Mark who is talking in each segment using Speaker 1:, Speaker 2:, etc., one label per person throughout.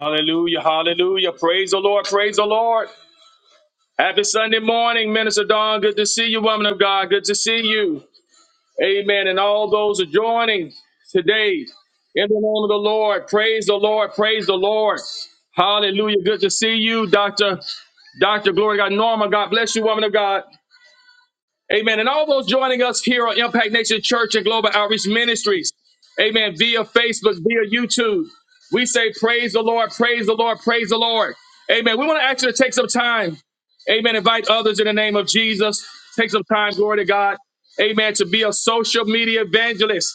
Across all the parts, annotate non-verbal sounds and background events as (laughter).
Speaker 1: Hallelujah, hallelujah. Praise the Lord, praise the Lord. Happy Sunday morning, Minister Dawn. Good to see you, woman of God. Good to see you. Amen. And all those are joining today in the name of the Lord. Praise the Lord, praise the Lord. Hallelujah. Good to see you, Dr. Dr. Glory to God. Norma, God bless you, woman of God. Amen. And all those joining us here on Impact Nation Church and Global Outreach Ministries. Amen. Via Facebook, via YouTube. We say, Praise the Lord, praise the Lord, praise the Lord. Amen. We want to ask you to take some time. Amen. Invite others in the name of Jesus. Take some time, glory to God. Amen. To be a social media evangelist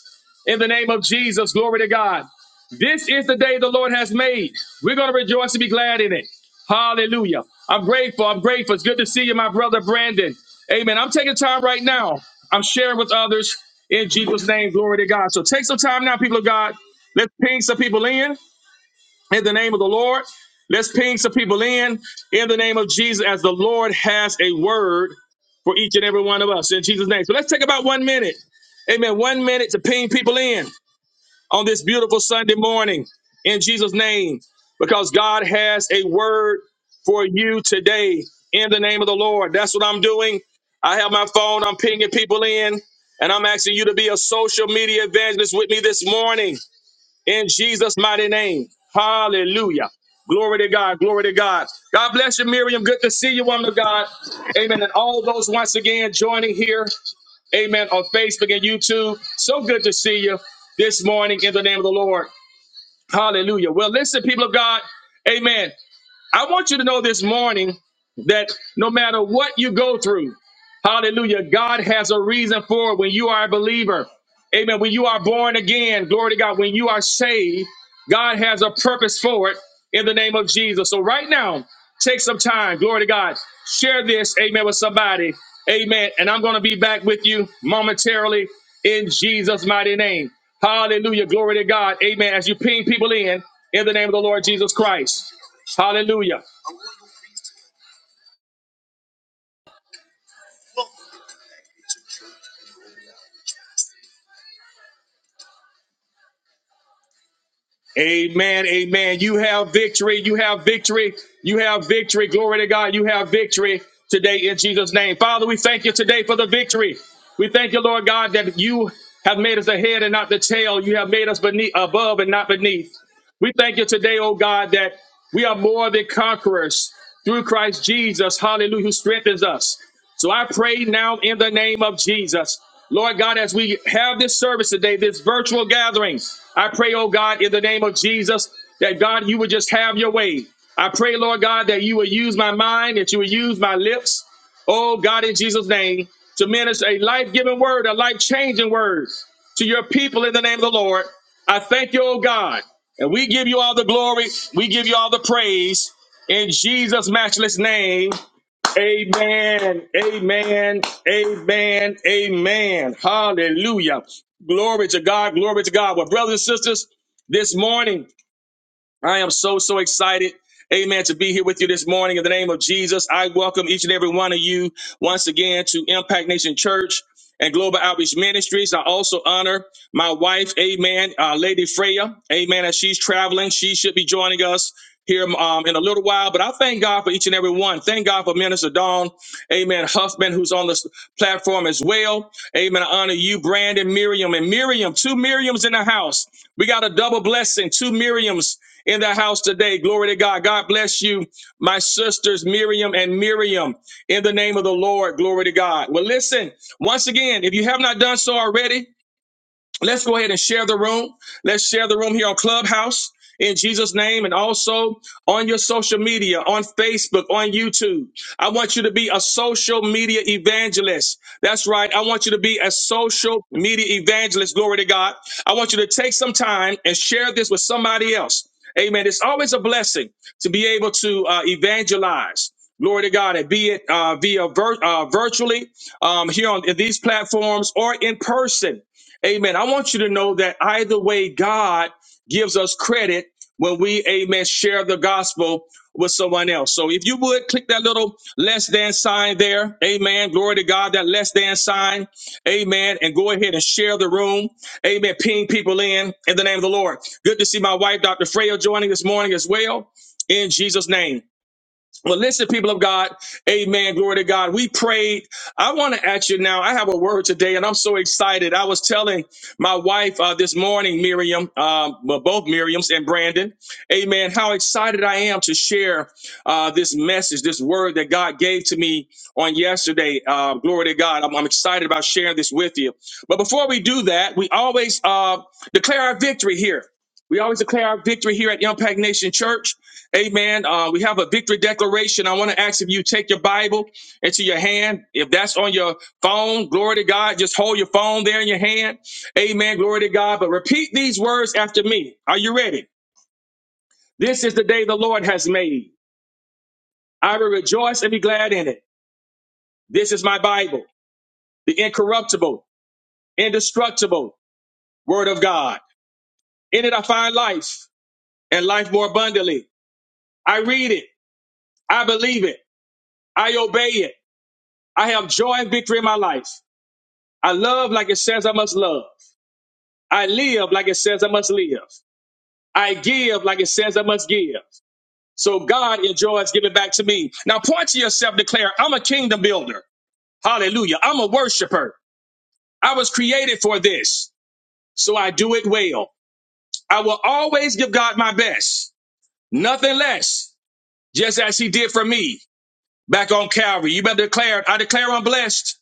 Speaker 1: in the name of Jesus. Glory to God. This is the day the Lord has made. We're going to rejoice and be glad in it. Hallelujah. I'm grateful. I'm grateful. It's good to see you, my brother Brandon. Amen. I'm taking time right now. I'm sharing with others in Jesus' name. Glory to God. So take some time now, people of God. Let's ping some people in in the name of the Lord. Let's ping some people in in the name of Jesus as the Lord has a word for each and every one of us in Jesus' name. So let's take about one minute. Amen. One minute to ping people in on this beautiful Sunday morning in Jesus' name, because God has a word for you today in the name of the Lord. That's what I'm doing. I have my phone, I'm pinging people in, and I'm asking you to be a social media evangelist with me this morning in Jesus' mighty name. Hallelujah. Glory to God. Glory to God. God bless you, Miriam. Good to see you, woman of God. Amen. And all those once again joining here. Amen. On Facebook and YouTube. So good to see you this morning in the name of the Lord. Hallelujah. Well, listen, people of God. Amen. I want you to know this morning that no matter what you go through, hallelujah, God has a reason for it when you are a believer. Amen. When you are born again, glory to God, when you are saved, God has a purpose for it in the name of Jesus. So right now, take some time, glory to God, share this, amen, with somebody. Amen. And I'm going to be back with you momentarily in Jesus' mighty name. Hallelujah. Glory to God. Amen. As you ping people in, in the name of the Lord Jesus Christ. Hallelujah. Amen. Amen. You have victory. You have victory. You have victory. Glory to God. You have victory today in Jesus' name. Father, we thank you today for the victory. We thank you, Lord God, that you have made us ahead and not the tail. You have made us beneath, above and not beneath. We thank you today, oh God, that we are more than conquerors through Christ Jesus. Hallelujah, who strengthens us. So I pray now in the name of Jesus. Lord God, as we have this service today, this virtual gathering, I pray, oh God, in the name of Jesus, that God, you would just have your way. I pray, Lord God, that you would use my mind, that you would use my lips, oh God, in Jesus' name, to minister a life giving word, a life changing word to your people in the name of the Lord. I thank you, oh God, and we give you all the glory, we give you all the praise in Jesus' matchless name. Amen. Amen. Amen. Amen. Hallelujah. Glory to God. Glory to God. Well, brothers and sisters, this morning I am so, so excited. Amen. To be here with you this morning in the name of Jesus. I welcome each and every one of you once again to Impact Nation Church and Global Outreach Ministries. I also honor my wife, Amen, uh, Lady Freya. Amen. As she's traveling, she should be joining us here um, in a little while. But I thank God for each and every one. Thank God for Minister Dawn, Amen, Huffman, who's on this platform as well. Amen. I honor you, Brandon, Miriam, and Miriam. Two Miriams in the house. We got a double blessing. Two Miriams in the house today. Glory to God. God bless you, my sisters, Miriam and Miriam, in the name of the Lord. Glory to God. Well, listen, once again, if you have not done so already, Let's go ahead and share the room. Let's share the room here on Clubhouse in Jesus' name and also on your social media, on Facebook, on YouTube. I want you to be a social media evangelist. That's right. I want you to be a social media evangelist. Glory to God. I want you to take some time and share this with somebody else. Amen. It's always a blessing to be able to uh, evangelize. Glory to God, and be it uh, via vir- uh, virtually um, here on these platforms or in person. Amen. I want you to know that either way, God gives us credit when we, amen, share the gospel with someone else. So if you would click that little less than sign there, amen. Glory to God, that less than sign, amen. And go ahead and share the room, amen. Ping people in in the name of the Lord. Good to see my wife, Dr. Freya, joining this morning as well in Jesus' name. Well, listen, people of God, amen. Glory to God. We prayed. I want to ask you now. I have a word today, and I'm so excited. I was telling my wife uh, this morning, Miriam, um, well, both Miriams and Brandon, amen, how excited I am to share uh, this message, this word that God gave to me on yesterday. Uh, glory to God. I'm, I'm excited about sharing this with you. But before we do that, we always uh, declare our victory here. We always declare our victory here at Impact Nation Church. Amen. Uh, we have a victory declaration. I want to ask if you take your Bible into your hand. If that's on your phone, glory to God. Just hold your phone there in your hand. Amen. Glory to God. But repeat these words after me. Are you ready? This is the day the Lord has made. I will rejoice and be glad in it. This is my Bible, the incorruptible, indestructible Word of God. In it I find life and life more abundantly. I read it. I believe it. I obey it. I have joy and victory in my life. I love like it says I must love. I live like it says I must live. I give like it says I must give. So God enjoys giving back to me. Now point to yourself, declare, I'm a kingdom builder. Hallelujah. I'm a worshiper. I was created for this. So I do it well. I will always give God my best. Nothing less. Just as he did for me back on Calvary. You better declare, it. I declare I'm blessed.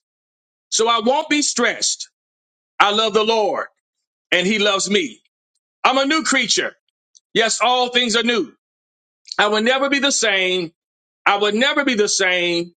Speaker 1: So I won't be stressed. I love the Lord and he loves me. I'm a new creature. Yes, all things are new. I will never be the same. I would never be the same.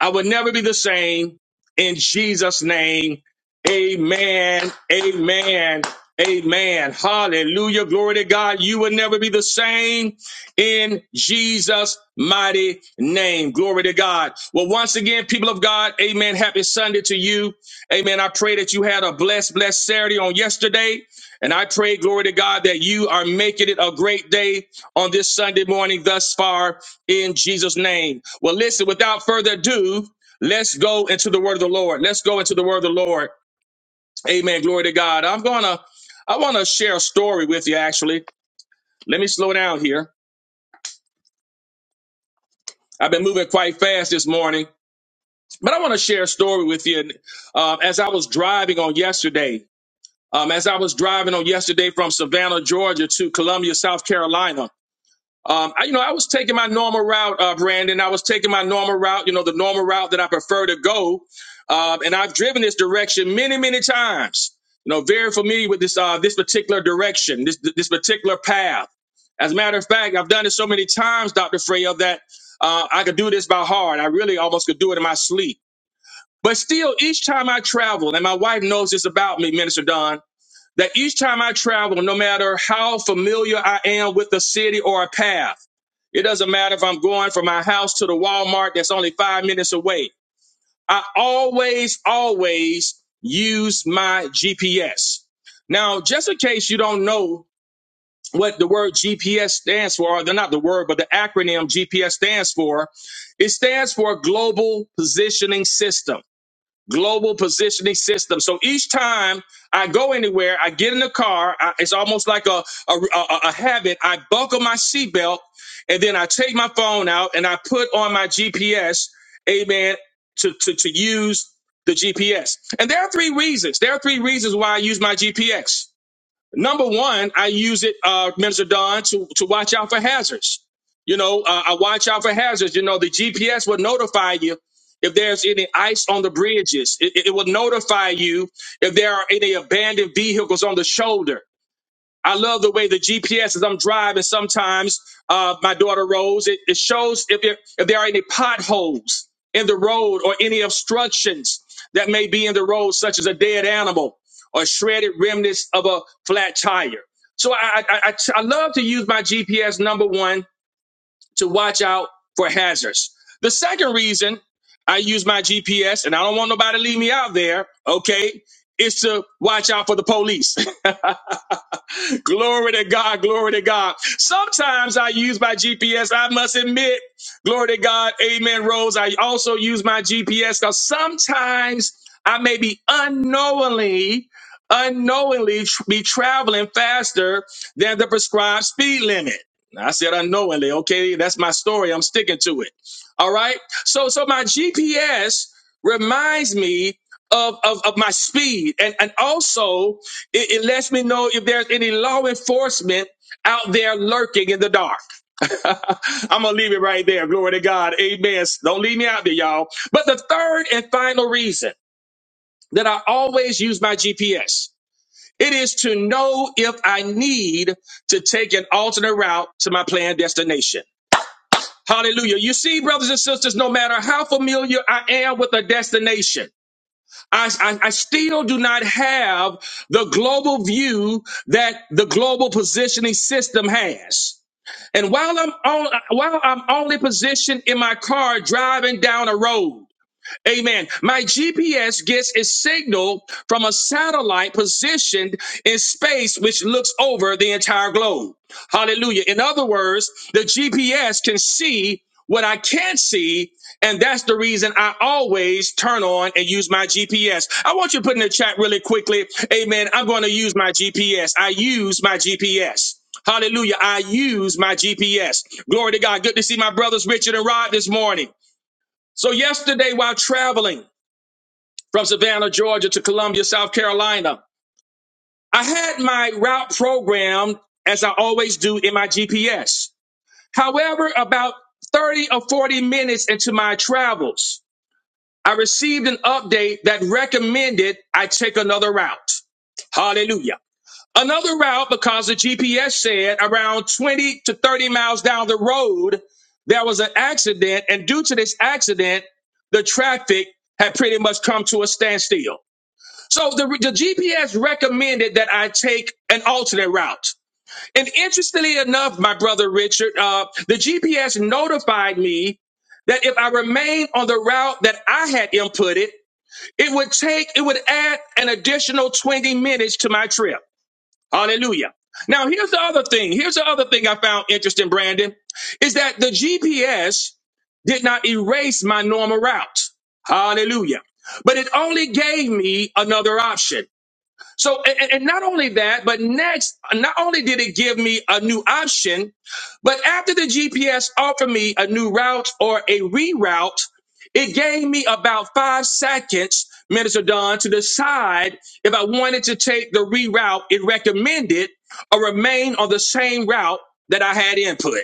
Speaker 1: I would never be the same. In Jesus' name, amen, amen, amen. Hallelujah. Glory to God. You will never be the same in Jesus' mighty name. Glory to God. Well, once again, people of God, amen. Happy Sunday to you. Amen. I pray that you had a blessed, blessed Saturday on yesterday. And I pray, glory to God, that you are making it a great day on this Sunday morning thus far in Jesus' name. Well, listen, without further ado, let's go into the word of the Lord. Let's go into the word of the Lord. Amen. Glory to God. I'm gonna I wanna share a story with you actually. Let me slow down here. I've been moving quite fast this morning, but I want to share a story with you. Um, as I was driving on yesterday, um, as I was driving on yesterday from Savannah, Georgia to Columbia, South Carolina, Um, I, you know, I was taking my normal route, uh, Brandon. I was taking my normal route, you know, the normal route that I prefer to go. Um, and I've driven this direction many, many times. You know, very familiar with this uh, this particular direction, this this particular path. As a matter of fact, I've done it so many times, Doctor Freya, that uh, I could do this by heart. I really almost could do it in my sleep. But still, each time I travel, and my wife knows this about me, Minister Don, that each time I travel, no matter how familiar I am with a city or a path. It doesn't matter if I'm going from my house to the Walmart that's only five minutes away. I always, always use my GPS. Now, just in case you don't know what the word GPS stands for, or they're not the word, but the acronym GPS stands for, it stands for Global Positioning System global positioning system. So each time I go anywhere, I get in the car, I, it's almost like a, a, a, a habit. I buckle my seatbelt and then I take my phone out and I put on my GPS, amen, to, to, to use the GPS. And there are three reasons. There are three reasons why I use my GPS. Number one, I use it, uh, Minister Don, to, to watch out for hazards. You know, uh, I watch out for hazards. You know, the GPS will notify you if there's any ice on the bridges. It, it it will notify you if there are any abandoned vehicles on the shoulder. I love the way the GPS as I'm driving. Sometimes uh, my daughter Rose It, it shows if there if there are any potholes in the road or any obstructions that may be in the road, such as a dead animal or shredded remnants of a flat tire. So I I, I, I love to use my GPS number one to watch out for hazards. The second reason I use my GPS, and I don't want nobody to leave me out there. Okay, is to watch out for the police. (laughs) glory to God, glory to God. Sometimes I use my GPS, I must admit, glory to God, amen, Rose. I also use my GPS because sometimes I may be unknowingly, unknowingly tr- be traveling faster than the prescribed speed limit. I said unknowingly, okay, that's my story. I'm sticking to it. All right. So so my GPS reminds me of, of, of my speed and, and also it, it lets me know if there's any law enforcement out there lurking in the dark. (laughs) I'm going to leave it right there. Glory to God. Amen. Don't leave me out there, y'all. But the third and final reason that I always use my GPS, it is to know if I need to take an alternate route to my planned destination. Hallelujah. You see, brothers and sisters, no matter how familiar I am with a destination, I, I, I still do not have the global view that the global positioning system has. And while I'm on, while I'm only positioned in my car driving down a road, Amen. My GPS gets its signal from a satellite positioned in space, which looks over the entire globe. Hallelujah. In other words, the GPS can see what I can't see. And that's the reason I always turn on and use my GPS. I want you to put in the chat really quickly. Amen. I'm going to use my GPS. I use my GPS. Hallelujah. I use my GPS. Glory to God. Good to see my brothers, Richard and Rod, this morning. So, yesterday while traveling, from Savannah, Georgia to Columbia, South Carolina. I had my route programmed as I always do in my GPS. However, about 30 or 40 minutes into my travels, I received an update that recommended I take another route. Hallelujah. Another route because the GPS said around 20 to 30 miles down the road, there was an accident. And due to this accident, the traffic had pretty much come to a standstill. So the, the GPS recommended that I take an alternate route. And interestingly enough, my brother Richard, uh, the GPS notified me that if I remained on the route that I had inputted, it would take, it would add an additional 20 minutes to my trip. Hallelujah. Now, here's the other thing. Here's the other thing I found interesting, Brandon, is that the GPS did not erase my normal route. Hallelujah. But it only gave me another option. So, and, and not only that, but next, not only did it give me a new option, but after the GPS offered me a new route or a reroute, it gave me about five seconds, Minister Don, to decide if I wanted to take the reroute it recommended or remain on the same route that I had input.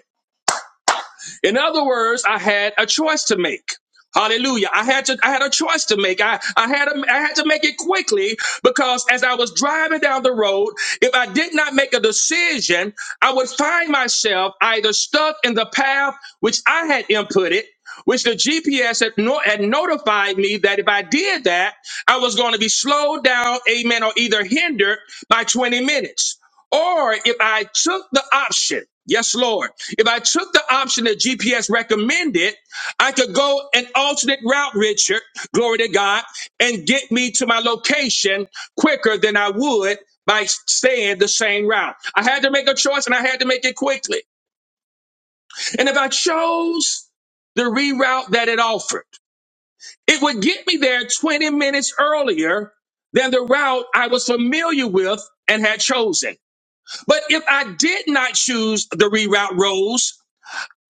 Speaker 1: In other words, I had a choice to make. Hallelujah. I had to, I had a choice to make. I, I had, a, I had to make it quickly because as I was driving down the road, if I did not make a decision, I would find myself either stuck in the path which I had inputted, which the GPS had, no, had notified me that if I did that, I was going to be slowed down, amen, or either hindered by 20 minutes. Or if I took the option, yes, Lord, if I took the option that GPS recommended, I could go an alternate route, Richard, glory to God, and get me to my location quicker than I would by staying the same route. I had to make a choice and I had to make it quickly. And if I chose the reroute that it offered, it would get me there 20 minutes earlier than the route I was familiar with and had chosen. But if I did not choose the reroute roads,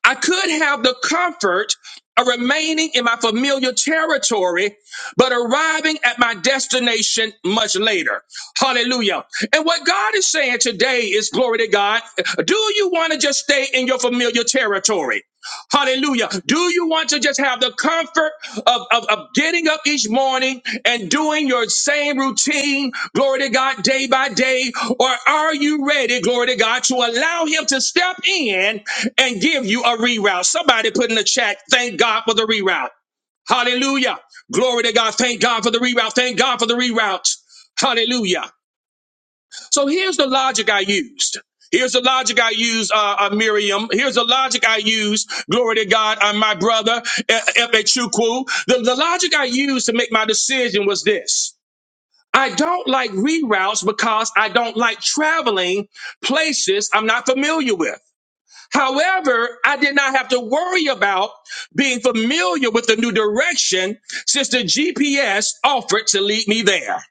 Speaker 1: I could have the comfort of remaining in my familiar territory, but arriving at my destination much later. Hallelujah. And what God is saying today is glory to God. Do you want to just stay in your familiar territory? Hallelujah. Do you want to just have the comfort of, of, of getting up each morning and doing your same routine, glory to God, day by day? Or are you ready, glory to God, to allow Him to step in? and give you a reroute. Somebody put in the chat, thank God for the reroute. Hallelujah. Glory to God. Thank God for the reroute. Thank God for the reroute. Hallelujah. So here's the logic I used. Here's the logic I used, uh, uh, Miriam. Here's the logic I used. Glory to God, uh, my brother, F H Chukwu. The, the logic I used to make my decision was this. I don't like reroutes because I don't like traveling places I'm not familiar with. However, I did not have to worry about being familiar with the new direction since the GPS offered to lead me there.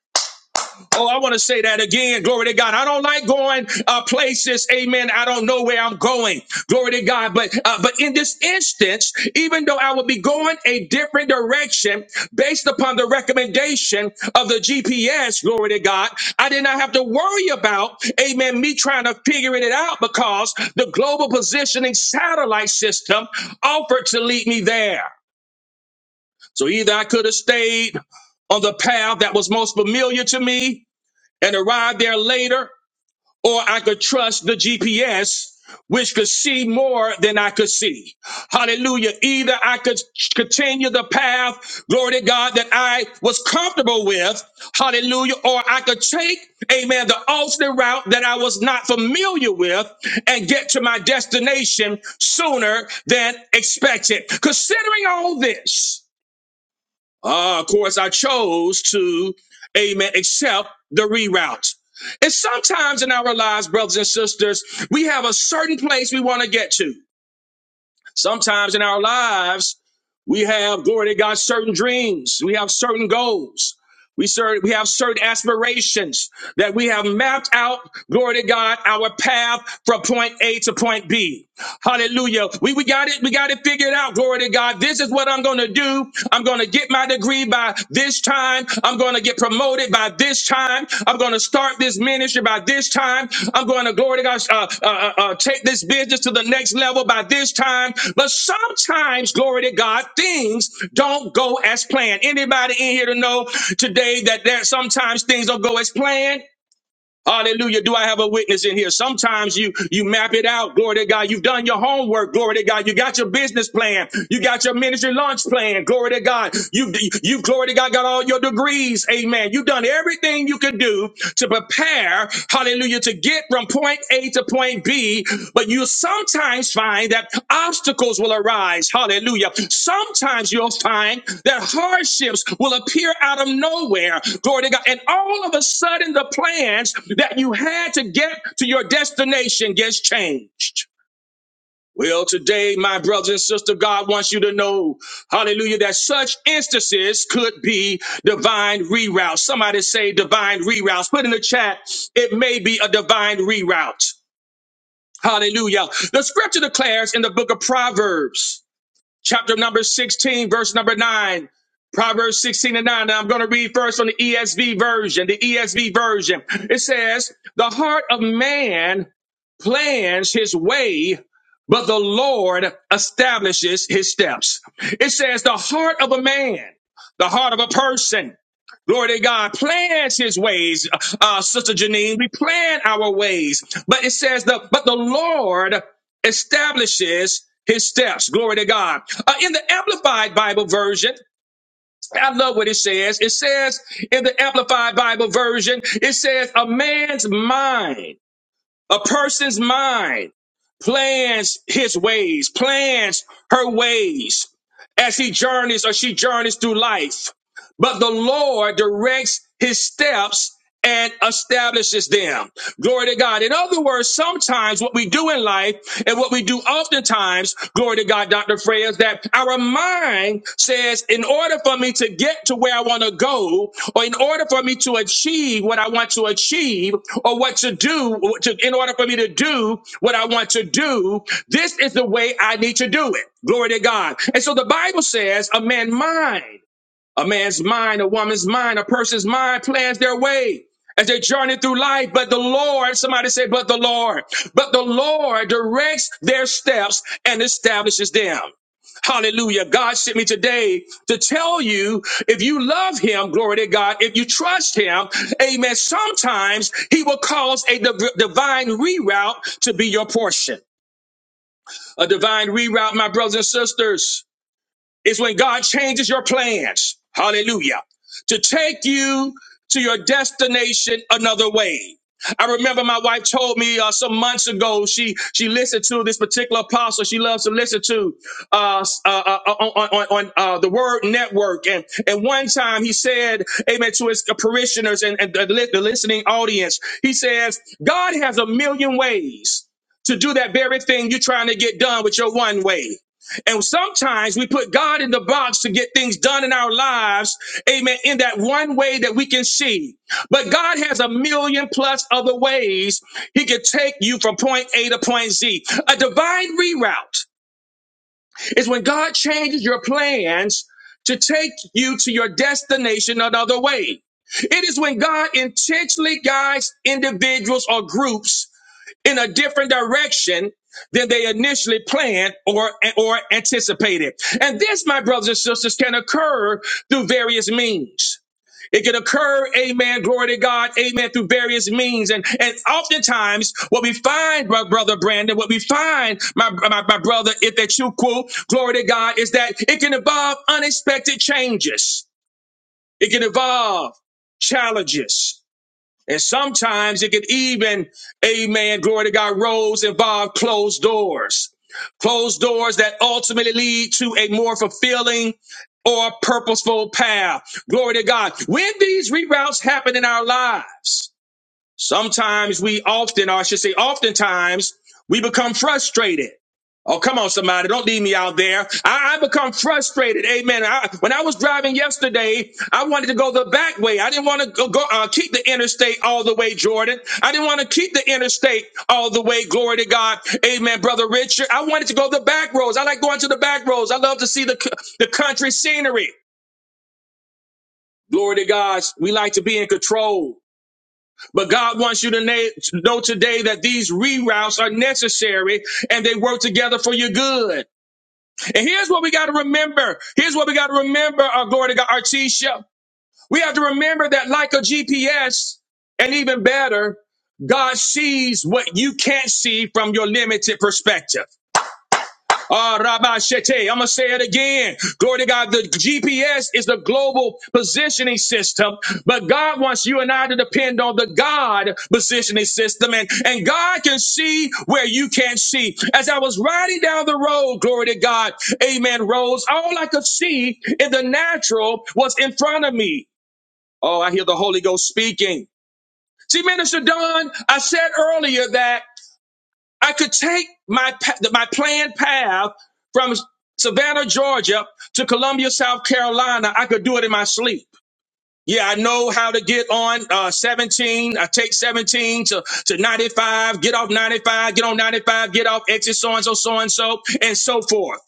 Speaker 1: Oh, I want to say that again. Glory to God. I don't like going uh, places. Amen. I don't know where I'm going. Glory to God. But uh, but in this instance, even though I would be going a different direction based upon the recommendation of the GPS, glory to God, I did not have to worry about, amen, me trying to figure it out because the global positioning satellite system offered to lead me there. So either I could have stayed on the path that was most familiar to me and arrive there later, or I could trust the GPS, which could see more than I could see. Hallelujah. Either I could continue the path, glory to God, that I was comfortable with. Hallelujah. Or I could take, amen, the alternate route that I was not familiar with and get to my destination sooner than expected. Considering all this, uh, of course, I chose to, amen, accept the reroute. And sometimes in our lives, brothers and sisters, we have a certain place we want to get to. Sometimes in our lives, we have, glory to God, certain dreams. We have certain goals. We, cer- we have certain aspirations that we have mapped out, glory to God, our path from point A to point B. Hallelujah. We, we got it. We got it figured out. Glory to God. This is what I'm going to do. I'm going to get my degree by this time. I'm going to get promoted by this this time, I'm going to start this ministry by this time. I'm going to glory to God, uh, uh, uh, uh, take this business to the next level by this time. But sometimes, glory to God, things don't go as planned. Anybody in here to know today that there sometimes things don't go as planned? Hallelujah. Do I have a witness in here? Sometimes you you map it out. Glory to God. You've done your homework. Glory to God. You got your business plan. You got your ministry launch plan. Glory to God. You have you have glory to God got all your degrees. Amen. You've done everything you could do to prepare. Hallelujah. To get from point a to point B, but you sometimes find that obstacles will arise. Hallelujah. Sometimes you'll find that hardships will appear out of nowhere. Glory to God. And all of a sudden, the plans that you had to get to your destination gets changed. Well, today, my brothers and sisters, God wants you to know, hallelujah, that such instances could be divine reroutes. Somebody say divine reroutes. Put in the chat, it may be a divine reroute. Hallelujah. The scripture declares in the book of Proverbs, chapter number 16, verse number 9. Proverbs 16 and 9. Now I'm going to read first from the ESV version. The ESV version. It says, The heart of man plans his way, but the Lord establishes his steps. It says, The heart of a man, the heart of a person. Glory to God plans his ways, uh, Sister Janine. We plan our ways. But it says the but the Lord establishes his steps. Glory to God. Uh, in the Amplified Bible version, I love what it says. It says in the Amplified Bible version, it says a man's mind, a person's mind plans his ways, plans her ways as he journeys or she journeys through life but the Lord directs his steps and establishes them. Glory to God. In other words, sometimes what we do in life and what we do oftentimes, glory to God, Dr. Freya, is that our mind says, in order for me to get to where I want to go, or in order for me to achieve what I want to achieve, or what to do, or to, in order for me to do what I want to do, this is the way I need to do it. Glory to God. And so the Bible says, a man's mind. A man's mind, a woman's mind, a person's mind plans their way as they journey through life. But the Lord, somebody say, but the Lord, but the Lord directs their steps and establishes them. Hallelujah. God sent me today to tell you if you love him, glory to God, if you trust him, amen, sometimes he will cause a div- divine reroute to be your portion. A divine reroute, my brothers and sisters is when God changes your plans. Hallelujah. To take you to your destination another way. I remember my wife told me uh, some months ago she she listened to this particular apostle she loves to listen to uh, s- uh, uh, uh, on, on, on uh, the Word Network and and one time he said amen to his parishioners and, and the, li- the listening audience he says God has a million ways to do that very thing you're trying to get done with your one way and sometimes we put God in the box to get things done in our lives, amen, in that one way that we can see. But God has a million plus other ways He can take you from point A to point Z. A divine reroute is when God changes your plans to take you to your destination another way. It is when God intentionally guides individuals or groups in a different direction than they initially planned or or anticipated. And this, my brothers and sisters, can occur through various means. It can occur, amen, glory to God, amen, through various means. And and oftentimes what we find, my brother Brandon, what we find, my, my, my brother, if that you quote, glory to God, is that it can involve unexpected changes. It can involve challenges. And sometimes it could even, amen, glory to God, roles involve closed doors. Closed doors that ultimately lead to a more fulfilling or purposeful path. Glory to God. When these reroutes happen in our lives, Sometimes we often, or I should say, oftentimes we become frustrated. Oh, come on, somebody. Don't leave me out there. I, I become frustrated. Amen. I, when I was driving yesterday, I wanted to go the back way. I didn't want to go, go uh, keep the interstate all the way, Jordan. I didn't want to keep the interstate all the way. Glory to God. Amen, brother Richard. I wanted to go the back roads. I like going to the back roads. I love to see the, c- the country scenery. Glory to God. We like to be in control. But God wants you to na- to know today that these reroutes are necessary and they work together for your good. And here's what we got to remember. Here's what we got to remember, our glory to God, Artisha. We have to remember that like a GPS, and even better, God sees what you can't see from your limited perspective. Ah, Rabbi Shete. I'm going to say it again. Glory to God. The GPS is the global positioning system, but God wants you and I to depend on the God positioning system. And, and God can see where you can't see. As I was riding down the road, glory to God, amen, Rose, all I could see in the natural was in front of me. Oh, I hear the Holy Ghost speaking. See, Minister Don, I said earlier that. I could take my pa- my planned path from Savannah, Georgia to Columbia, South Carolina. I could do it in my sleep. Yeah, I know how to get on uh, 17. I take 17 to, to 95, get off 95, get on 95, get off exit so and so, so and so, and so forth.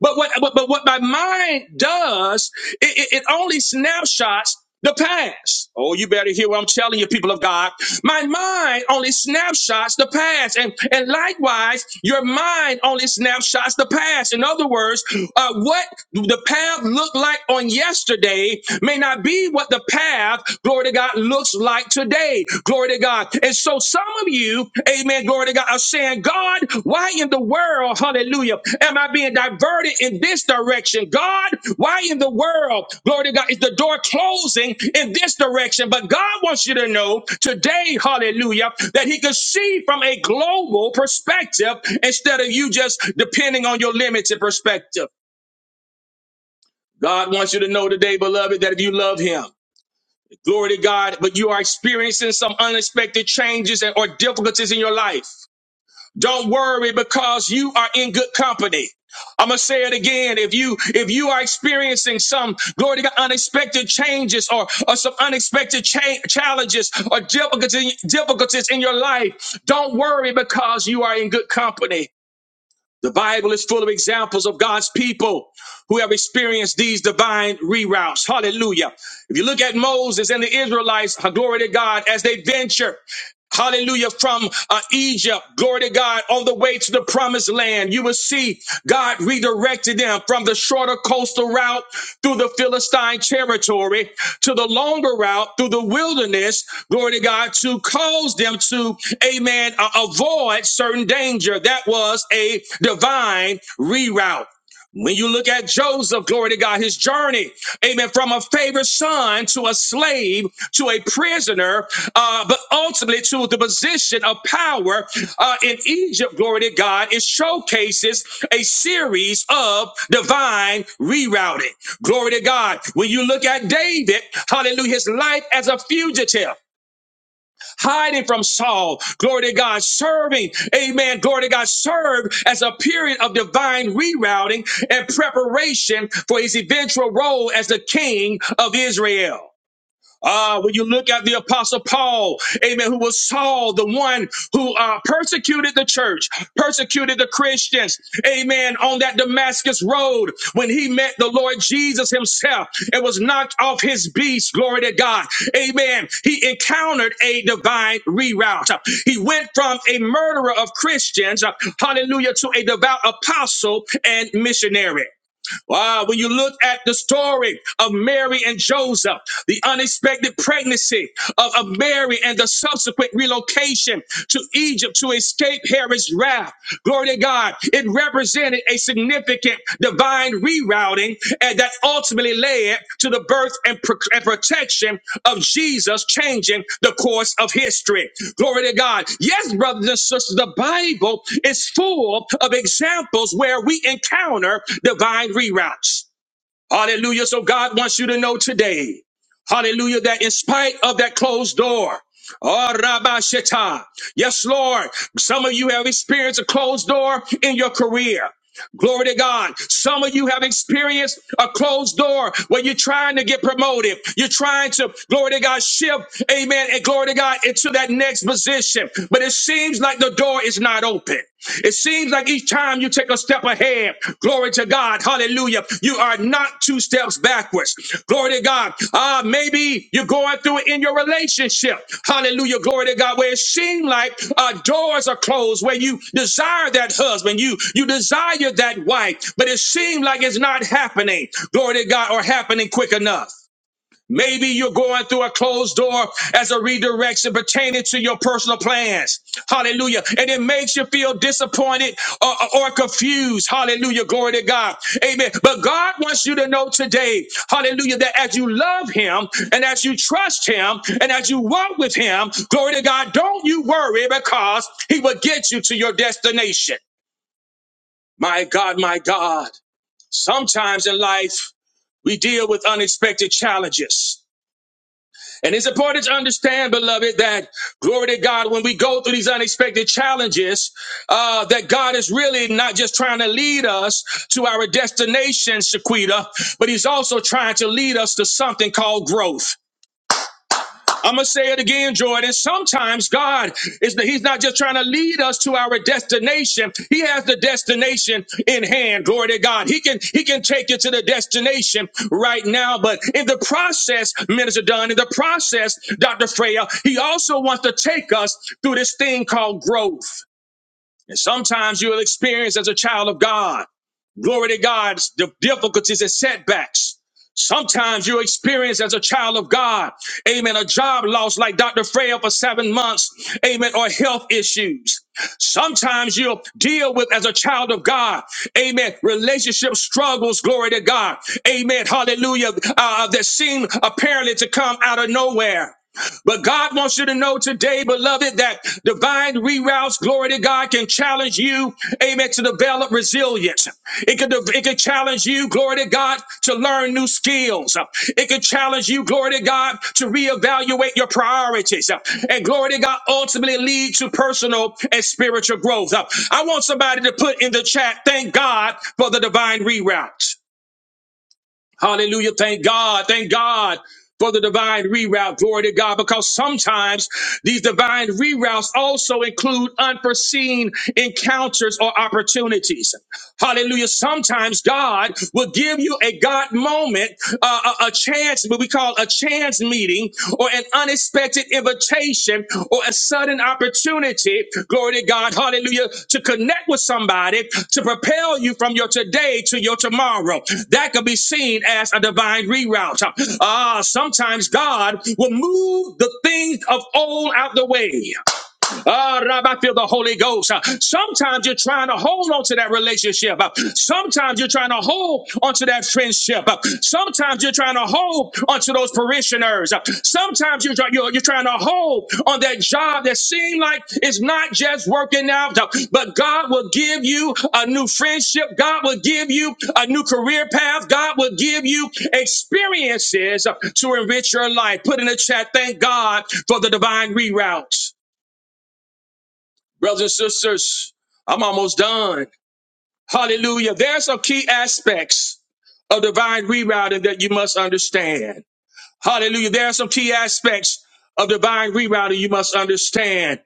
Speaker 1: But what but, but what my mind does, it, it, it only snapshots the past. Oh, you better hear what I'm telling you, people of God. My mind only snapshots the past. And, and likewise, your mind only snapshots the past. In other words, uh, what the path looked like on yesterday may not be what the path, glory to God, looks like today. Glory to God. And so some of you, amen, glory to God, are saying, God, why in the world, hallelujah, am I being diverted in this direction? God, why in the world, glory to God, is the door closing in this direction? But God wants you to know today, hallelujah, that He can see from a global perspective instead of you just depending on your limited perspective. God wants you to know today, beloved, that if you love Him, Glory to God, but you are experiencing some unexpected changes and, or difficulties in your life. Don't worry because you are in good company. I'm gonna say it again. If you if you are experiencing some glory to God, unexpected changes or, or some unexpected cha- challenges or difficulty, difficulties in your life, don't worry because you are in good company. The Bible is full of examples of God's people who have experienced these divine reroutes. Hallelujah. If you look at Moses and the Israelites, glory to God, as they venture. Hallelujah. From uh, Egypt, glory to God, on the way to the promised land, you will see God redirected them from the shorter coastal route through the Philistine territory to the longer route through the wilderness, glory to God, to cause them to, amen, uh, avoid certain danger. That was a divine reroute. When you look at Joseph, glory to God, his journey, amen, from a favored son to a slave to a prisoner, uh, but ultimately to the position of power uh, in Egypt, glory to God, it showcases a series of divine rerouting. Glory to God. When you look at David, hallelujah, his life as a fugitive hiding from Saul. Glory to God, serving. Amen. Glory to God, served as a period of divine rerouting and preparation for his eventual role as the king of Israel. Uh, when you look at the apostle Paul, amen, who was Saul, the one who uh, persecuted the church, persecuted the Christians, amen, on that Damascus road when he met the Lord Jesus himself and was knocked off his beast, glory to God, amen. He encountered a divine reroute. He went from a murderer of Christians, uh, hallelujah, to a devout apostle and missionary. Wow, when you look at the story of Mary and Joseph, the unexpected pregnancy of, of Mary and the subsequent relocation to Egypt to escape Herod's wrath, glory to God, it represented a significant divine reroute crowding and that ultimately led to the birth and, pro- and protection of Jesus changing the course of history. Glory to God. Yes, brothers and sisters, the Bible is full of examples where we encounter divine reroutes. Hallelujah. So God wants you to know today, hallelujah, that in spite of that closed door, Oh, Rabbi Shetta. Yes, Lord. Some of you have experienced a closed door in your career. Glory to God. Some of you have experienced a closed door where you're trying to get promoted. You're trying to, glory to God, shift, amen, and glory to God into that next position. But it seems like the door is not open. It seems like each time you take a step ahead, glory to God, hallelujah, you are are not two steps backwards. Glory to God. Uh, maybe you're going through it in your relationship. Hallelujah. Glory to God. Where it seems like uh, doors are closed, where you desire that husband, you you desire that wife, but it seems like it's not happening. Glory to God, or happening quick enough. Maybe you're going through a closed door as a redirection pertaining to your personal plans. Hallelujah. And it makes you feel disappointed or, or confused. Hallelujah. Glory to God. Amen. But God wants you to know today, hallelujah, that as you love Him and as you trust Him and as you walk with Him, glory to God, don't you worry because He will get you to your destination. My God, my God. Sometimes in life, we deal with unexpected challenges. And it's important to understand, beloved, that glory to God, when we go through these unexpected challenges, uh, that God is really not just trying to lead us to our destination, Shaquita, but He's also trying to lead us to something called growth. I'm gonna say it again, Jordan. Sometimes God is that He's not just trying to lead us to our destination. He has the destination in hand. Glory to God. He can He can take you to the destination right now. But in the process, Minister Dunn, in the process, Dr. Freya, He also wants to take us through this thing called growth. And sometimes you'll experience as a child of God glory to God, the difficulties and setbacks. Sometimes you experience as a child of God, amen, a job loss like Dr. Freya for seven months, amen, or health issues. Sometimes you'll deal with as a child of God, amen, relationship struggles, glory to God, amen, hallelujah, uh, that seem apparently to come out of nowhere. But God wants you to know today, beloved, that divine reroutes, glory to God, can challenge you, amen, to develop resilience. It could, it could challenge you, glory to God, to learn new skills. It could challenge you, glory to God, to reevaluate your priorities. And glory to God, ultimately lead to personal and spiritual growth. I want somebody to put in the chat, thank God for the divine reroutes. Hallelujah. Thank God. Thank God for the divine reroute. Glory to God. Because sometimes these divine reroutes also include unforeseen encounters or opportunities. Hallelujah. Sometimes God will give you a God moment, uh, a, a chance, what we call a chance meeting, or an unexpected invitation, or a sudden opportunity. Glory to God. Hallelujah. To connect with somebody to propel you from your today to your tomorrow. That could be seen as a divine reroute. Ah, sometimes God will move the things of old out the way. Ah, Rabbi, I feel the Holy Ghost. Uh, Sometimes you're trying to hold on to that relationship. Uh, Sometimes you're trying to hold onto that friendship. Uh, Sometimes you're trying to hold onto those parishioners. Uh, Sometimes you're, try- you're, you're trying to hold on that job that seems like it's not just working out, uh, but God will give you a new friendship. God will give you a new career path. God will give you experiences uh, to enrich your life. Put in the chat, thank God for the divine reroutes. Brothers and sisters, I'm almost done. Hallelujah. There are some key aspects of divine rerouting that you must understand. Hallelujah. There are some key aspects of divine rerouting you must understand.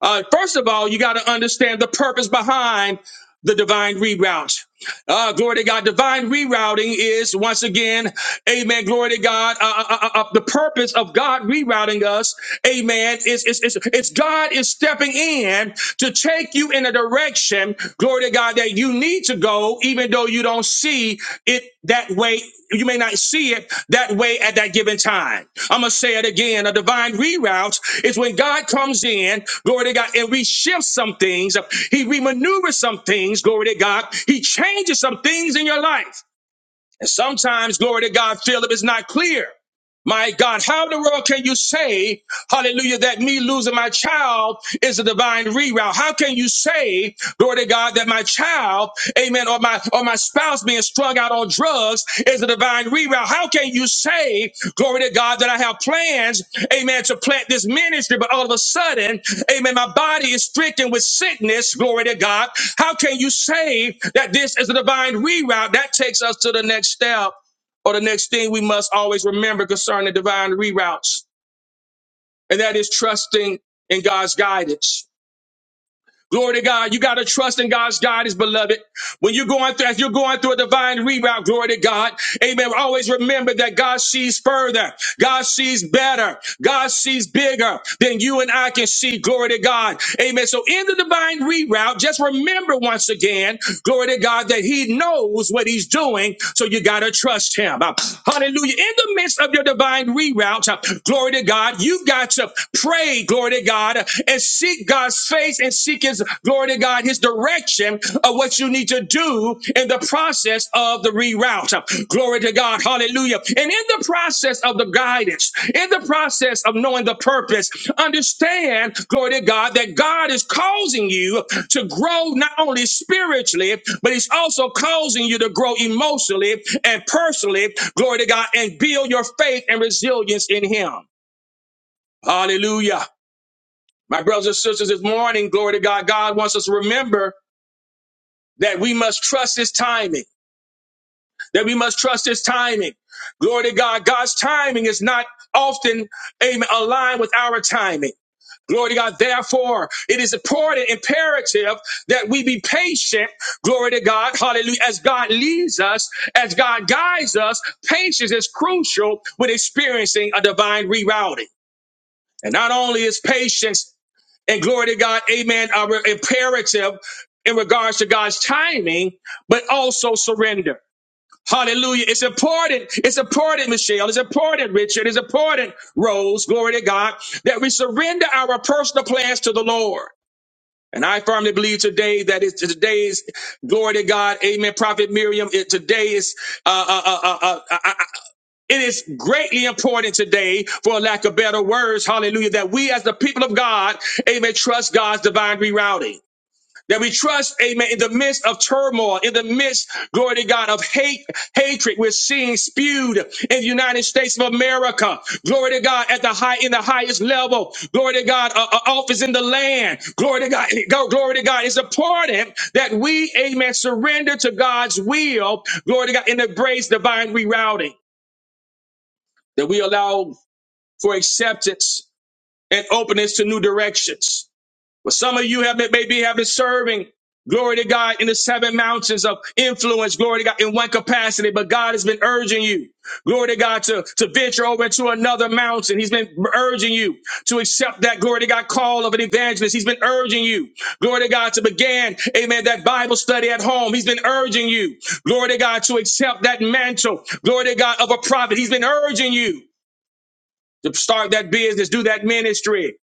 Speaker 1: Uh, first of all, you got to understand the purpose behind the divine reroute. Uh, glory to God. Divine rerouting is once again, amen. Glory to God. Uh, uh, uh, uh, uh, the purpose of God rerouting us, amen, is, is, is, is God is stepping in to take you in a direction, glory to God, that you need to go, even though you don't see it that way. You may not see it that way at that given time. I'm going to say it again. A divine reroute is when God comes in, glory to God, and we shift some things. He remaneuver some things, glory to God. He changes some things in your life. And sometimes, glory to God, Philip is not clear. My God, how in the world can you say, hallelujah, that me losing my child is a divine reroute? How can you say, glory to God, that my child, amen, or my, or my spouse being strung out on drugs is a divine reroute? How can you say Glory to God that I have plans, amen, to plant this ministry, but all of a sudden, amen, my body is stricken with sickness. Glory to God. How can you say that this is a divine reroute? That takes us to the next step or the next thing we must always remember concerning divine reroutes, and that is trusting in God's guidance. Glory to God. You got to trust in God's guidance, beloved. When you're going through, if you're going through a divine reroute, glory to God. Amen. Always remember that God sees further. God sees better. God sees bigger than you and I can see. Glory to God. Amen. So in the divine reroute, just remember once again, glory to God, that he knows what he's doing. So you got to trust him. Uh, Hallelujah. In the midst of your divine reroute, uh, glory to God, you got to pray, glory to God, uh, and seek God's. God's face and seek his glory to God, his direction of what you need to do in the process of the reroute. Glory to God. Hallelujah. And in the process of the guidance, in the process of knowing the purpose, understand, glory to God, that God is causing you to grow not only spiritually, but he's also causing you to grow emotionally and personally. Glory to God and build your faith and resilience in him. Hallelujah. My brothers and sisters, this morning, glory to God, God wants us to remember that we must trust His timing, that we must trust His timing. Glory to God, God's timing is not often amen, aligned with our timing. Glory to God. Therefore, it is important, imperative that we be patient. Glory to God. Hallelujah. As God leads us, as God guides us, patience is crucial when experiencing a divine rerouting. And not only is patience and glory to God, amen, are imperative in regards to God's timing, but also surrender. Hallelujah. It's important. It's important, Michelle. It's important, Richard. It's important, Rose. Glory to God that we surrender our personal plans to the Lord. And I firmly believe today that it's today's glory to God. Amen. Prophet Miriam, it, today is, uh, uh, uh, uh, uh, uh, it is greatly important today, for lack of better words, hallelujah, that we as the people of God, amen, trust God's divine rerouting. That we trust, amen, in the midst of turmoil, in the midst, glory to God, of hate, hatred we're seeing spewed in the United States of America. Glory to God at the high, in the highest level. Glory to God, uh, uh, office in the land. Glory to God, (laughs) go, glory to God. It's important that we, amen, surrender to God's will. Glory to God, and embrace divine rerouting that we allow for acceptance and openness to new directions. But some of you have been, maybe have been serving, glory to God, in the seven mountains of influence, glory to God, in one capacity, but God has been urging you, glory to God, to, to venture over into another mountain. He's been urging you to accept that, glory to God, call of an evangelist. He's been urging you, glory to God, to begin, amen, that Bible study at home. He's been urging you, glory to God, to accept that mantle, glory to God, of a prophet. He's been urging you to start that business, do that ministry.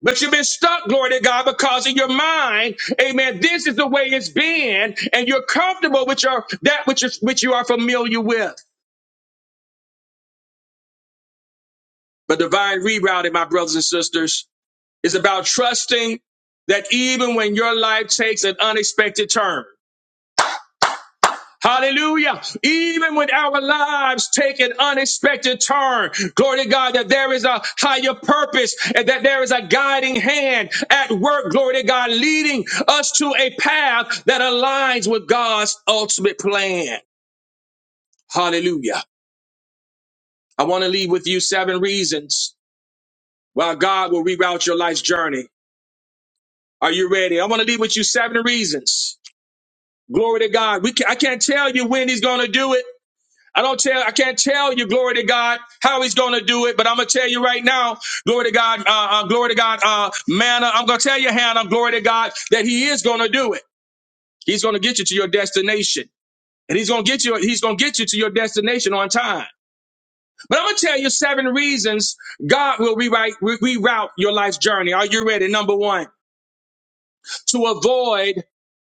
Speaker 1: But you've been stuck, glory to God, because in your mind, amen, this is the way it's been, and you're comfortable with your that which is which you are familiar with. But divine rerouting, my brothers and sisters, is about trusting that even when your life takes an unexpected turn. Hallelujah. Even when our lives take an unexpected turn, glory to God, that there is a higher purpose and that there is a guiding hand at work, glory to God, leading us to a path that aligns with God's ultimate plan. Hallelujah. I want to leave with you seven reasons why God will reroute your life's journey. Are you ready? I want to leave with you seven reasons. Glory to God. We can, I can't tell you when he's going to do it. I don't tell, I can't tell you, glory to God, how he's going to do it, but I'm going to tell you right now, glory to God, uh, uh, glory to God, uh, manna. I'm going to tell you, Hannah, glory to God, that he is going to do it. He's going to get you to your destination and he's going to get you, he's going to get you to your destination on time. But I'm going to tell you seven reasons God will rewrite, re- reroute your life's journey. Are you ready? Number one, to avoid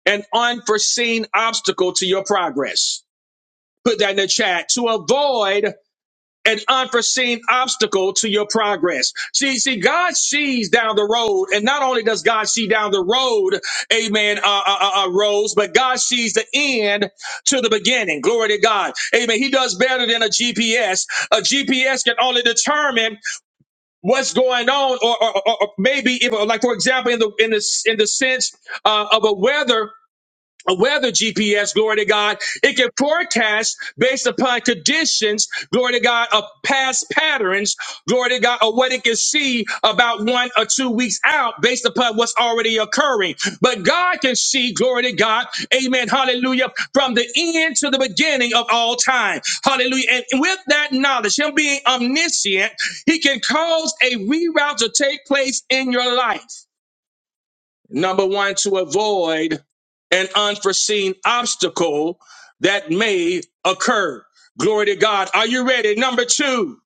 Speaker 1: an unforeseen obstacle to your progress. Put that in the chat. To avoid an unforeseen obstacle to your progress. See, see, God sees down the road, and not only does God see down the road, Amen, uh, uh, uh, uh, Rose, but God sees the end to the beginning. Glory to God, Amen. He does better than a GPS. A GPS can only determine what's going on, or, or, or or maybe, if, like for example, in the in the in the sense uh, of a weather a weather GPS, glory to God. It can forecast based upon conditions, glory to God, of past patterns, glory to God, or what it can see about one or two weeks out based upon what's already occurring. But God can see, glory to God, amen, hallelujah, from the end to the beginning of all time. Hallelujah. And with that knowledge, Him being omniscient, He can cause a reroute to take place in your life. Number one, to avoid an unforeseen obstacle that may occur. Glory to God. Are you ready? Number two,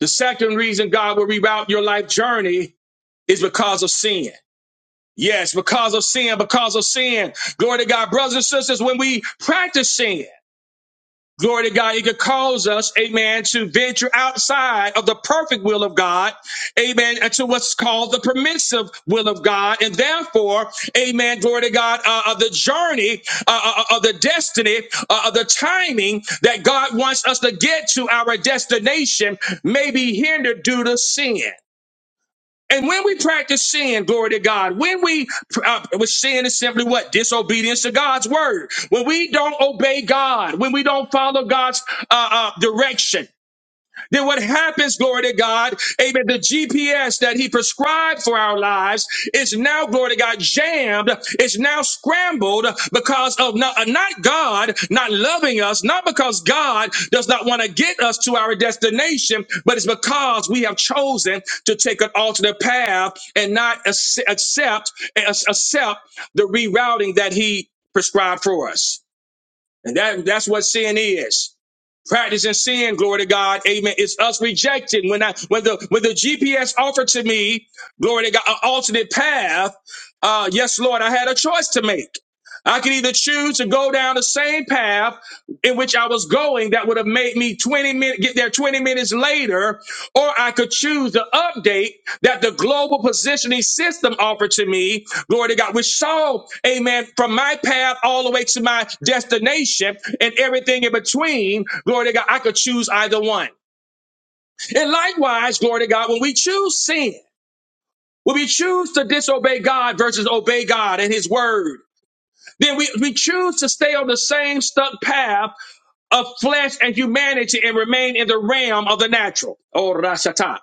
Speaker 1: the second reason God will reroute your life journey is because of sin. Yes, because of sin, because of sin. Glory to God. Brothers and sisters, when we practice sin, Glory to God. It could cause us, amen, to venture outside of the perfect will of God, amen, and to what's called the permissive will of God. And therefore, amen, glory to God, uh, of the journey, uh, uh, uh, of the destiny, uh, of the timing that God wants us to get to our destination may be hindered due to sin. And when we practice sin, glory to God, when we, uh, sin is simply what? Disobedience to God's word. When we don't obey God, when we don't follow God's uh, uh, direction, then what happens, glory to God, amen, the GPS that he prescribed for our lives is now, glory to God, jammed, is now scrambled because of not, not God not loving us, not because God does not want to get us to our destination, but it's because we have chosen to take an alternate path and not ac- accept, ac- accept the rerouting that he prescribed for us. And that, that's what sin is practicing sin. Glory to God. Amen. It's us rejecting when I when the when the GPS offered to me, glory to God, an alternate path. Uh, yes, Lord, I had a choice to make. I could either choose to go down the same path in which I was going that would have made me 20 minutes get there 20 minutes later, or I could choose the update that the global positioning system offered to me, glory to God, which saw, amen, from my path all the way to my destination and everything in between, glory to God, I could choose either one. And likewise, glory to God, when we choose sin, when we choose to disobey God versus obey God and his word, then we, we choose to stay on the same stuck path of flesh and humanity and remain in the realm of the natural. Oh, Rasata.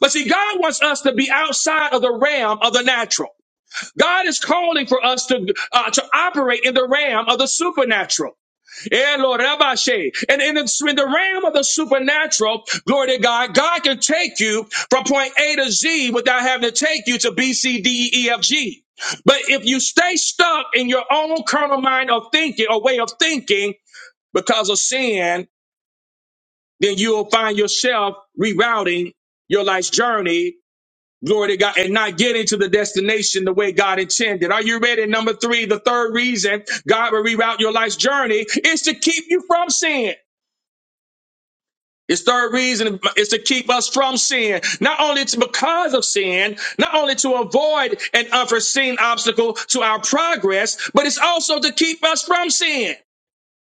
Speaker 1: But see, God wants us to be outside of the realm of the natural. God is calling for us to uh, to operate in the realm of the supernatural. Eh, Lord, Rabashe. And in the, in the realm of the supernatural, glory to God, God can take you from point A to Z without having to take you to B, C, D, E, E, F, G. But if you stay stuck in your own carnal mind of thinking or way of thinking because of sin, then you'll find yourself rerouting your life's journey, glory to God, and not getting to the destination the way God intended. Are you ready? Number three, the third reason God will reroute your life's journey is to keep you from sin. His third reason is to keep us from sin, not only to, because of sin, not only to avoid an unforeseen obstacle to our progress, but it's also to keep us from sin.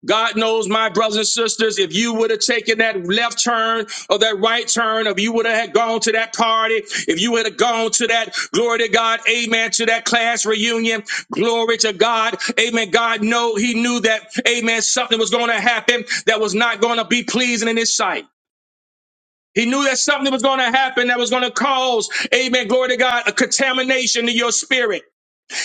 Speaker 1: God knows, my brothers and sisters, if you would have taken that left turn or that right turn, if you would have had gone to that party, if you would have gone to that, glory to God, amen, to that class reunion, glory to God, amen. God know he knew that, amen, something was going to happen that was not going to be pleasing in his sight. He knew that something was going to happen that was going to cause, amen, glory to God, a contamination to your spirit.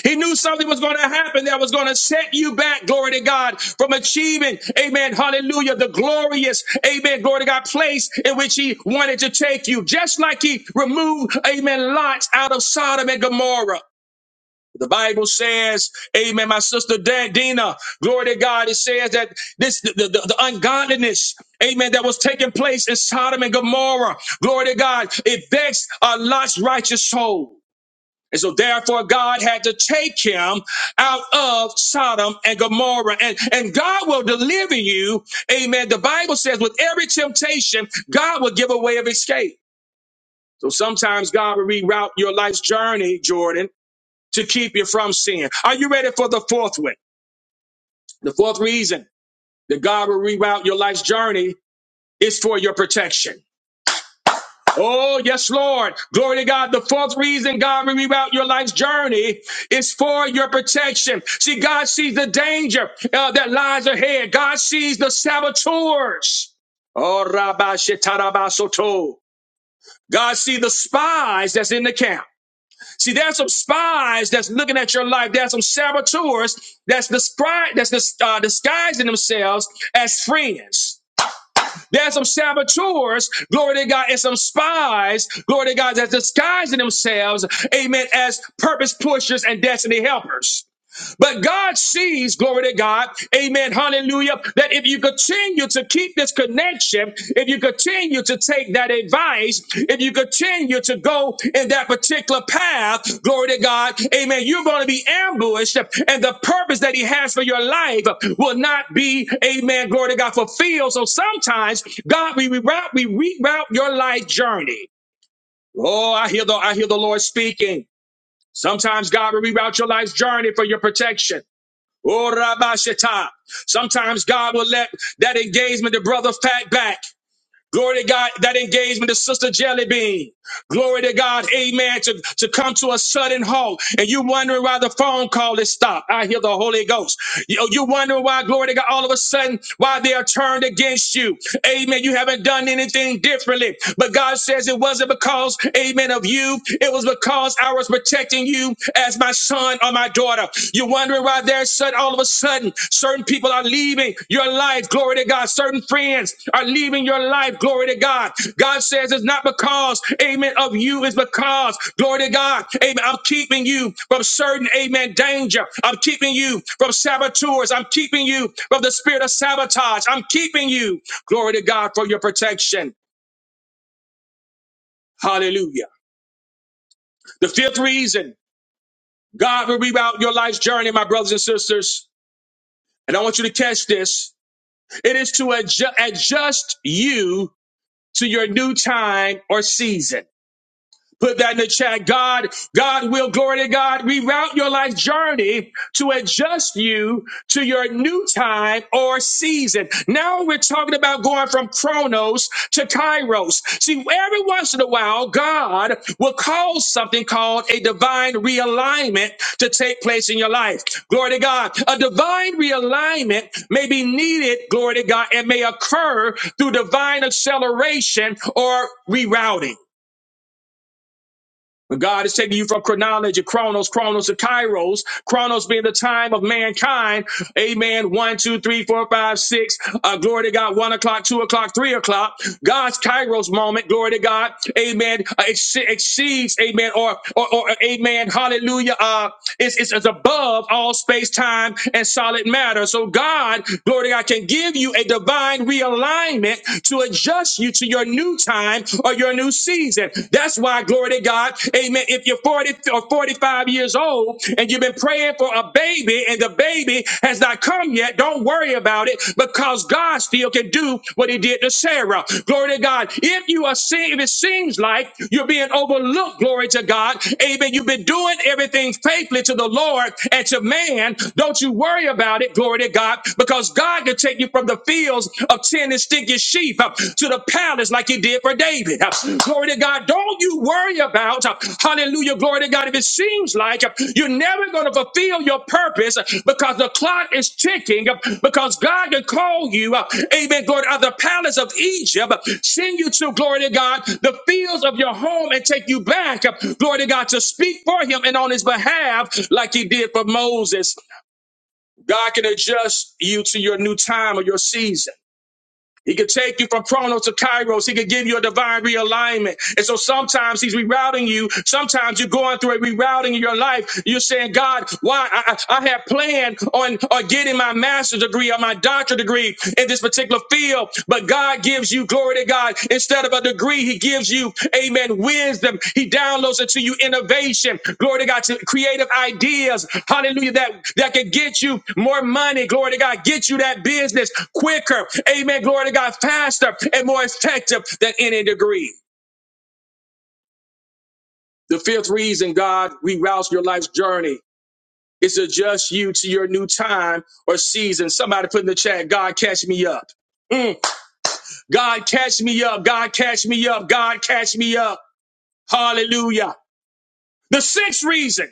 Speaker 1: He knew something was going to happen that was going to set you back, glory to God, from achieving, amen, hallelujah, the glorious, amen, glory to God, place in which he wanted to take you. Just like he removed, amen, Lot out of Sodom and Gomorrah. The Bible says, amen, my sister Dan- Dina, glory to God, it says that this, the, the, the ungodliness, amen, that was taking place in Sodom and Gomorrah, glory to God, it vexed a Lot's righteous soul. And so therefore God had to take him out of Sodom and Gomorrah. And, and God will deliver you. Amen. The Bible says with every temptation, God will give a way of escape. So sometimes God will reroute your life's journey, Jordan, to keep you from sin. Are you ready for the fourth one? The fourth reason that God will reroute your life's journey is for your protection. Oh, yes, Lord. Glory to God. The fourth reason God will reroute your life's journey is for your protection. See, God sees the danger uh, that lies ahead. God sees the saboteurs. Oh, Rabbi Shetarabasoto. God sees the spies that's in the camp. See, there's some spies that's looking at your life. There's some saboteurs that's, discri- that's dis- uh, disguising themselves as friends. There's some saboteurs, glory to God, and some spies, glory to God, that's disguising themselves, amen, as purpose pushers and destiny helpers. But God sees, glory to God, amen, hallelujah, that if you continue to keep this connection, if you continue to take that advice, if you continue to go in that particular path, glory to God, amen, you're going to be ambushed and the purpose that He has for your life will not be, amen, glory to God, fulfilled. So sometimes, God, we reroute, we reroute your life journey. Oh, I hear the, I hear the Lord speaking. Sometimes God will reroute your life's journey for your protection. Oh, Rabbi Sometimes God will let that engagement, the brother pat back. Glory to God, that engagement, the sister jelly bean. Glory to God, amen, to, to come to a sudden halt. And you wondering why the phone call is stopped. I hear the Holy Ghost. You, you wondering why, glory to God, all of a sudden, why they are turned against you. Amen. You haven't done anything differently. But God says it wasn't because, amen, of you. It was because I was protecting you as my son or my daughter. You wondering why there's sudden all of a sudden certain people are leaving your life glory to god certain friends are leaving your life glory to god god says it's not because amen of you it's because glory to god amen i'm keeping you from certain amen danger i'm keeping you from saboteurs i'm keeping you from the spirit of sabotage i'm keeping you glory to god for your protection hallelujah the fifth reason god will reroute your life's journey my brothers and sisters and i want you to catch this It is to adju- adjust you to your new time or season. Put that in the chat. God, God will, glory to God, reroute your life journey to adjust you to your new time or season. Now we're talking about going from chronos to kairos. See, every once in a while, God will cause something called a divine realignment to take place in your life. Glory to God. A divine realignment may be needed, glory to God, and may occur through divine acceleration or rerouting. But God is taking you from chronology, chronos, chronos to kairos, chronos being the time of mankind. Amen. One, two, three, four, five, six. Uh, glory to God. One o'clock, two o'clock, three o'clock. God's kairos moment. Glory to God. Amen. Uh, ex- exceeds. Amen. Or, or, or uh, amen. Hallelujah. Uh, it's, it's, it's above all space, time, and solid matter. So God, glory to God, can give you a divine realignment to adjust you to your new new time or your new season. That's why, glory to God, amen. If you're 40 or 45 years old and you've been praying for a baby and the baby has not come yet, don't worry about it because God still can do what he did to Sarah. Glory to God. If you are seeing, if it seems like you're being overlooked, glory to God, amen. You've been doing everything faithfully to the Lord and to man. Don't you worry about it, glory to God, because God can take you from the fields of ten and stinking sheep uh, to the palace like he did for David. Uh, Glory to God. Don't you worry about, uh, hallelujah, glory to God, if it seems like uh, you're never going to fulfill your purpose uh, because the clock is ticking, uh, because God can call you, uh, amen, glory to the palace of Egypt, uh, send you to, glory to God, the fields of your home and take you back, uh, glory to God, to speak for him and on his behalf like he did for Moses. God can adjust you to your new time or your season. He could take you from chronos to kairos. He could give you a divine realignment. And so sometimes he's rerouting you. Sometimes you're going through a rerouting in your life. You're saying, God, why? I, I I had planned on, on getting my master's degree or my doctorate degree in this particular field, but God gives you glory to God. God. Instead of a degree, He gives you, amen, wisdom. He downloads into you innovation. Glory to God, to creative ideas. Hallelujah. That, that can get you more money. Glory to God, get you that business quicker. Amen. Glory to God, faster and more effective than any degree. The fifth reason God reroutes your life's journey is to adjust you to your new time or season. Somebody put in the chat, God, catch me up. Mm. God, catch me up. God, catch me up. God, catch me up. Hallelujah. The sixth reason,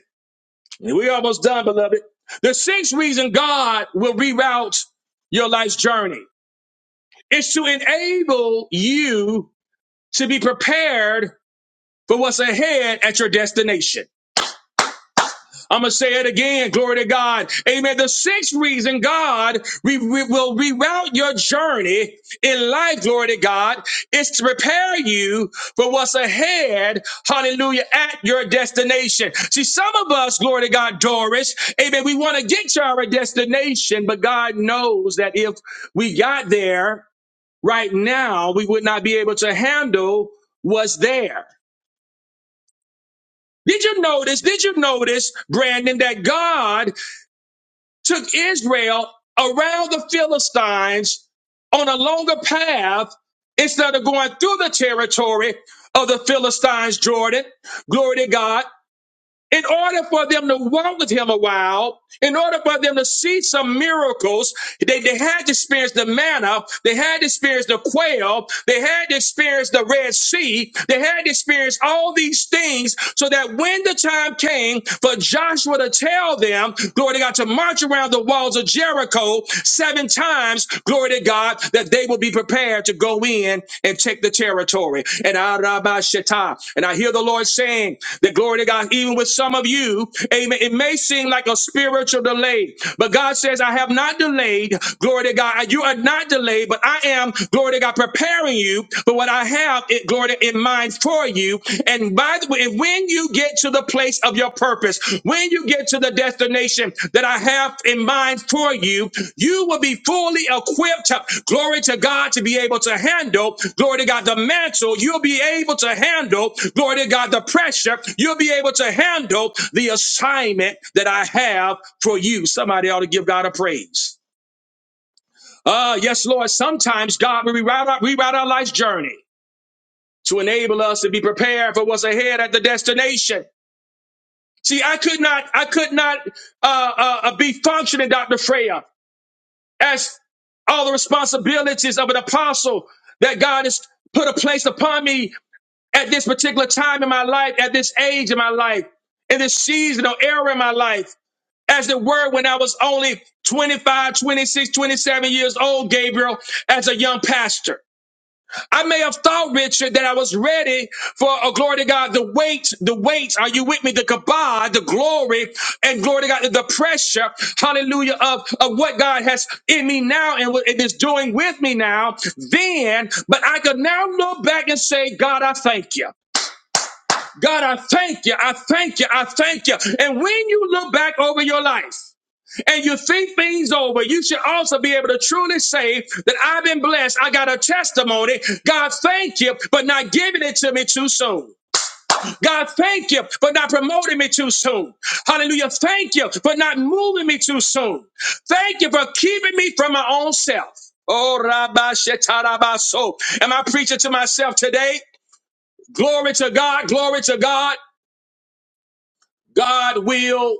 Speaker 1: and we're almost done, beloved. The sixth reason God will reroute your life's journey is to enable you to be prepared for what's ahead at your destination. I'm going to say it again. Glory to God. Amen. The sixth reason God we, we will reroute your journey in life, glory to God, is to prepare you for what's ahead, hallelujah, at your destination. See, some of us, glory to God, Doris, amen, we want to get to our destination, but God knows that if we got there right now, we would not be able to handle what's there. Did you notice? Did you notice, Brandon, that God took Israel around the Philistines on a longer path instead of going through the territory of the Philistines, Jordan. Glory to God in order for them to walk with him a while, in order for them to see some miracles, they, they had to experience the manna, they had to experience the quail, they had to experience the Red Sea, they had to experience all these things so that when the time came for Joshua to tell them, glory to God, to march around the walls of Jericho seven times, glory. Glory to God that they will be prepared to go in and take the territory. And Arabashata. And I hear the Lord saying that glory to God, even with some of you, amen. It may seem like a spiritual delay, but God says, I have not delayed. Glory to God. You are not delayed, but I am, glory to God, preparing you for what I have, it, glory to, in mind for you. And by the way, and when you get to the place of your purpose, when you get to the destination that I have in mind for you, you will be fully equipped, glory to God, to be able to handle, glory to God, the mantle. You'll be able to handle, glory to God, the pressure. You'll be able to handle the assignment that I have for you. Somebody ought to give God a praise. Ah, yes, Lord. Sometimes God will rewrite our, rewrite our life's journey to enable us to be prepared for what's ahead at the destination. See, I could not, I could not uh, uh, uh, be functioning, Dr. Freya, as all the responsibilities of an apostle that God has put a place upon me at this particular time in my life, at this age in my life, in this season or era in my life. As it were, when I was only 25, 26, 27 years old, Gabriel, as a young pastor. I may have thought, Richard, that I was ready for a glory to God. The weight, the weight, are you with me? The kabod, the glory, and glory to God, the pressure, hallelujah, of, of what God has in me now and what it is doing with me now. Then, but I could now look back and say, God, I thank you. God, I thank you. I thank you. I thank you. And when you look back over your life, and you think things over, you should also be able to truly say that I've been blessed. I got a testimony. God, thank you for not giving it to me too soon. God, thank you for not promoting me too soon. Hallelujah. Thank you for not moving me too soon. Thank you for keeping me from my own self. Oh, Rabba Shetarabaso. Am I preaching to myself today? Glory to God. Glory to God. God will.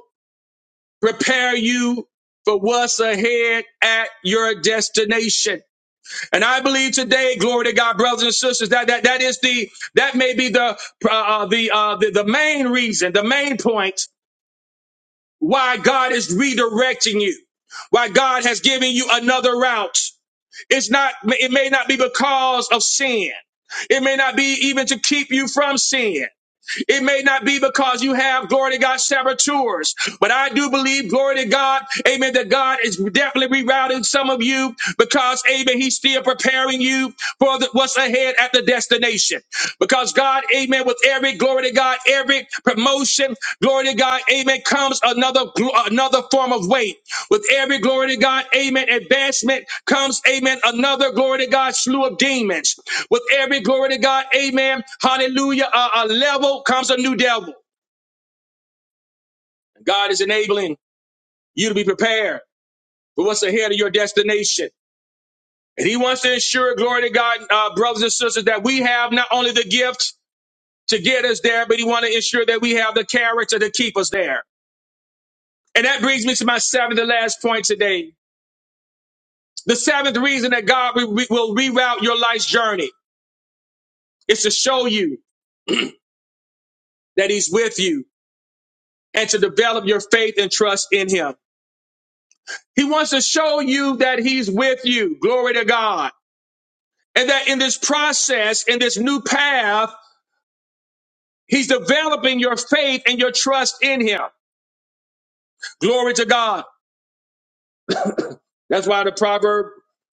Speaker 1: prepare you for what's ahead at your destination. And I believe today, glory to God, brothers and sisters, that that, that is the that may be the uh, uh, the, uh, the the main reason, the main point why God is redirecting you, why God has given you another route. It's not. It may not be because of sin. It may not be even to keep you from sin. It may not be because you have, glory to God, saboteurs, but I do believe, glory to God, amen, that God is definitely rerouting some of you because, amen, he's still preparing you for the, what's ahead at the destination. Because God, amen, with every, glory to God, every promotion, glory to God, amen, comes another, another form of weight. With every glory to God, amen, advancement comes, amen, another glory to God, slew of demons. With every glory to God, amen, hallelujah, a, a level comes a new devil. God is enabling you to be prepared for what's ahead of your destination. And He wants to ensure, glory to God, uh, brothers and sisters, that we have not only the gift to get us there, but He wants to ensure that we have the character to keep us there. And that brings me to my seventh and last point today. The seventh reason that God re- re- will reroute your life's journey. It's to show you that he's with you and to develop your faith and trust in him. He wants to show you that he's with you. Glory to God. And that in this process, in this new path, he's developing your faith and your trust in him. Glory to God. That's why the proverb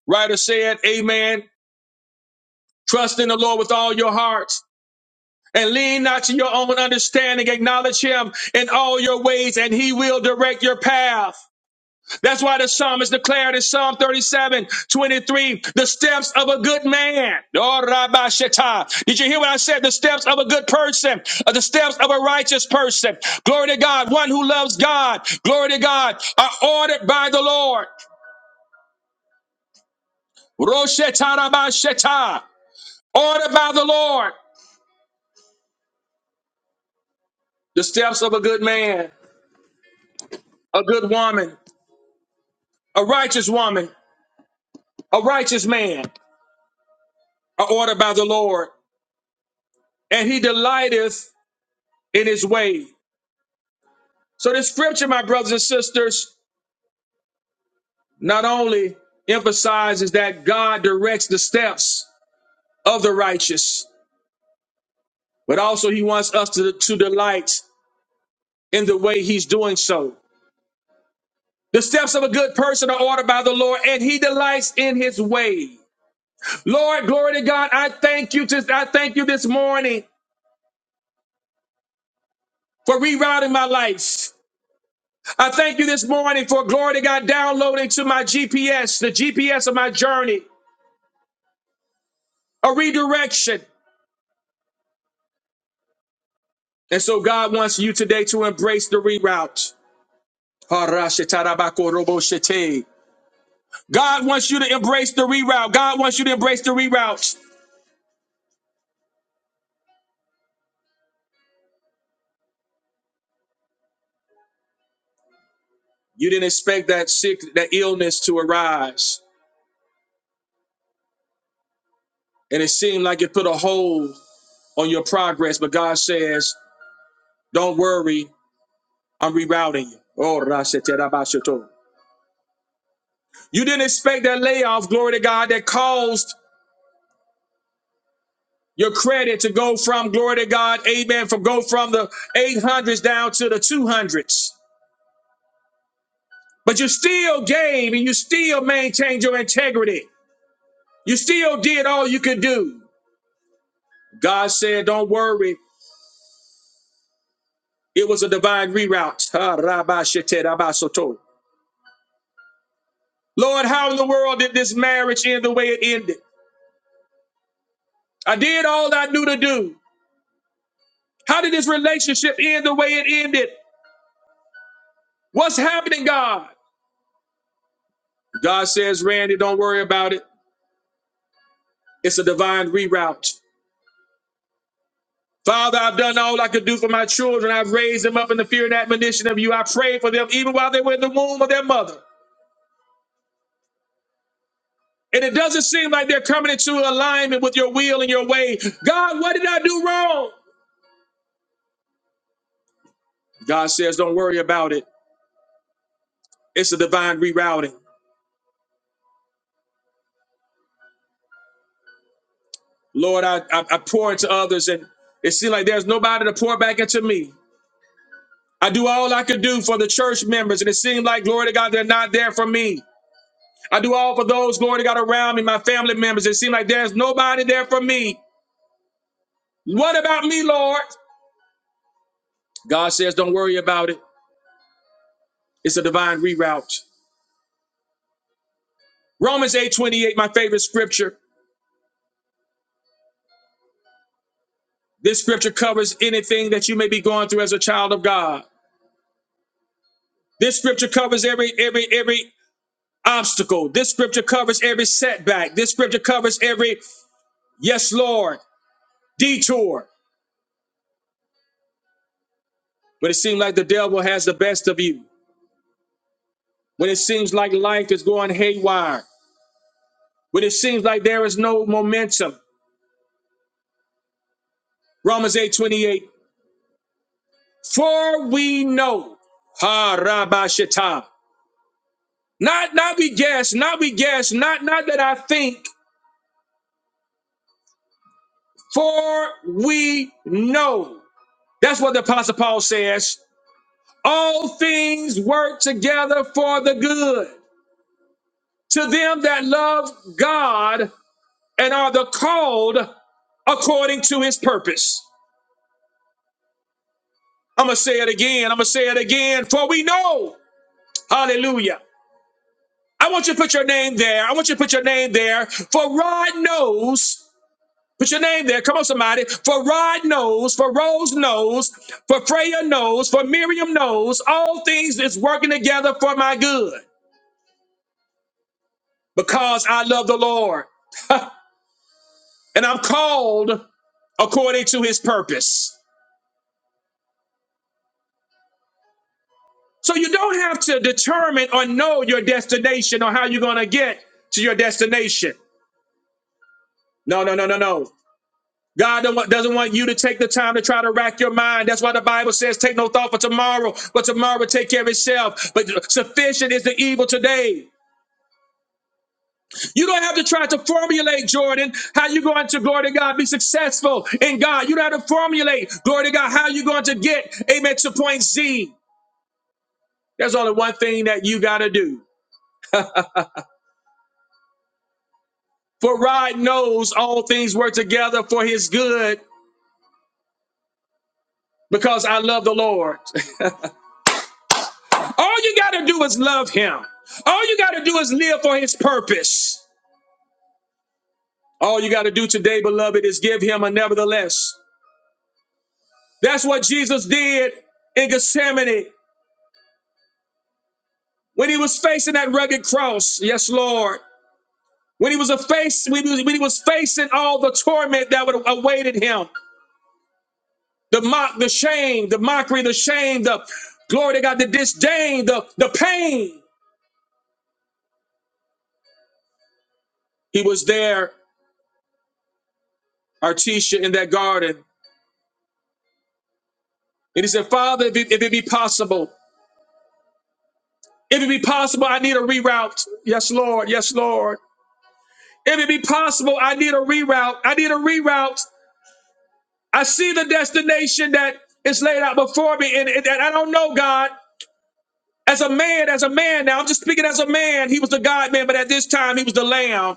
Speaker 1: writer said, Amen. Trust in the Lord with all your heart and lean not to your own understanding. Acknowledge him in all your ways and he will direct your path. That's why the psalmist declared in Psalm 37, 23. the steps of a good man. Oh, Rabbi Shatai. Did you hear what I said? The steps of a good person, uh, the steps of a righteous person. Glory to God. One who loves God. Glory to God. Are ordered by the Lord. Roshetai Rabbi Shatai. Ordered by the Lord. The steps of a good man, a good woman, a righteous woman, a righteous man are ordered by the Lord. And he delighteth in his way. So this scripture, my brothers and sisters, not only emphasizes that God directs the steps of the righteous, but also he wants us to, to delight in the way he's doing so. The steps of a good person are ordered by the Lord and he delights in his way. Lord, glory to God. I thank you. To, I thank you this morning for rerouting my life. I thank you this morning for glory to God downloading to my GPS, the GPS of my journey, a redirection. And so God wants you today to embrace the reroute. God wants you to embrace the reroute. God wants you to embrace the reroute. You didn't expect that sick, that illness to arise. And it seemed like it put a hold on your progress. But God says, don't worry, I'm rerouting you. Oh, Rashetarabasheto. You didn't expect that layoff, glory to God, that caused your credit to go from, glory to God, amen, from go from the 800s down to the 200s. But you still gave and you still maintained your integrity. You still did all you could do. God said, Don't worry. It was a divine reroute. Ha, rabba, shete, rabba, soto. Lord, how in the world did this marriage end the way it ended? I did all I knew to do. How did this relationship end the way it ended? What's happening, God? God says, Randy, don't worry about it. It's a divine reroute. Father, I've done all I could do for my children. I've raised them up in the fear and admonition of you. I prayed for them even while they were in the womb of their mother. And it doesn't seem like they're coming into alignment with your will and your way. God, what did I do wrong? God says, don't worry about it. It's a divine rerouting. Lord, I, I, I pour into others and it seems like there's nobody to pour back into me. I do all I could do for the church members and it seemed like, glory to God, they're not there for me. I do all for those, glory to God, around me, my family members. It seems like there's nobody there for me. What about me, Lord? God says, don't worry about it. It's a divine reroute. Romans 8:28, my favorite scripture. This scripture covers anything that you may be going through as a child of God. This scripture covers every, every, every obstacle. This scripture covers every setback. This scripture covers every, yes, Lord, detour. When it seems like the devil has the best of you, when it seems like life is going haywire, when it seems like there is no momentum. Romans 8:28. For we know, ha rabashita. Not not we guess, not we guess, not not that I think. For we know. That's what the Apostle Paul says. All things work together for the good to them that love God and are the called according to his purpose. I'm going to say it again. I'm going to say it again. For we know, hallelujah. I want you to put your name there. I want you to put your name there. For Rod knows. Put your name there. Come on, somebody. For Rod knows. For Rose knows. For Freya knows. For Miriam knows. All things is working together for my good because I love the Lord. (laughs) and I'm called according to his purpose. So you don't have to determine or know your destination or how you're going to get to your destination. No, no, no, no, no. God don't want- doesn't want you to take the time to try to rack your mind. That's why the Bible says, take no thought for tomorrow, but tomorrow take care of itself. But sufficient is the evil today. You don't have to try to formulate, Jordan, how you going to, glory to God, be successful in God. You don't have to formulate, glory to God, how you going to get, amen, to point Z. There's only one thing that you got to do. For Rod knows all things work together for his good because I love the Lord. (laughs) All you got to do is love him. All you got to do is live for his purpose. All you got to do today, beloved, is give him a nevertheless. That's what Jesus did in Gethsemane when he was facing that rugged cross. Yes, Lord. When he was a face, when he was, when he was facing all the torment that would awaited him, the mock, the shame, the mockery, the shame, the glory to God, the disdain, the, the pain. He was there, Artisha, in that garden. And he said, Father, if it, if it be possible. If it be possible, I need a reroute. Yes, Lord. Yes, Lord. If it be possible, I need a reroute. I need a reroute. I see the destination that is laid out before me, and, and I don't know God. As a man, as a man now, I'm just speaking as a man. He was the God man, but at this time, he was the lamb.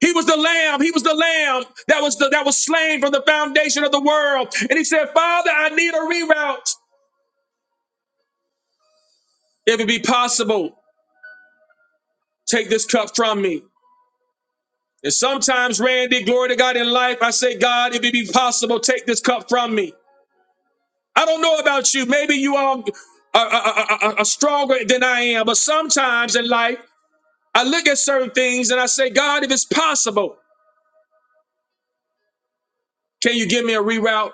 Speaker 1: He was the lamb. He was the lamb that was the, that was slain from the foundation of the world. And he said, Father, I need a reroute. If it be possible, take this cup from me. And sometimes, Randy, glory to God in life, I say, God, if it be possible, take this cup from me. I don't know about you. Maybe you all are, are, are, are stronger than I am. But sometimes in life, I look at certain things and I say, God, if it's possible, can you give me a reroute?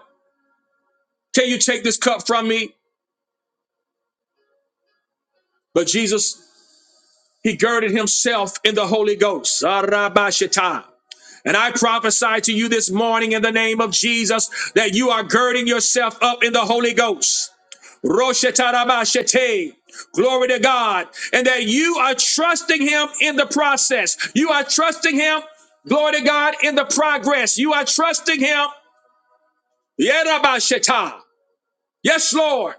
Speaker 1: Can you take this cup from me? But Jesus, he girded himself in the Holy Ghost. Arabashita. And I prophesy to you this morning in the name of Jesus that you are girding yourself up in the Holy Ghost. Roshetarabashete. Glory to God. And that you are trusting Him in the process. You are trusting Him, glory to God, in the progress. You are trusting Him. Yerabasheta. Yes, Lord.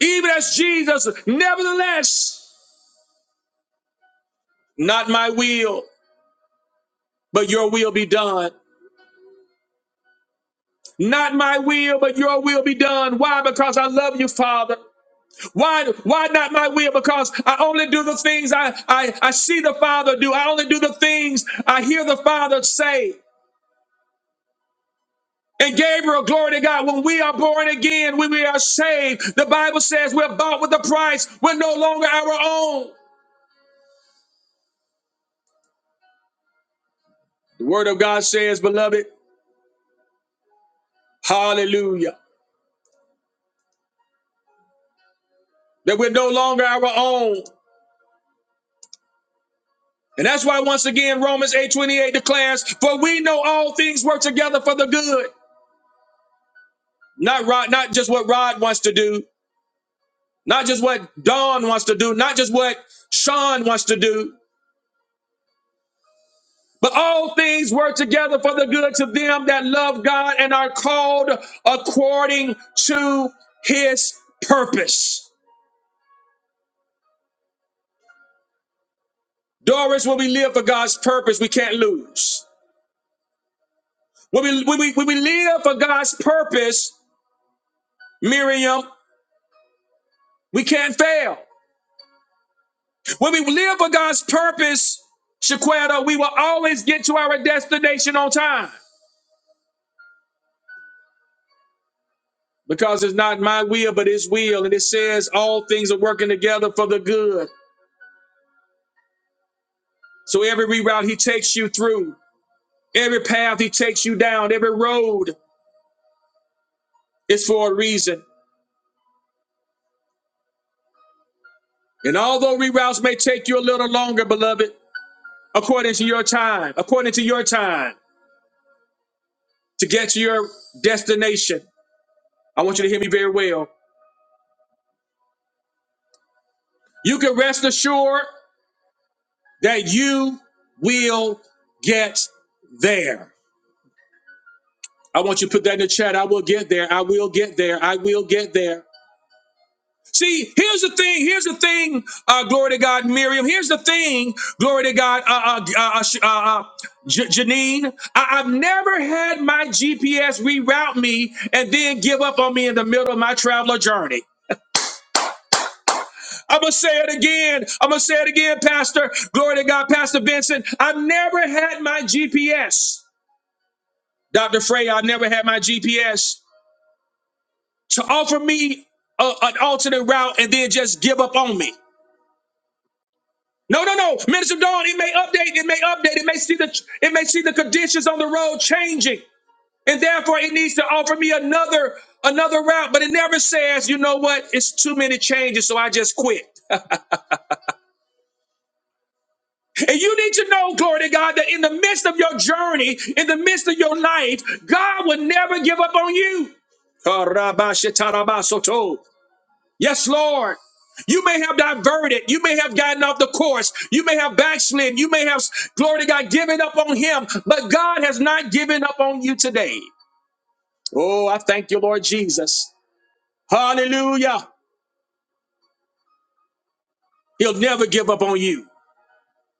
Speaker 1: Even as Jesus, nevertheless, not my will, but your will be done. Not my will, but your will be done. Why? Because I love you, Father. Why, why not my will? Because I only do the things I, I, I see the Father do. I only do the things I hear the Father say. And Gabriel, glory to God, when we are born again, when we are saved, the Bible says we're bought with a price. We're no longer our own. The Word of God says, beloved, hallelujah, that we're no longer our own. And that's why, once again, Romans 8 28 declares, For we know all things work together for the good. Not Rod, not just what Rod wants to do, not just what Dawn wants to do, not just what Sean wants to do, but all things work together for the good to them that love God and are called according to his purpose. Doris, when we live for God's purpose, we can't lose. When we, when we, when we live for God's purpose, Miriam, we can't fail. When we live for God's purpose, Shaquetta, we will always get to our destination on time. because it's not my will, but his will. And it says all things are working together for the good. So every reroute he takes you through, every path he takes you down, every road is for a reason. And although reroutes may take you a little longer, beloved, according to your time, according to your time to get to your destination, I want you to hear me very well. You can rest assured that you will get there. I want you to put that in the chat. I will get there. I will get there. I will get there. See, here's the thing. Here's the thing. Uh, glory to God, Miriam. Here's the thing. Glory to God, uh, uh, uh, uh, uh, uh, J- Janine. I- I've never had my GPS reroute me and then give up on me in the middle of my traveler journey. I'm going to say it again. I'm going to say it again, Pastor. Glory to God, Pastor Vincent. I've never had my GPS. Dr. Frey, I've never had my GPS. to offer me a, an alternate route and then just give up on me. No, no, no. Minister Dawn, it may update, it may update, it may see the it may see the conditions on the road changing. And therefore it needs to offer me another another route. But it never says, you know what, it's too many changes, so I just quit. And you need to know, glory to God, that in the midst of your journey, in the midst of your life, God will never give up on you. Yes, Lord. You may have diverted. You may have gotten off the course. You may have backslid. You may have, glory to God, given up on him. But God has not given up on you today. Oh, I thank you, Lord Jesus. Hallelujah. He'll never give up on you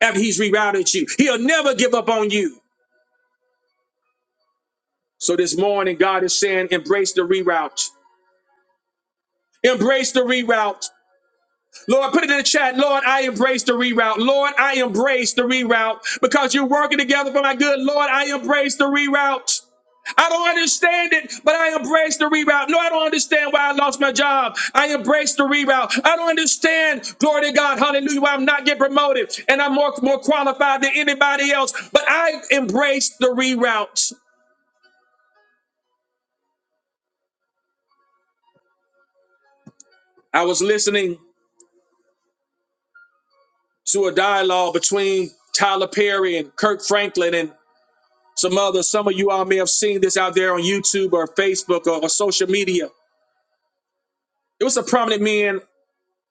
Speaker 1: after he's rerouted you. He'll never give up on you. So this morning, God is saying, embrace the reroute. Embrace the reroute. Lord, put it in the chat. Lord, I embrace the reroute. Lord, I embrace the reroute because you're working together for my good. Lord, I embrace the reroute. I don't understand it, but I embrace the reroute. No, I don't understand why I lost my job. I embrace the reroute. I don't understand, glory to God, hallelujah, why I'm not getting promoted and I'm more, more qualified than anybody else, but I embrace the reroute. I was listening to a dialogue between Tyler Perry and Kirk Franklin, and. Some others, some of you all may have seen this out there on YouTube or Facebook or, or social media. It was a prominent man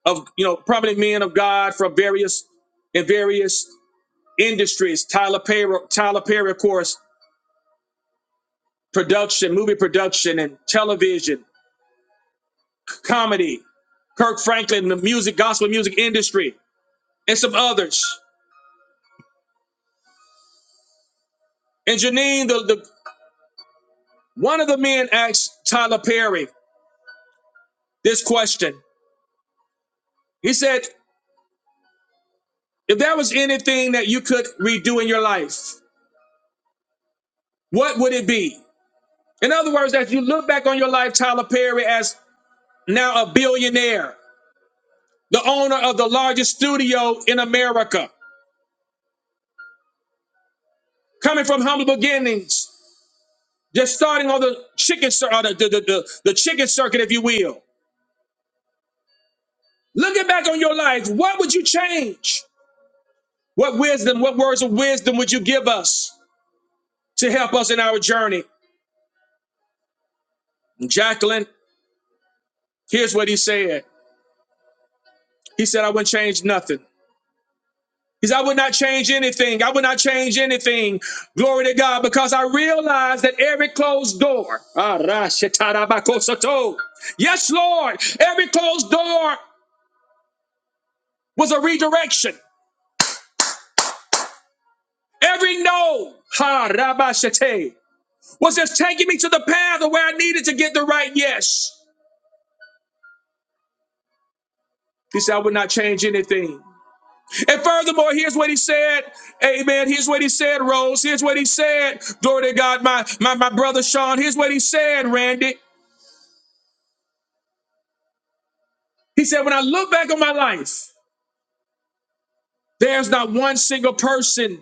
Speaker 1: of, you know, prominent men of God from various in various industries. Tyler Perry, Tyler Perry, of course, production, movie production, and television, c- comedy. Kirk Franklin, the music, gospel music industry, and some others. And Janine, the, the one of the men asked Tyler Perry this question. He said, if there was anything that you could redo in your life, what would it be? In other words, as you look back on your life, Tyler Perry, as now a billionaire, the owner of the largest studio in America, coming from humble beginnings, just starting on the chicken cir- or the, the, the, the, the chicken circuit, if you will. Looking back on your life, what would you change? What wisdom, what words of wisdom would you give us to help us in our journey? Jacqueline, here's what he said. He said, I wouldn't change nothing. Because I would not change anything. I would not change anything. Glory to God. Because I realized that every closed door. Ah, ra, Yes, Lord. Every closed door was a redirection. Every no. Ha rabba, was just taking me to the path of where I needed to get the right yes. He said, I would not change anything. And furthermore, here's what he said. Amen. Here's what he said, Rose. Here's what he said. Glory to God, my, my, my brother Sean. Here's what he said, Randy. He said, When I look back on my life, there's not one single person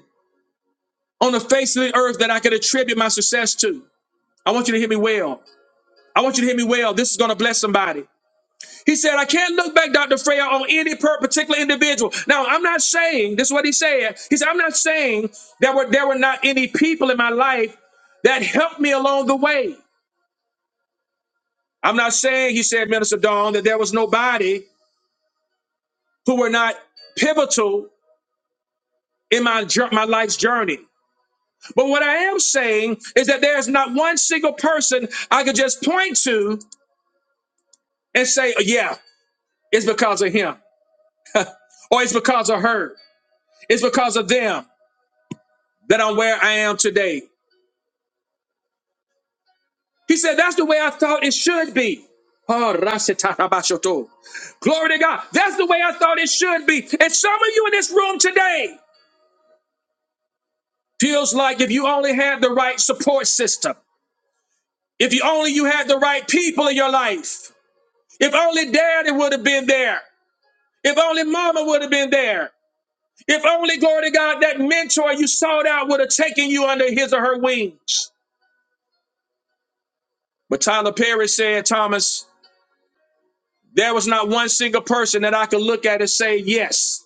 Speaker 1: on the face of the earth that I can attribute my success to. I want you to hear me well. I want you to hear me well. This is going to bless somebody. He said, I can't look back, Dr. Freya, on any per- particular individual. Now, I'm not saying, this is what he said. He said, I'm not saying that were, there were not any people in my life that helped me along the way. I'm not saying, he said, Minister Dawn, that there was nobody who were not pivotal in my, jour- my life's journey. But what I am saying is that there's not one single person I could just point to and say, "Oh, yeah, it's because of him, or it's because of her, it's because of them that I'm where I am today. He said, that's the way I thought it should be. Oh, rasitarabashoto. Glory to God. That's the way I thought it should be. And some of you in this room today feels like if you only had the right support system, if you only you had the right people in your life, if only daddy would have been there, If only mama would have been there. If only, glory to God, that mentor you sought out would have taken you under his or her wings. But Tyler Perry said, Thomas, there was not one single person that I could look at and say, yes,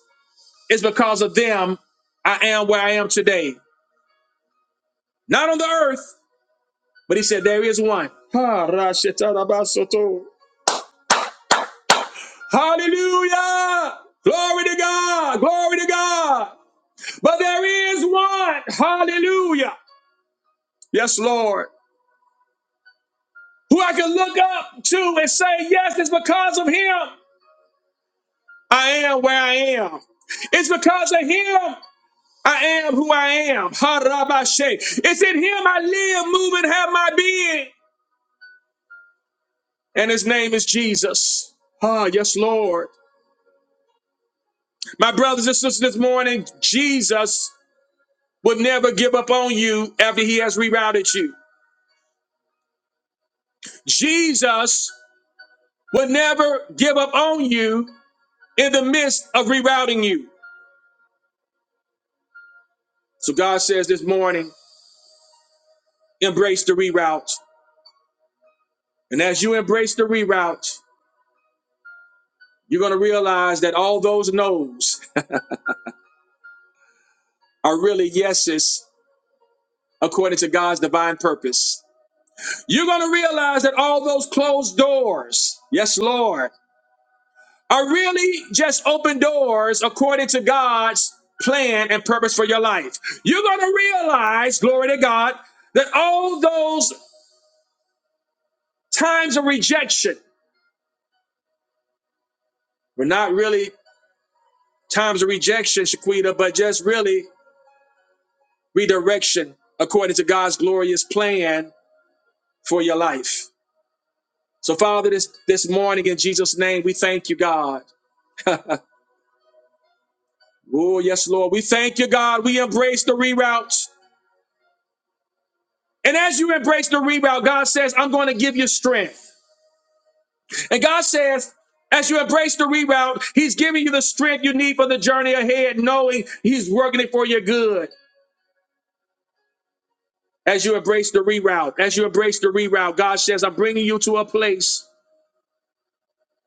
Speaker 1: it's because of them I am where I am today. Not on the earth, but he said, there is one. Ha, ra, sheta, ra, ba, soto. Hallelujah! Glory to God! Glory to God! But there is one. Hallelujah! Yes, Lord. who I can look up to and say, Yes, it's because of him I am where I am. It's because of him I am who I am. Ha-ra-ba-she. It's in him I live, move, and have my being. And his name is Jesus. Ah, yes, Lord. My brothers and sisters, this morning, Jesus would never give up on you after he has rerouted you. Jesus would never give up on you in the midst of rerouting you. So God says this morning, Embrace the reroutes. And as you embrace the reroutes, you're going to realize that all those no's (laughs) are really yeses according to God's divine purpose. You're going to realize that all those closed doors, yes, Lord, are really just open doors according to God's plan and purpose for your life. You're going to realize, glory to God, that all those times of rejection were not really times of rejection, Shaquita, but just really redirection according to God's glorious plan for your life. So, Father, this, this morning in Jesus' name, we thank you, God. (laughs) Oh, yes, Lord. We thank you, God. We embrace the reroutes. And as you embrace the reroute, God says, I'm going to give you strength. And God says, as you embrace the reroute, He's giving you the strength you need for the journey ahead, knowing He's working it for your good. As you embrace the reroute, as you embrace the reroute, God says, I'm bringing you to a place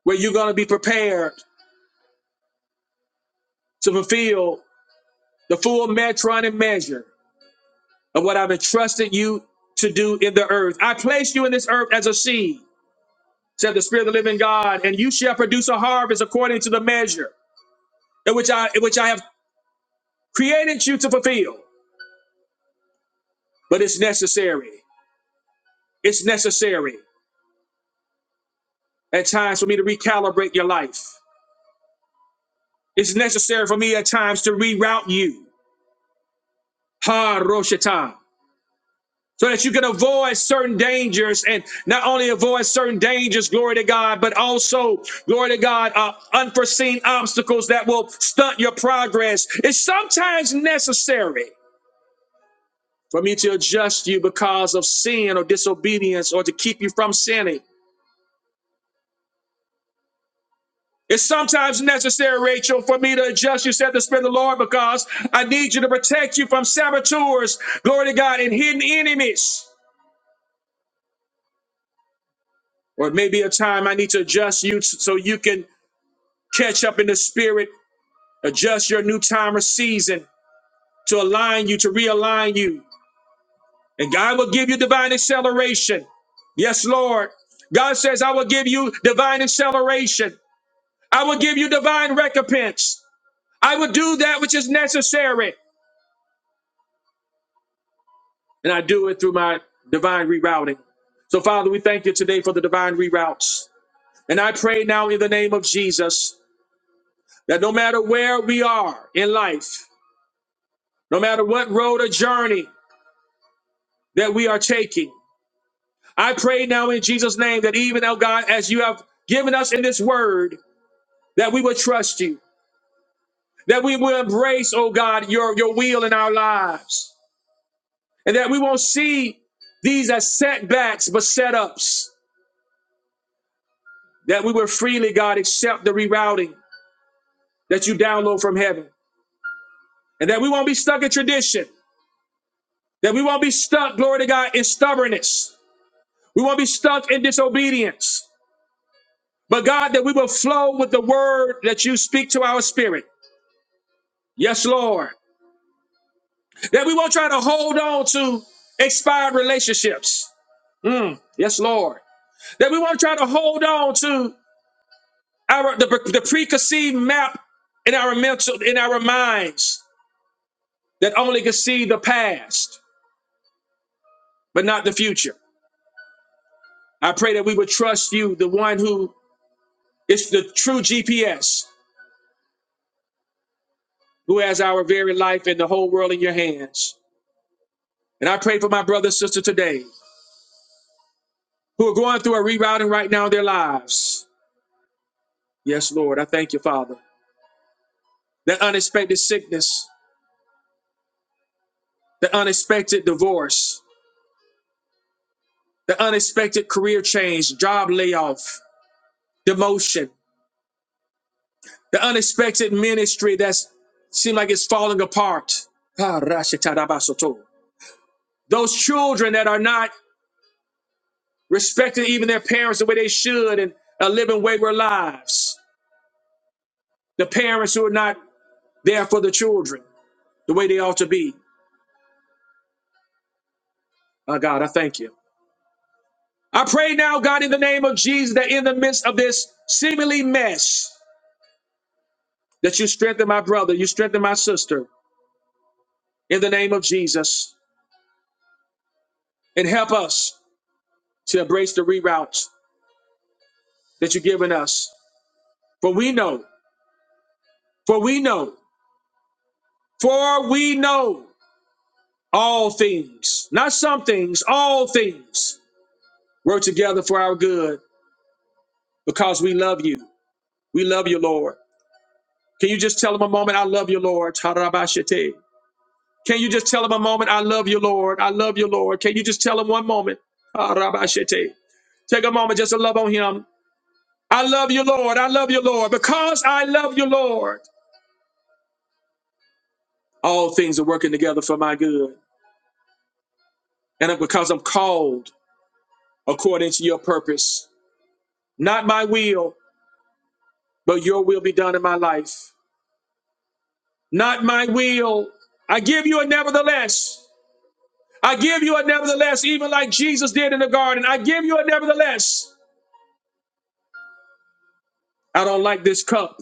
Speaker 1: where you're going to be prepared. to fulfill the full metron and measure of what I've entrusted you to do in the earth. I place you in this earth as a seed, said the Spirit of the living God, and you shall produce a harvest according to the measure in which I in which I have created you to fulfill. But it's necessary. It's necessary at times for me to recalibrate your life. It's necessary for me at times to reroute you. Ha Roshata. so that you can avoid certain dangers and not only avoid certain dangers, glory to God, but also, glory to God, uh, unforeseen obstacles that will stunt your progress. It's sometimes necessary for me to adjust you because of sin or disobedience or to keep you from sinning. It's sometimes necessary, Rachel, for me to adjust you, said the Spirit of the Lord, because I need you to protect you from saboteurs, glory to God, and hidden enemies. Or it may be a time I need to adjust you so you can Catch up in the spirit. Adjust your new time or season to align you, to realign you. And God will give you divine acceleration. Yes, Lord. God says, I will give you divine acceleration. I will give you divine recompense. I will do that which is necessary. And I do it through my divine rerouting. So, Father, we thank you today for the divine reroutes. And I pray now in the name of Jesus that no matter where we are in life, no matter what road or journey, that we are taking. I pray now in Jesus' name that even oh God, as you have given us in this word, that we would trust you, that we will embrace, oh God, your, your will in our lives, and that we won't see these as setbacks but setups, that we will freely, God, accept the rerouting that you download from heaven, and that we won't be stuck in tradition, that we won't be stuck, glory to God, in stubbornness, we won't be stuck in disobedience, but God, that we will flow with the word that you speak to our spirit Yes, Lord. That we won't try to hold on to expired relationships. Mm, yes, Lord. That we won't try to hold on to our the, the preconceived map in our mental in our minds that only can see the past but not the future. I pray that we would trust you, the one who is the true GPS, who has our very life and the whole world in your hands. And I pray for my brother and sister today who are going through a rerouting right now in their lives. Yes, Lord. I thank you, Father. the unexpected sickness, the unexpected divorce, the unexpected career change, job layoff, demotion, the unexpected ministry that's seemed like it's falling apart. Ah, rashitarabasoto. Those children that are not respecting even their parents the way they should and are living wayward lives. The parents who are not there for the children the way they ought to be. Ah, God, I thank you. I pray now, God, in the name of Jesus, that in the midst of this seemingly mess, that you strengthen my brother, you strengthen my sister in the name of Jesus, and help us to embrace the reroutes that you've given us. For we know, for we know, for we know all things, not some things, all things work together for our good because we love you. We love you, Lord. Can you just tell him a moment, I love you, Lord? Tarabashite. Can you just tell him a moment, I love you, Lord? I love you, Lord. Can you just tell him one moment? Tarabashite. Take a moment just to love on him I love you, Lord. I love you, Lord. Because I love you, Lord, all things are working together for my good. And because I'm called according to your purpose, not my will, but your will be done in my life. Not my will. I give you a nevertheless. I give you a nevertheless, even like Jesus did in the garden. I give you a nevertheless. I don't like this cup.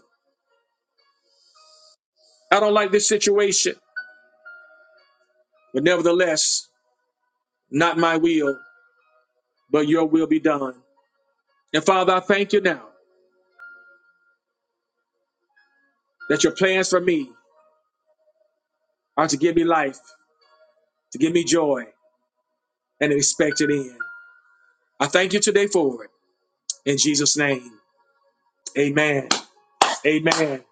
Speaker 1: I don't like this situation. But nevertheless, not my will, but your will be done. And Father, I thank you now. that your plans for me are to give me life, to give me joy, and an expected end. I thank you today for it. In Jesus' name, amen. Amen.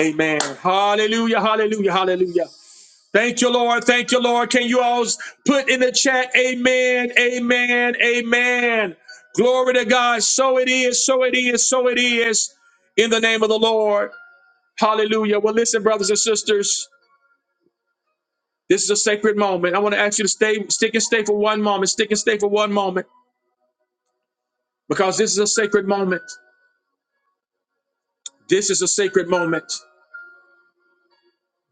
Speaker 1: Amen. Hallelujah. Hallelujah. Hallelujah. Thank you, Lord. Thank you, Lord. Can you all put in the chat, amen, amen, amen. Glory to God. So it is, so it is, so it is. In the name of the Lord. Hallelujah. Well, listen, brothers and sisters. This is a sacred moment. I want to ask you to stay, stick and stay for one moment, stick and stay for one moment, because this is a sacred moment. This is a sacred moment.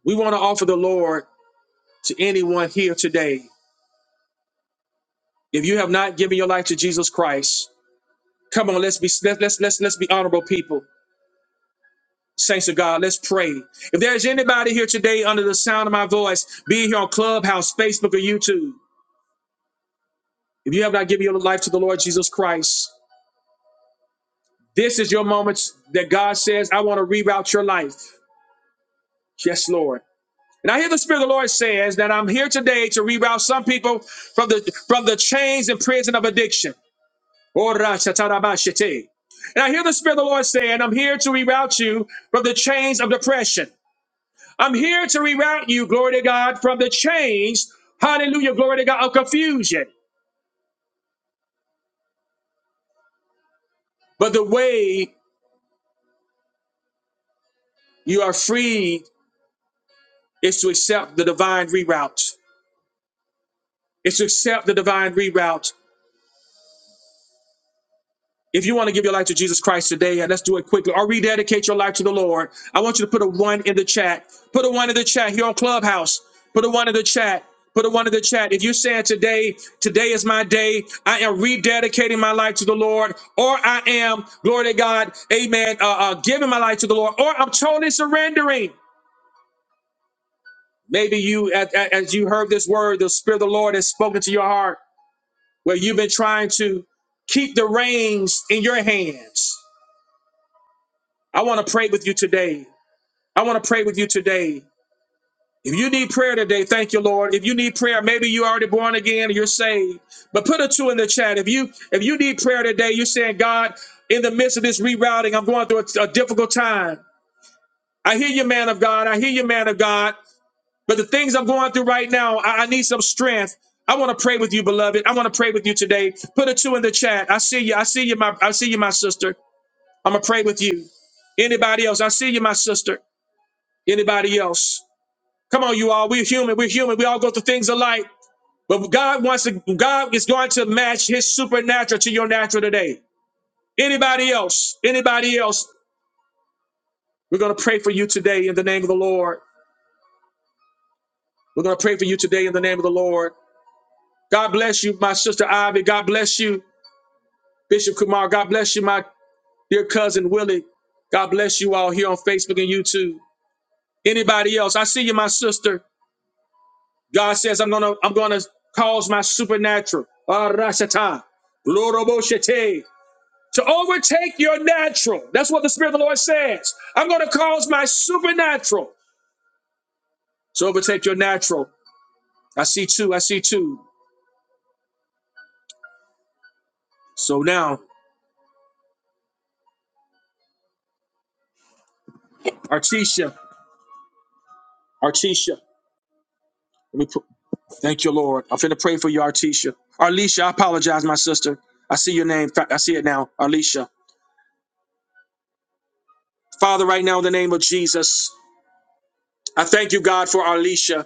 Speaker 1: We want to offer the Lord to anyone here today. If you have not given your life to Jesus Christ, come on, let's be let, let's let's let's be honorable people. Saints of God, let's pray. If there's anybody here today under the sound of my voice, be it here on Clubhouse, Facebook, or YouTube, if you have not given your life to the Lord Jesus Christ, this is your moment that God says, I want to reroute your life. Yes, Lord. And I hear the Spirit of the Lord says that I'm here today to reroute some people from the from the chains and prison of addiction. Ora shatarabashite. And I hear the Spirit of the Lord saying, I'm here to reroute you from the chains of depression. I'm here to reroute you, glory to God, from the chains, hallelujah, glory to God, of confusion. But the way you are free is to accept the divine reroute. It's to accept the divine reroute. If you want to give your life to Jesus Christ today, and let's do it quickly, or rededicate your life to the Lord, I want you to put a one in the chat. Put a one in the chat here on Clubhouse. Put a one in the chat. Put a one in the chat. If you're saying today, today is my day, I am rededicating my life to the Lord, or I am, glory to God, amen, uh, uh, giving my life to the Lord, or I'm totally surrendering. Maybe you, as, as as you heard this word, the Spirit of the Lord has spoken to your heart, where you've been trying to keep the reins in your hands I want to pray with you today. I want to pray with you today. If you need prayer today, thank you, Lord. If you need prayer, maybe you already born again and you're saved. But put a two in the chat. If you if you need prayer today, you're saying, God, in the midst of this rerouting, I'm going through a, a difficult time. I hear you, man of God. I hear you, man of God. But the things I'm going through right now, I, I need some strength. I want to pray with you, beloved. I want to pray with you today. Put a two in the chat. I see you. I see you, my I see you, my sister. I'm gonna pray with you. Anybody else? I see you, my sister. Anybody else? Come on, you all. We're human. We're human. We all go through things alike. But God wants to, God is going to match his supernatural to your natural today. Anybody else? Anybody else? We're going to pray for you today in the name of the Lord. We're going to pray for you today in the name of the Lord. God bless you, my sister Ivy. God bless you, Bishop Kumar. God bless you, my dear cousin Willie. God bless you all here on Facebook and YouTube. Anybody else? I see you, my sister. God says, I'm gonna, I'm gonna cause my supernatural, ah, Rashata, Loroboshete, to overtake your natural. That's what the Spirit of the Lord says. I'm gonna cause my supernatural to overtake your natural. I see two, I see two. So now, Artisha, Artisha, let me put, thank you, Lord. I'm finna pray for you, Artisha. Arlisha, I apologize, my sister. I see your name. I see it now, Arlisha. Father, right now, in the name of Jesus, I thank you, God, for Arlisha.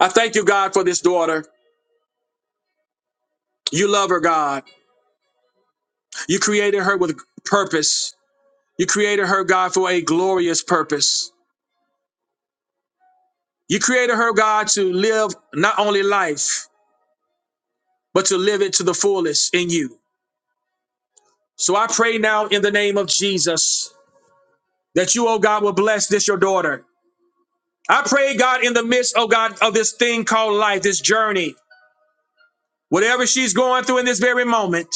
Speaker 1: I thank you, God, for this daughter. You love her, God. You created her with purpose. You created her, God, for a glorious purpose. You created her, God, to live not only life, but to live it to the fullest in you. So I pray now in the name of Jesus that you, oh God, will bless this, your daughter. I pray, God, in the midst, oh God, of this thing called life, this journey, whatever she's going through in this very moment,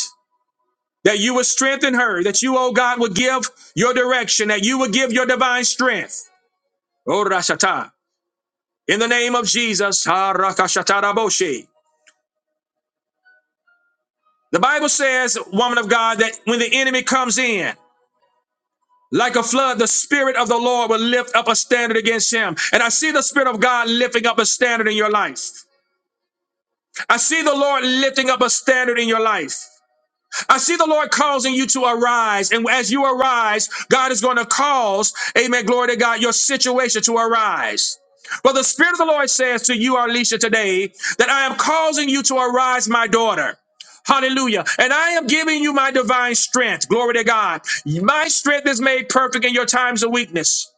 Speaker 1: that you will strengthen her, that you, oh God, will give your direction, that you will give your divine strength. In the name of Jesus, the Bible says, woman of God, that when the enemy comes in, like a flood, the Spirit of the Lord will lift up a standard against him. And I see the Spirit of God lifting up a standard in your life. I see the Lord lifting up a standard in your life. I see the Lord causing you to arise. And as you arise, God is going to cause, amen, glory to God, your situation to arise. But the Spirit of the Lord says to you, Alicia, today that I am causing you to arise, my daughter. Hallelujah. And I am giving you my divine strength. Glory to God. My strength is made perfect in your times of weakness.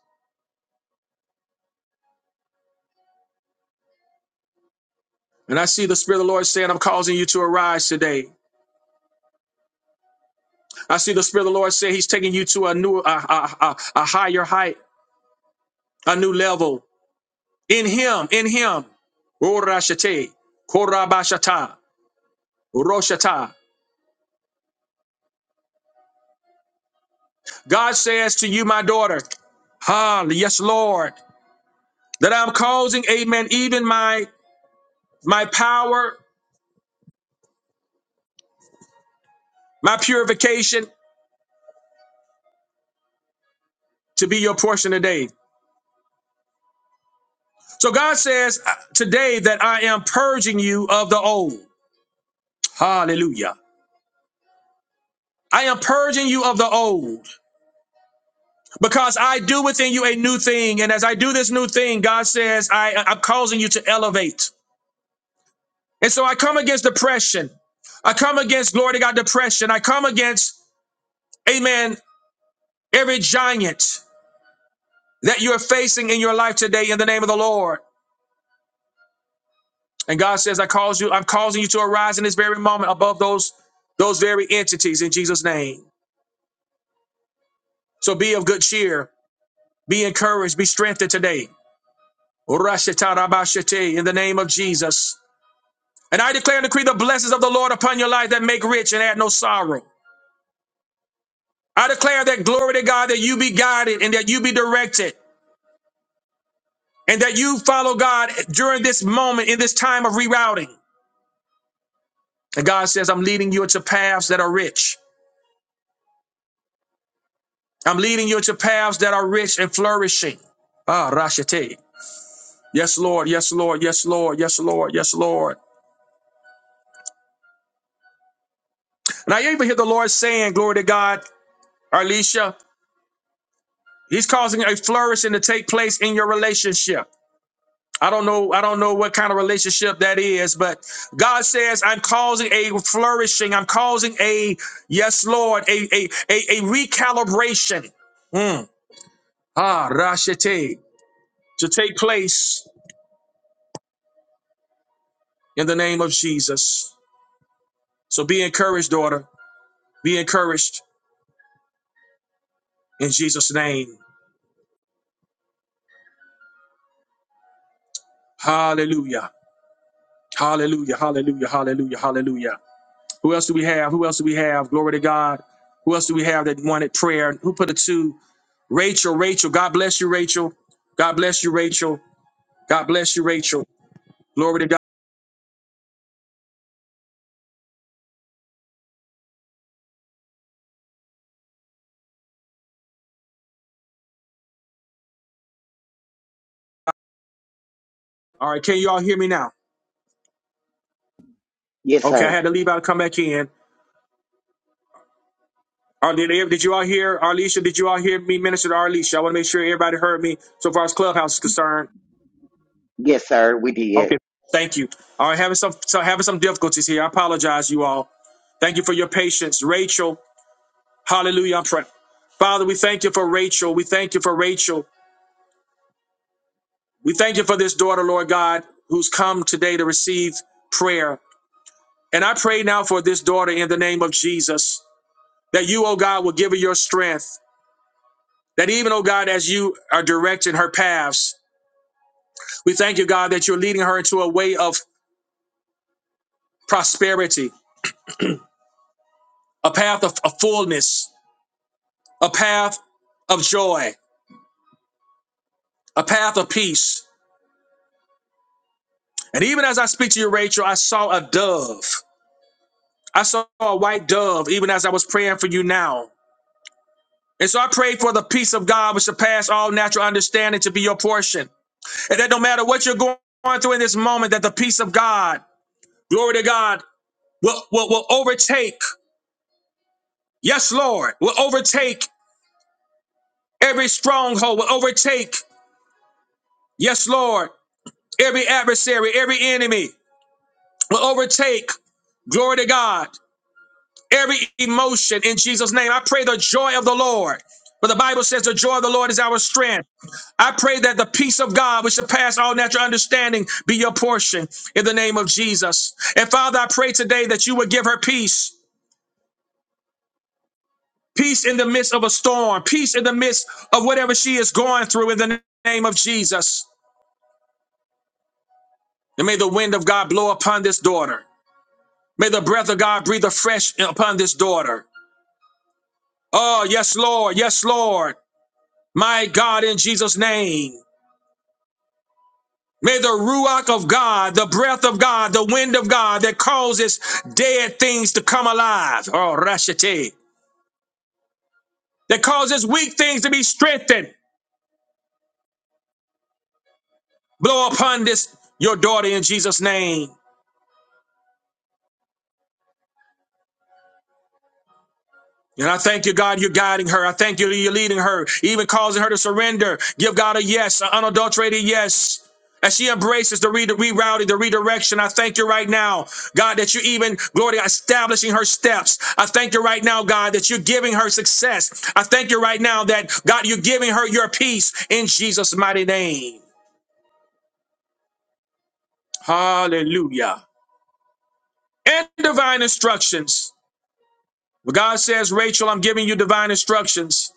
Speaker 1: And I see the Spirit of the Lord saying, I'm causing you to arise today. I see the Spirit of the Lord saying, He's taking you to a new, a, a, a a higher height, a new level. In him, in him. Orashate, korabashata, roshata. God says to you, my daughter, ah, yes, Lord, that I'm causing, amen, even my my power, my purification to be your portion today. So God says uh, today that I am purging you of the old. Hallelujah. I am purging you of the old because I do within you a new thing. And as I do this new thing, God says, I, I'm causing you to elevate. And so I come against depression. I come against, glory to God, depression. I come against, amen, every giant that you're facing in your life today in the name of the Lord. And God says, I cause you, I'm causing you to arise in this very moment above those, those very entities in Jesus' name. So be of good cheer, be encouraged, be strengthened today. Rashetarabashete, In the name of Jesus. And I declare and decree the blessings of the Lord upon your life that make rich and add no sorrow. I declare that glory to God that you be guided and that you be directed. and that you follow God during this moment in this time of rerouting. And God says, I'm leading you into paths that are rich. I'm leading you into paths that are rich and flourishing. Ah, Rashate. Yes, Lord. Yes, Lord. Yes, Lord. Yes, Lord. Yes, Lord. And I even hear the Lord saying, Glory to God, Alicia, He's causing a flourishing to take place in your relationship. I don't know. I don't know what kind of relationship that is, but God says, "I'm causing a flourishing. I'm causing a yes, Lord, a a a, a recalibration." Mm. Ah, rashete to take place in the name of Jesus. So be encouraged, daughter. Be encouraged in Jesus' name. Hallelujah. Hallelujah. Hallelujah. Hallelujah. Hallelujah. Who else do we have? Who else do we have? Glory to God. Who else do we have that wanted prayer? Who put a two? Rachel, Rachel, God bless you, Rachel. God bless you, Rachel. God bless you, Rachel. Glory to God. All right, can you all hear me now?
Speaker 2: Yes,
Speaker 1: Okay, I
Speaker 2: sir.
Speaker 1: had to leave out and come back in. Or did, did you all hear Arlisha? Did you all hear me minister to Arlisha? I want to make sure everybody heard me so far as Clubhouse is concerned.
Speaker 2: Yes, sir. We did.
Speaker 1: Okay. Thank you. All right, having some so having some difficulties here. I apologize, you all. Thank you for your patience. Rachel, hallelujah. I'm praying. Father, we thank you for Rachel. We thank you for Rachel. We thank you for this daughter, Lord God, who's come today to receive prayer. And I pray now for this daughter in the name of Jesus that you, oh God, will give her your strength. That even, oh God, as you are directing her paths, we thank you, God, that you're leading her into a way of prosperity, a path of, of fullness, a path of joy, a path of peace. And even as I speak to you, Rachel, I saw a dove. I saw a white dove even as I was praying for you now. And so I pray for the peace of God which surpass all natural understanding to be your portion. And that no matter what you're going through in this moment, that the peace of God, glory to God, will, will, will overtake, yes, Lord, will overtake every stronghold, will overtake, yes, Lord, every adversary, every enemy, will overtake, glory to God, every emotion in Jesus' name. I pray the joy of the Lord. But the Bible says the joy of the Lord is our strength. I pray that the peace of God, which surpass all natural understanding, be your portion in the name of Jesus. And Father, I pray today that you would give her peace, peace in the midst of a storm, peace in the midst of whatever she is going through in the name of Jesus. And may the wind of God blow upon this daughter. May the breath of God breathe afresh upon this daughter. Oh, yes, Lord. Yes, Lord. My God, in Jesus' name. May the Ruach of God, the breath of God, the wind of God that causes dead things to come alive, oh, Rashate, that causes weak things to be strengthened, blow upon this, your daughter in Jesus' name. And I thank you, God, you're guiding her. I thank you, that you're leading her, even causing her to surrender. Give God a yes, an unadulterated yes. As she embraces the re- the rerouting, the redirection, I thank you right now, God, that you're even, glory, to God, establishing her steps. I thank you right now, God, that you're giving her success. I thank you right now that, God, you're giving her your peace in Jesus' mighty name. Hallelujah. And divine instructions. Well, God says, Rachel, I'm giving you divine instructions.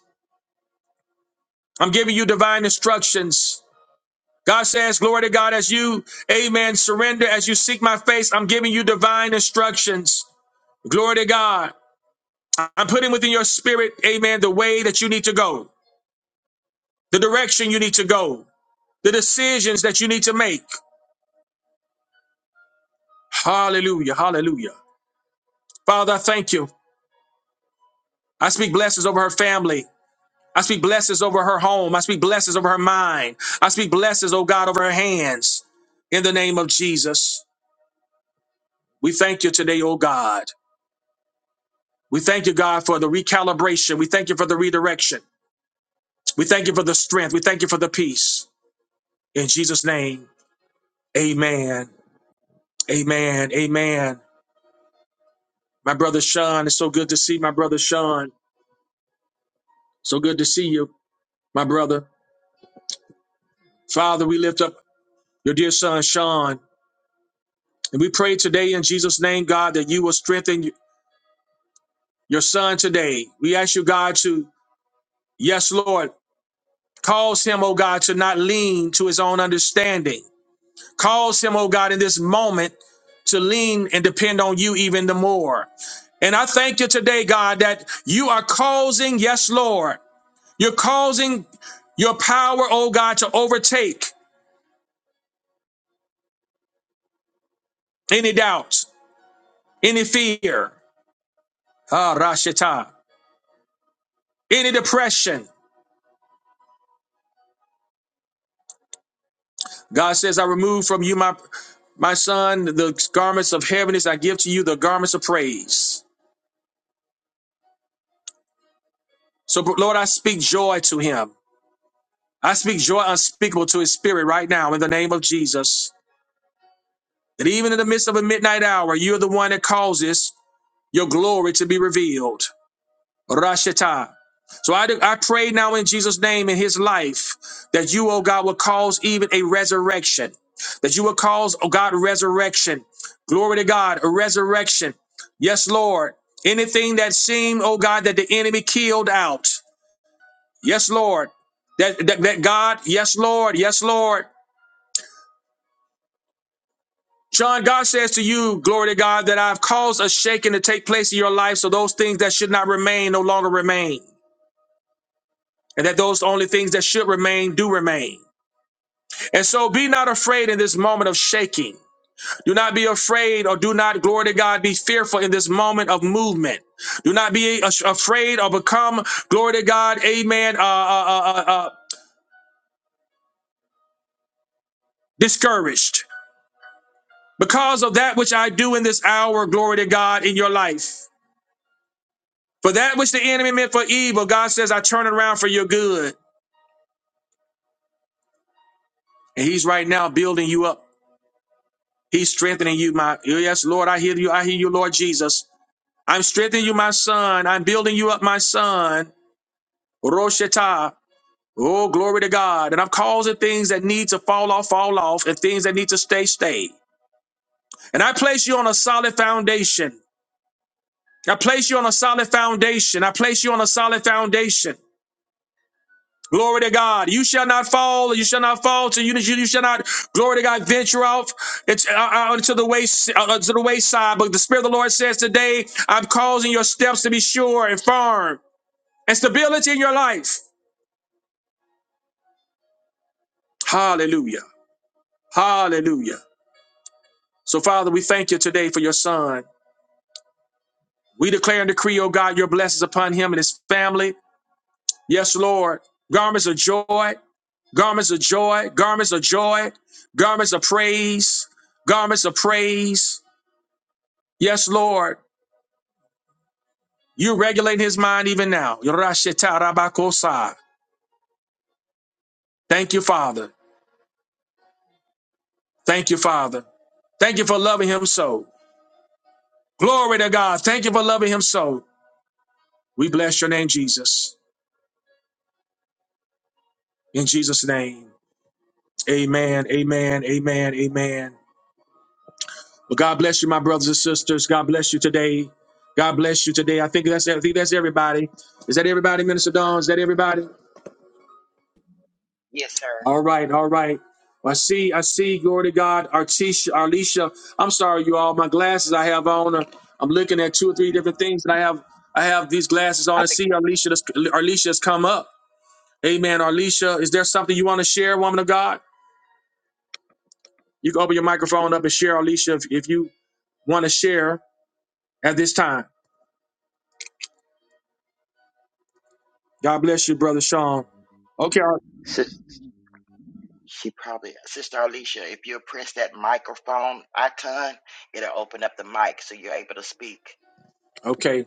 Speaker 1: I'm giving you divine instructions. God says, Glory to God, as you, amen, surrender, as you seek my face, I'm giving you divine instructions. Glory to God. I'm putting within your spirit, amen, the way that you need to go, the direction you need to go, the decisions that you need to make. Hallelujah, hallelujah. Father, I thank you. I speak blessings over her family. I speak blessings over her home. I speak blessings over her mind. I speak blessings, oh God, over her hands. In the name of Jesus, we thank you today, oh God. We thank you, God, for the recalibration. We thank you for the redirection. We thank you for the strength. We thank you for the peace. In Jesus' name, amen. Amen. Amen. My brother Sean, it's so good to see my brother Sean. So good to see you, my brother. Father, we lift up your dear son, Sean. And we pray today in Jesus' name, God, that you will strengthen your son today. We ask you, God, to, yes, Lord, cause him, oh God, to not lean to his own understanding Cause him, oh God, in this moment to lean and depend on you even the more. And I thank you today, God, that you are causing, yes, Lord, you're causing your power, oh God, to overtake any doubts, any fear, ah, Rashita, any depression. God says, I remove from you my my son the garments of heaviness. I give to you the garments of praise. So Lord, I speak joy to him. I speak joy unspeakable to his spirit right now in the name of Jesus. That even in the midst of a midnight hour, you're the one that causes your glory to be revealed. Rashita. So I, do- I pray now in Jesus' name in his life that you, oh God, will cause even a resurrection. That you will cause, oh God, resurrection. Glory to God, a resurrection. Yes, Lord. Anything that seemed, oh God, that the enemy killed out. Yes, Lord. That, that, that God, yes, Lord, yes, Lord. John, God says to you, glory to God, that I've caused a shaking to take place in your life, so those things that should not remain no longer remain, and that those only things that should remain do remain. And so be not afraid in this moment of shaking. Do not be afraid or do not, glory to God, be fearful in this moment of movement. Do not be as- afraid or become, glory to God, amen, uh, uh, uh, uh, uh, discouraged because of that which I do in this hour, glory to God, in your life. For that which the enemy meant for evil, God says, I turn it around for your good. And he's right now building you up. He's strengthening you, my oh, yes, Lord, I hear you. I hear you, Lord Jesus. I'm strengthening you, my son. I'm building you up, my son. Roshata. Oh, glory to God. And I'm causing things that need to fall off, fall off, and things that need to stay, stay. And I place you on a solid foundation. I place you on a solid foundation. I place you on a solid foundation. Glory to God. You shall not fall. You shall not fall. To you, you shall not. Glory to God. Venture off it's, uh, uh, to the way uh, uh, to the wayside. But the Spirit of the Lord says today, I'm causing your steps to be sure and firm and stability in your life. Hallelujah. Hallelujah. So, Father, we thank you today for your Son. We declare and decree, oh God, your blessings upon him and his family. Yes, Lord. Garments of joy. Garments of joy. Garments of joy. Garments of praise. Garments of praise Yes, Lord, you regulate his mind even now. Yorashitarabakosa. Thank you, Father. Thank you, Father. Thank you for loving him so. Glory to God. Thank you for loving him so. We bless your name, Jesus. In Jesus' name. Amen. Amen. Amen. Amen. Well, God bless you, my brothers and sisters. God bless you today. God bless you today. I think that's I think that's everybody. Is that everybody, Minister Dawn? Is that everybody?
Speaker 2: Yes, sir.
Speaker 1: All right, all right. I see, I see. Glory to God, Artisha, Arlisha. I'm sorry, you all. My glasses I have on. Are, I'm looking at two or three different things, and I have I have these glasses on.
Speaker 2: I
Speaker 1: I
Speaker 2: think
Speaker 1: see Arlisha. that's- Arlisha has come up. Amen. Arlisha, is there something you want to share, woman of God? You can open your microphone up and share, Arlisha, if, if you want to share at this time. God bless you, brother Sean. Okay, Ar-
Speaker 2: sis, she probably Sister Alicia. If you press that microphone icon, it'll open up the mic so you're able to speak.
Speaker 1: okay.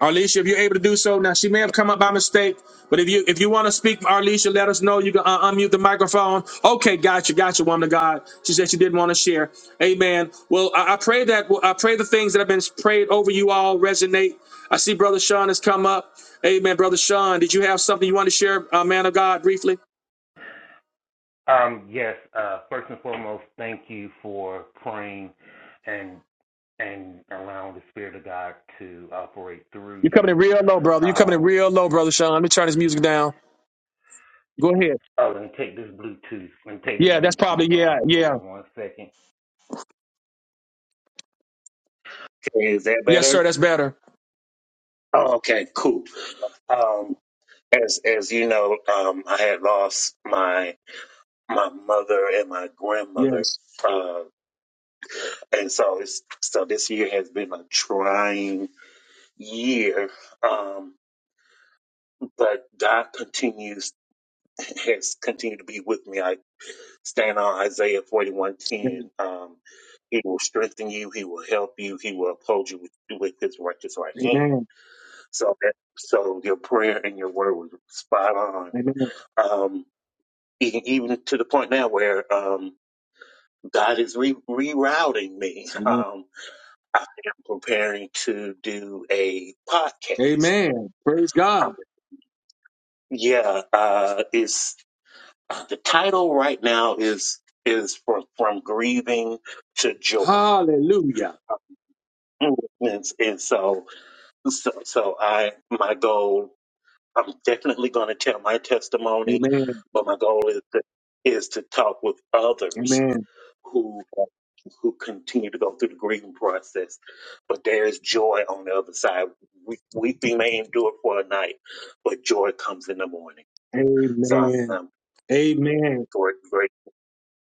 Speaker 1: Arlisha, if you're able to do so, now she may have come up by mistake, but if you if you want to speak, Arlisha, let us know. You can uh, unmute the microphone. Okay, gotcha, gotcha, woman of God. She said she didn't want to share. Amen. Well, I, I pray that well, I pray the things that have been prayed over you all resonate. I see Brother Sean has come up. Amen, Brother Sean. Did you have something you want to share, uh, man of God, briefly?
Speaker 3: Um, yes, uh, first and foremost, thank you for praying and and allowing the Spirit of God to operate through
Speaker 1: You're coming in
Speaker 3: you.
Speaker 1: real low, brother. You're coming in
Speaker 3: Um,
Speaker 1: real low, Brother Sean. Let me turn this music down. Go ahead.
Speaker 3: oh, let me take this Bluetooth. Let me take this
Speaker 1: Yeah, that's probably
Speaker 3: Bluetooth
Speaker 1: yeah,
Speaker 3: off. Hold
Speaker 1: yeah,
Speaker 3: on one second. Okay, is that
Speaker 1: yes,
Speaker 3: better?
Speaker 1: sir. That's better.
Speaker 3: Oh, okay, cool. Um, as as you know, um, I had lost my my mother and my grandmother,
Speaker 1: Yes.
Speaker 3: uh, and so it's, so this year has been a trying year. Um, But God continues has continued to be with me. I stand on Isaiah forty one ten. Um, he will strengthen you. He will help you. He will uphold you with, with his righteous right hand.
Speaker 1: Amen.
Speaker 3: So that so your prayer and your word was spot on.
Speaker 1: Amen.
Speaker 3: Um, even, even to the point now where um, God is re- rerouting me.
Speaker 1: Amen.
Speaker 3: Um, I am preparing to do a podcast.
Speaker 1: Amen. Praise
Speaker 3: Um,
Speaker 1: God.
Speaker 3: yeah, uh, it's Uh, The title right now is is for, from grieving to joy.
Speaker 1: Hallelujah.
Speaker 3: movements. And so, so, so I, my goal, I'm definitely going to tell my testimony,
Speaker 1: Amen.
Speaker 3: but my goal is to, is to talk with others
Speaker 1: Amen.
Speaker 3: who, who continue to go through the grieving process. But there is joy on the other side. We, weeping may endure for a night, but joy comes in the morning. So I'm,
Speaker 1: Amen.
Speaker 3: I'm
Speaker 1: Amen.
Speaker 3: great, great,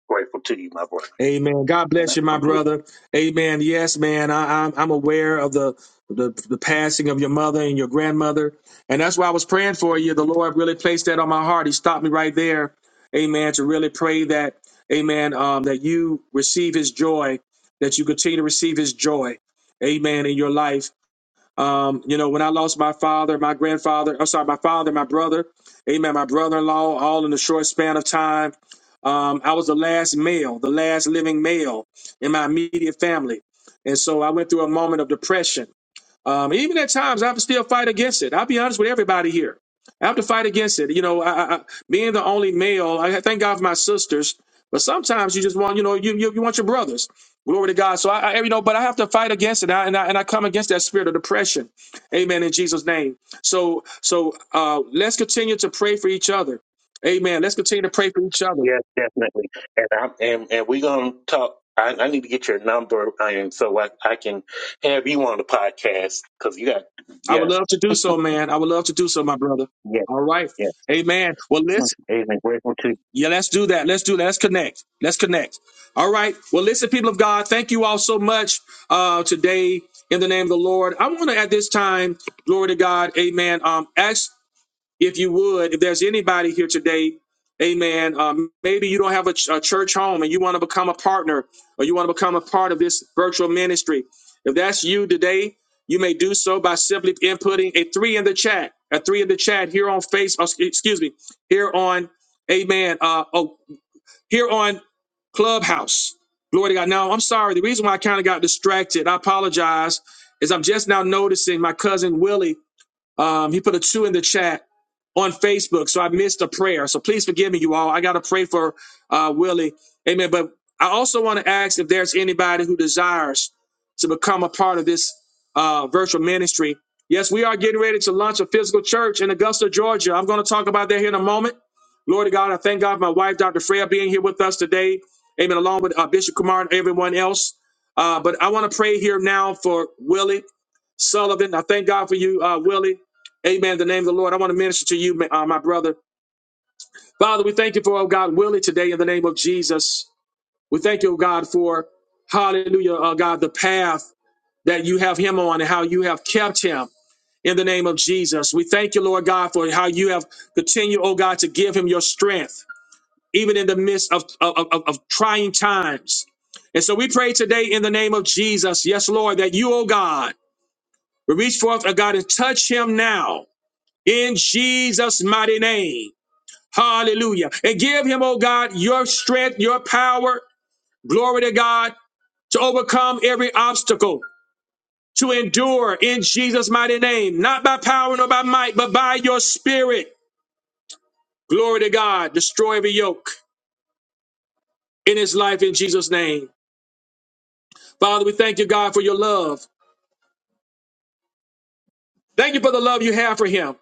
Speaker 3: grateful to you, my brother.
Speaker 1: Amen. God
Speaker 3: And
Speaker 1: bless you,
Speaker 3: I'm
Speaker 1: my
Speaker 3: completely.
Speaker 1: brother. Amen. Yes, man. I, I'm I'm aware of the, the the passing of your mother and your grandmother, and that's why I was praying for you. The Lord really placed that on my heart. He stopped me right there. Amen. To really pray that, Amen. Um, that you receive His joy, that you continue to receive His joy. Amen. In your life. Um, you know, when I lost my father, my grandfather, I'm sorry, my father, my brother, amen, my brother in law, all in a short span of time. Um, I was the last male, the last living male in my immediate family. And so I went through a moment of depression. Um, even at times, I still fight against it. I'll be honest with everybody here. I have to fight against it. You know, I, I, being the only male, I thank God for my sisters, but sometimes you just want, you know, you you, you want your brothers. Glory to God. So I, I, you know, but I have to fight against it, I, and I and I come against that spirit of depression. Amen. In Jesus' name. So so uh, let's continue to pray for each other. Amen. Let's continue to pray for each other.
Speaker 3: Yes, definitely. And I'm and, and we're gonna talk. I, I need to get your number, and so I, I can have you on the podcast because you got
Speaker 1: I would
Speaker 3: yeah,
Speaker 1: love to do so, man. I would love to do so, my brother.
Speaker 3: yeah,
Speaker 1: All right.
Speaker 3: yeah.
Speaker 1: Amen. Well,
Speaker 3: Mm,
Speaker 1: listen.
Speaker 3: Amen. Grateful to you.
Speaker 1: Yeah, let's do that. Let's do that. Let's connect. Let's connect. All right. Well, listen, people of God, thank you all so much uh, today in the name of the Lord. I want to, at this time, glory to God, amen, um, ask if you would, if there's anybody here today, amen, um, maybe you don't have a, ch- a church home and you want to become a partner or you want to become a part of this virtual ministry. If that's you today, you may do so by simply inputting a three in the chat, a three in the chat here on face, uh, excuse me, here on, amen, uh, oh, here on Clubhouse. Glory to God. Now, I'm sorry. The reason why I kind of got distracted, I apologize, is I'm just now noticing my cousin Willie um, he put a two in the chat on Facebook, so I missed a prayer. So please forgive me, you all. I got to pray for uh, Willie. Amen. But I also want to ask if there's anybody who desires to become a part of this uh, virtual ministry. Yes, we are getting ready to launch a physical church in Augusta, Georgia. I'm going to talk about that here in a moment. Lord God, I thank God for my wife, Dr. Freya, being here with us today. Amen. Along with uh, Bishop Kumar and everyone else. Uh, but I want to pray here now for Willie Sullivan. I thank God for you, uh, Willie. Amen. In the name of the Lord, I want to minister to you, uh, my brother. Father, we thank you for, oh God, Willie today in the name of Jesus. We thank you, oh God, for, hallelujah, oh God, the path that you have him on and how you have kept him in the name of Jesus. We thank you, Lord God, for how you have continued, oh God, to give him your strength, even in the midst of, of, of of trying times. And so we pray today in the name of Jesus, yes, Lord, that you, oh God, will reach forth, oh God, and touch him now in Jesus' mighty name. Hallelujah. And give him, oh God, your strength, your power. Glory to God to overcome every obstacle, to endure in Jesus' mighty name, not by power nor by might, but by your spirit. Glory to God. Destroy every yoke in his life in Jesus' name. Father, we thank you, God, for your love. Thank you for the love you have for him.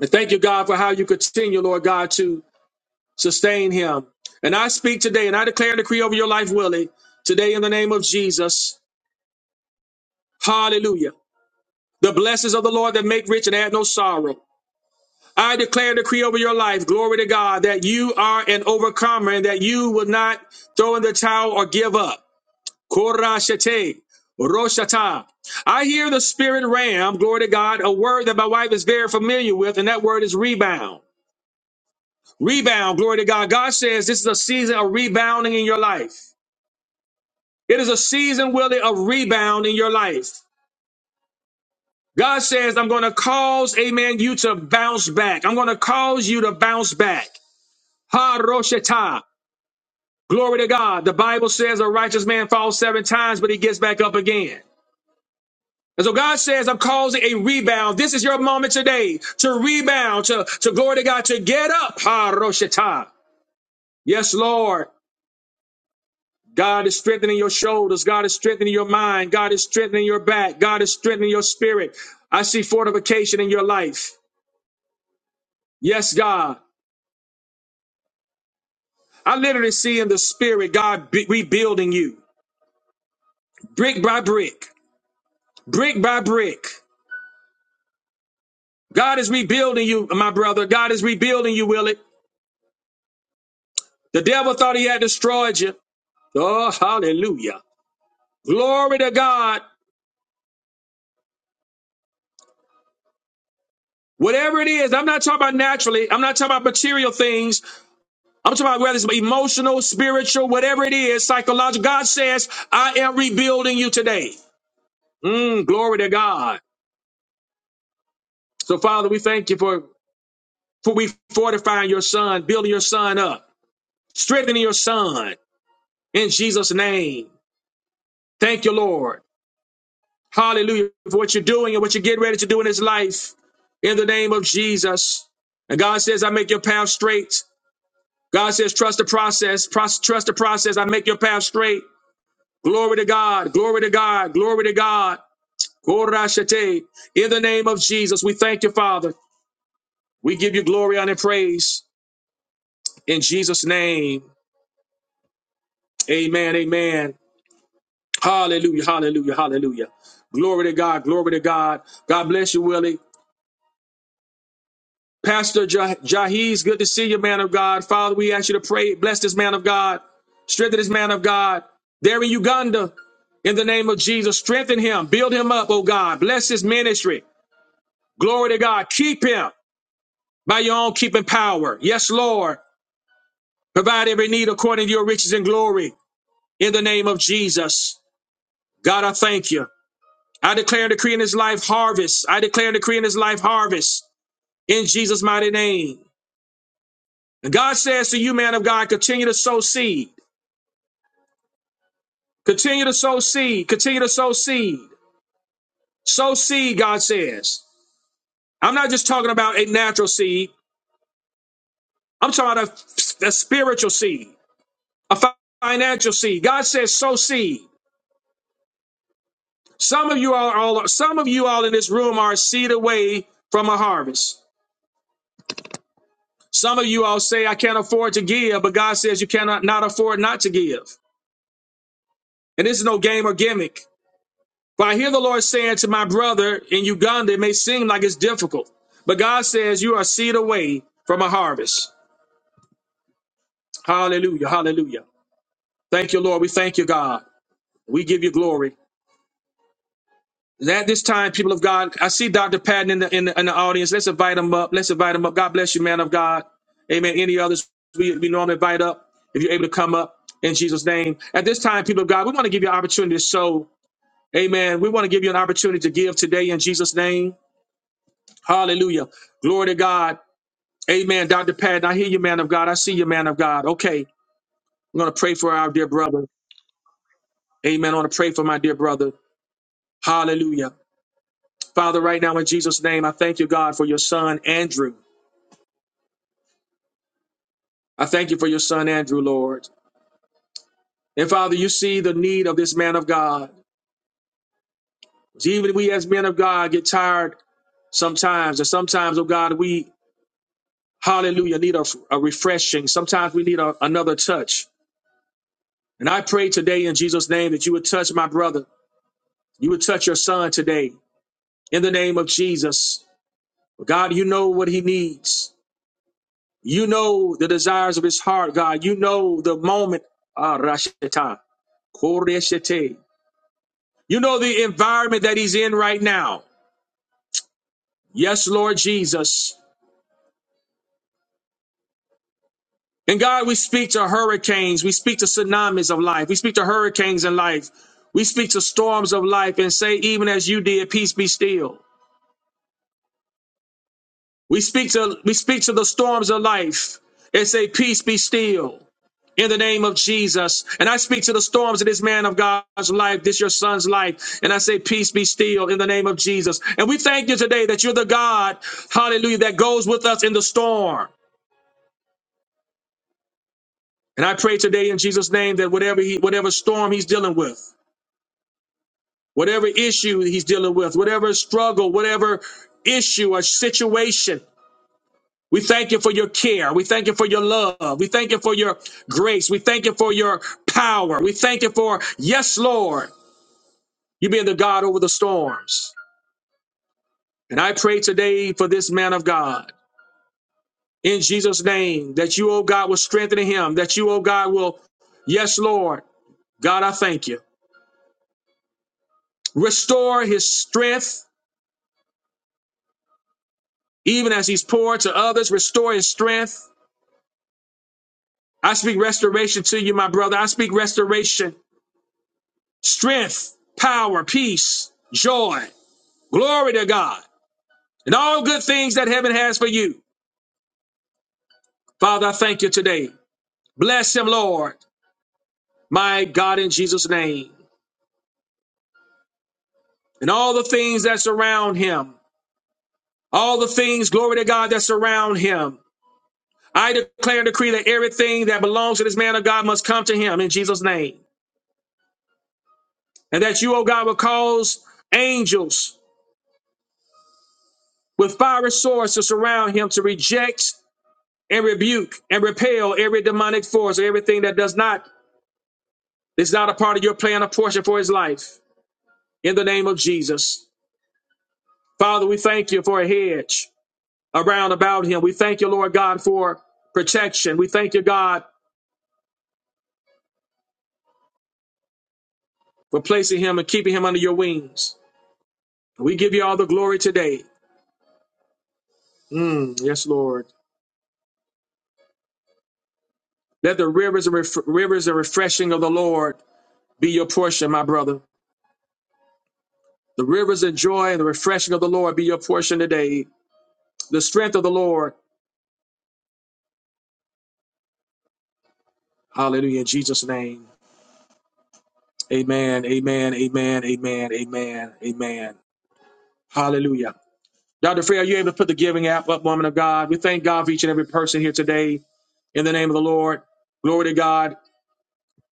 Speaker 1: And thank you, God, for how you continue, Lord God, to sustain him. And I speak today and I declare and decree over your life, Willie, today in the name of Jesus. Hallelujah. The blessings of the Lord that make rich and add no sorrow. I declare and decree over your life, glory to God, that you are an overcomer and that you will not throw in the towel or give up. Korashete, Roshata. I hear the spirit ram, glory to God, a word that my wife is very familiar with, and that word is rebound. Rebound, glory to God. God says this is a season of rebounding in your life. It is a season, Willie, of rebound in your life. God says, I'm going to cause, amen, you to bounce back. I'm going to cause you to bounce back. Ha Roshata. Glory to God. The Bible says a righteous man falls seven times, but he gets back up again. And so God says, I'm causing a rebound. This is your moment today to rebound, to, to glory to God, to get up. Ha Roshata. Yes, Lord. God is strengthening your shoulders. God is strengthening your mind. God is strengthening your back. God is strengthening your spirit. I see fortification in your life. Yes, God. I literally see in the spirit God be- rebuilding you brick by brick, brick by brick. God is rebuilding you, my brother. God is rebuilding you, Willie. The devil thought he had destroyed you. Oh, hallelujah. Glory to God. Whatever it is, I'm not talking about naturally. I'm not talking about material things. I'm talking about whether it's emotional, spiritual, whatever it is, psychological. God says, I am rebuilding you today. Mm, glory to God. So, Father, we thank you for For we fortify your son, building your son up, strengthening your son in Jesus' name. Thank you, Lord. Hallelujah for what you're doing and what you're getting ready to do in his life in the name of Jesus. And God says, I make your path straight. God says, trust the process, Pros- trust the process. I make your path straight. Glory to God, glory to God, glory to God. Korashete. In the name of Jesus, we thank you, Father. We give you glory, honor, and praise in Jesus' name. Amen, amen. Hallelujah, hallelujah, hallelujah. Glory to God, glory to God. God bless you, Willie. Pastor Jah- Jahees, good to see you, man of God. Father, we ask you to pray, bless this man of God, strengthen this man of God. There in Uganda, in the name of Jesus, strengthen him, build him up, oh God. Bless his ministry. Glory to God. Keep him by your own keeping power. Yes, Lord. Provide every need according to your riches and glory in the name of Jesus. God, I thank you. I declare and decree in his life harvest. I declare and decree in his life harvest in Jesus' mighty name. And God says to you, man of God, continue to sow seed. Continue to sow seed. Continue to sow seed. Sow seed, God says. I'm not just talking about a natural seed. I'm talking about a, a spiritual seed, a fi- financial seed. God says sow seed. Some of you all, all some of you all in this room are a seed away from a harvest. Some of you all say, I can't afford to give, but God says you cannot not afford not to give. And this is no game or gimmick. But I hear the Lord saying to my brother in Uganda, it may seem like it's difficult, but God says you are a seed away from a harvest. Hallelujah. Hallelujah. Thank you, Lord. We thank you, God. We give you glory. At this time, people of God, I see Dr. Patton in the, in the in the audience. Let's invite him up. Let's invite him up. God bless you, man of God. Amen. Any others we, we normally invite up if you're able to come up in Jesus' name. At this time, people of God, we want to give you an opportunity to sow. Amen. We want to give you an opportunity to give today in Jesus' name. Hallelujah. Glory to God. Amen. Dr. Patton, I hear you, man of God. I see you, man of God. Okay. We're going to pray for our dear brother. Amen. I want to pray for my dear brother. Hallelujah. Father, right now in Jesus' name, I thank you, God, for your son, Andrew. I thank you for your son, Andrew, Lord. And Father, you see the need of this man of God. Even we as men of God get tired sometimes. And sometimes, oh God, we, hallelujah, need a, a refreshing. Sometimes we need a, another touch. And I pray today in Jesus' name that you would touch my brother. You would touch your son today in the name of Jesus. God, you know what he needs. You know the desires of his heart, God. You know the moment. Ah, Rasheta, Koreshete, You know the environment that he's in right now. Yes, Lord Jesus. And God, we speak to hurricanes. We speak to tsunamis of life. We speak to hurricanes in life. We speak to storms of life and say, even as you did, peace be still. We speak to we speak to the storms of life and say, Peace be still in the name of Jesus. And I speak to the storms of this man of God's life, this your son's life. And I say, Peace be still in the name of Jesus. And we thank you today that you're the God, hallelujah, that goes with us in the storm. And I pray today in Jesus' name that whatever he whatever storm he's dealing with, whatever issue he's dealing with, whatever struggle, whatever issue or situation. We thank you for your care. We thank you for your love. We thank you for your grace. We thank you for your power. We thank you for, yes, Lord, you being the God over the storms. And I pray today for this man of God in Jesus' name that you, oh God, will strengthen him, that you, oh God, will, yes, Lord, God, I thank you. Restore his strength, even as he's poured to others. Restore his strength. I speak restoration to you, my brother. I speak restoration, strength, power, peace, joy. Glory to God. And all good things that heaven has for you. Father, I thank you today. Bless him, Lord, my God, in Jesus' name. And all the things that surround him, all the things, glory to God, that surround him. I declare and decree that everything that belongs to this man of God must come to him in Jesus' name. And that you, O God, will cause angels with fiery swords to surround him to reject and rebuke and repel every demonic force or everything that does not is not a part of your plan or portion for his life. in the name of Jesus. Father, we thank you for a hedge around about him. We thank you, Lord God, for protection. We thank you, God, for placing him and keeping him under your wings. We give you all the glory today. Mm, yes, Lord. Let the rivers and ref- rivers and refreshing of the Lord be your portion, my brother. The rivers of joy and the refreshing of the Lord be your portion today. The strength of the Lord. Hallelujah. In Jesus' name. Amen. Amen. Amen. Amen. Amen. Amen. Hallelujah. Dr. Freya, are you able to put the giving app up, woman of God? We thank God for each and every person here today in the name of the Lord. Glory to God.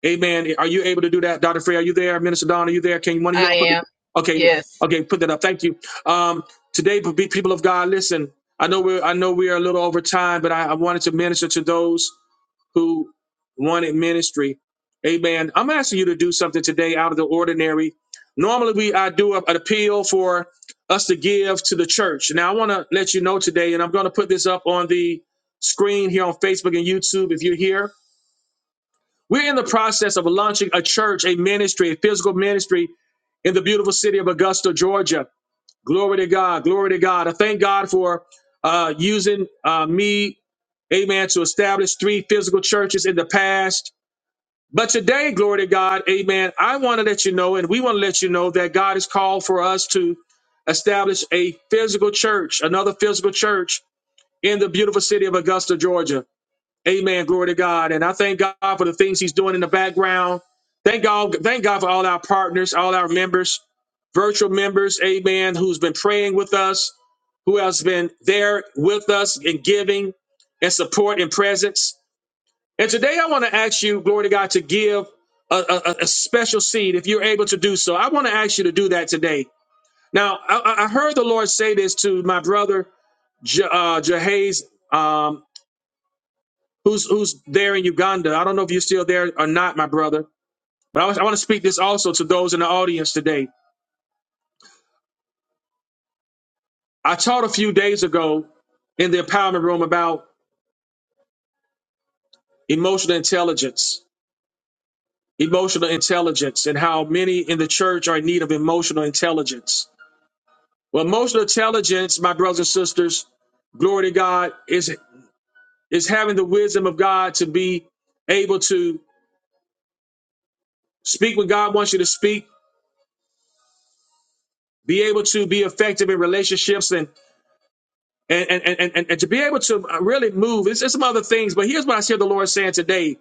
Speaker 1: Amen. Are you able to do that, Dr. Freya? Are you there? Minister Don, are you there? Can one of you
Speaker 4: I
Speaker 1: all put the,
Speaker 4: am.
Speaker 1: okay,
Speaker 4: Yes.
Speaker 1: okay, put that up. Thank you. Um, today, pe- people of God, listen, I know we're, I know we are a little over time, but I, I wanted to minister to those who wanted ministry. Amen. I'm asking you to do something today out of the ordinary. Normally, we I do a- an appeal for us to give to the church. Now, I want to let you know today, and I'm going to put this up on the screen here on Facebook and YouTube. If you're here, we're in the process of launching a church, a ministry, a physical ministry in the beautiful city of Augusta, Georgia. Glory to God. Glory to God. I thank God for uh, using uh, me, amen, to establish three physical churches in the past but today, glory to God, amen. I want to let you know, and we want to let you know that God has called for us to establish a physical church, another physical church in the beautiful city of Augusta, Georgia. Amen. Glory to God. And I thank God for the things He's doing in the background. Thank God, thank God for all our partners, all our members, virtual members, amen, who's been praying with us, who has been there with us in giving and support and presence. And today I want to ask you, glory to God, to give a, a, a special seed if you're able to do so. I want to ask you to do that today. Now, I, I I heard the Lord say this to my brother, Je, uh, Jehaz, um, who's, who's there in Uganda. I don't know if you're still there or not, my brother, but I, was- I want to speak this also to those in the audience today. I taught a few days ago in the empowerment room about emotional intelligence, emotional intelligence, and how many in the church are in need of emotional intelligence Well, emotional intelligence, my brothers and sisters, glory to God, is is having the wisdom of God to be able to speak when God wants you to speak, be able to be effective in relationships and and and and, and, and to be able to uh, really move. It's, it's some other things, but here's what I hear the Lord saying today.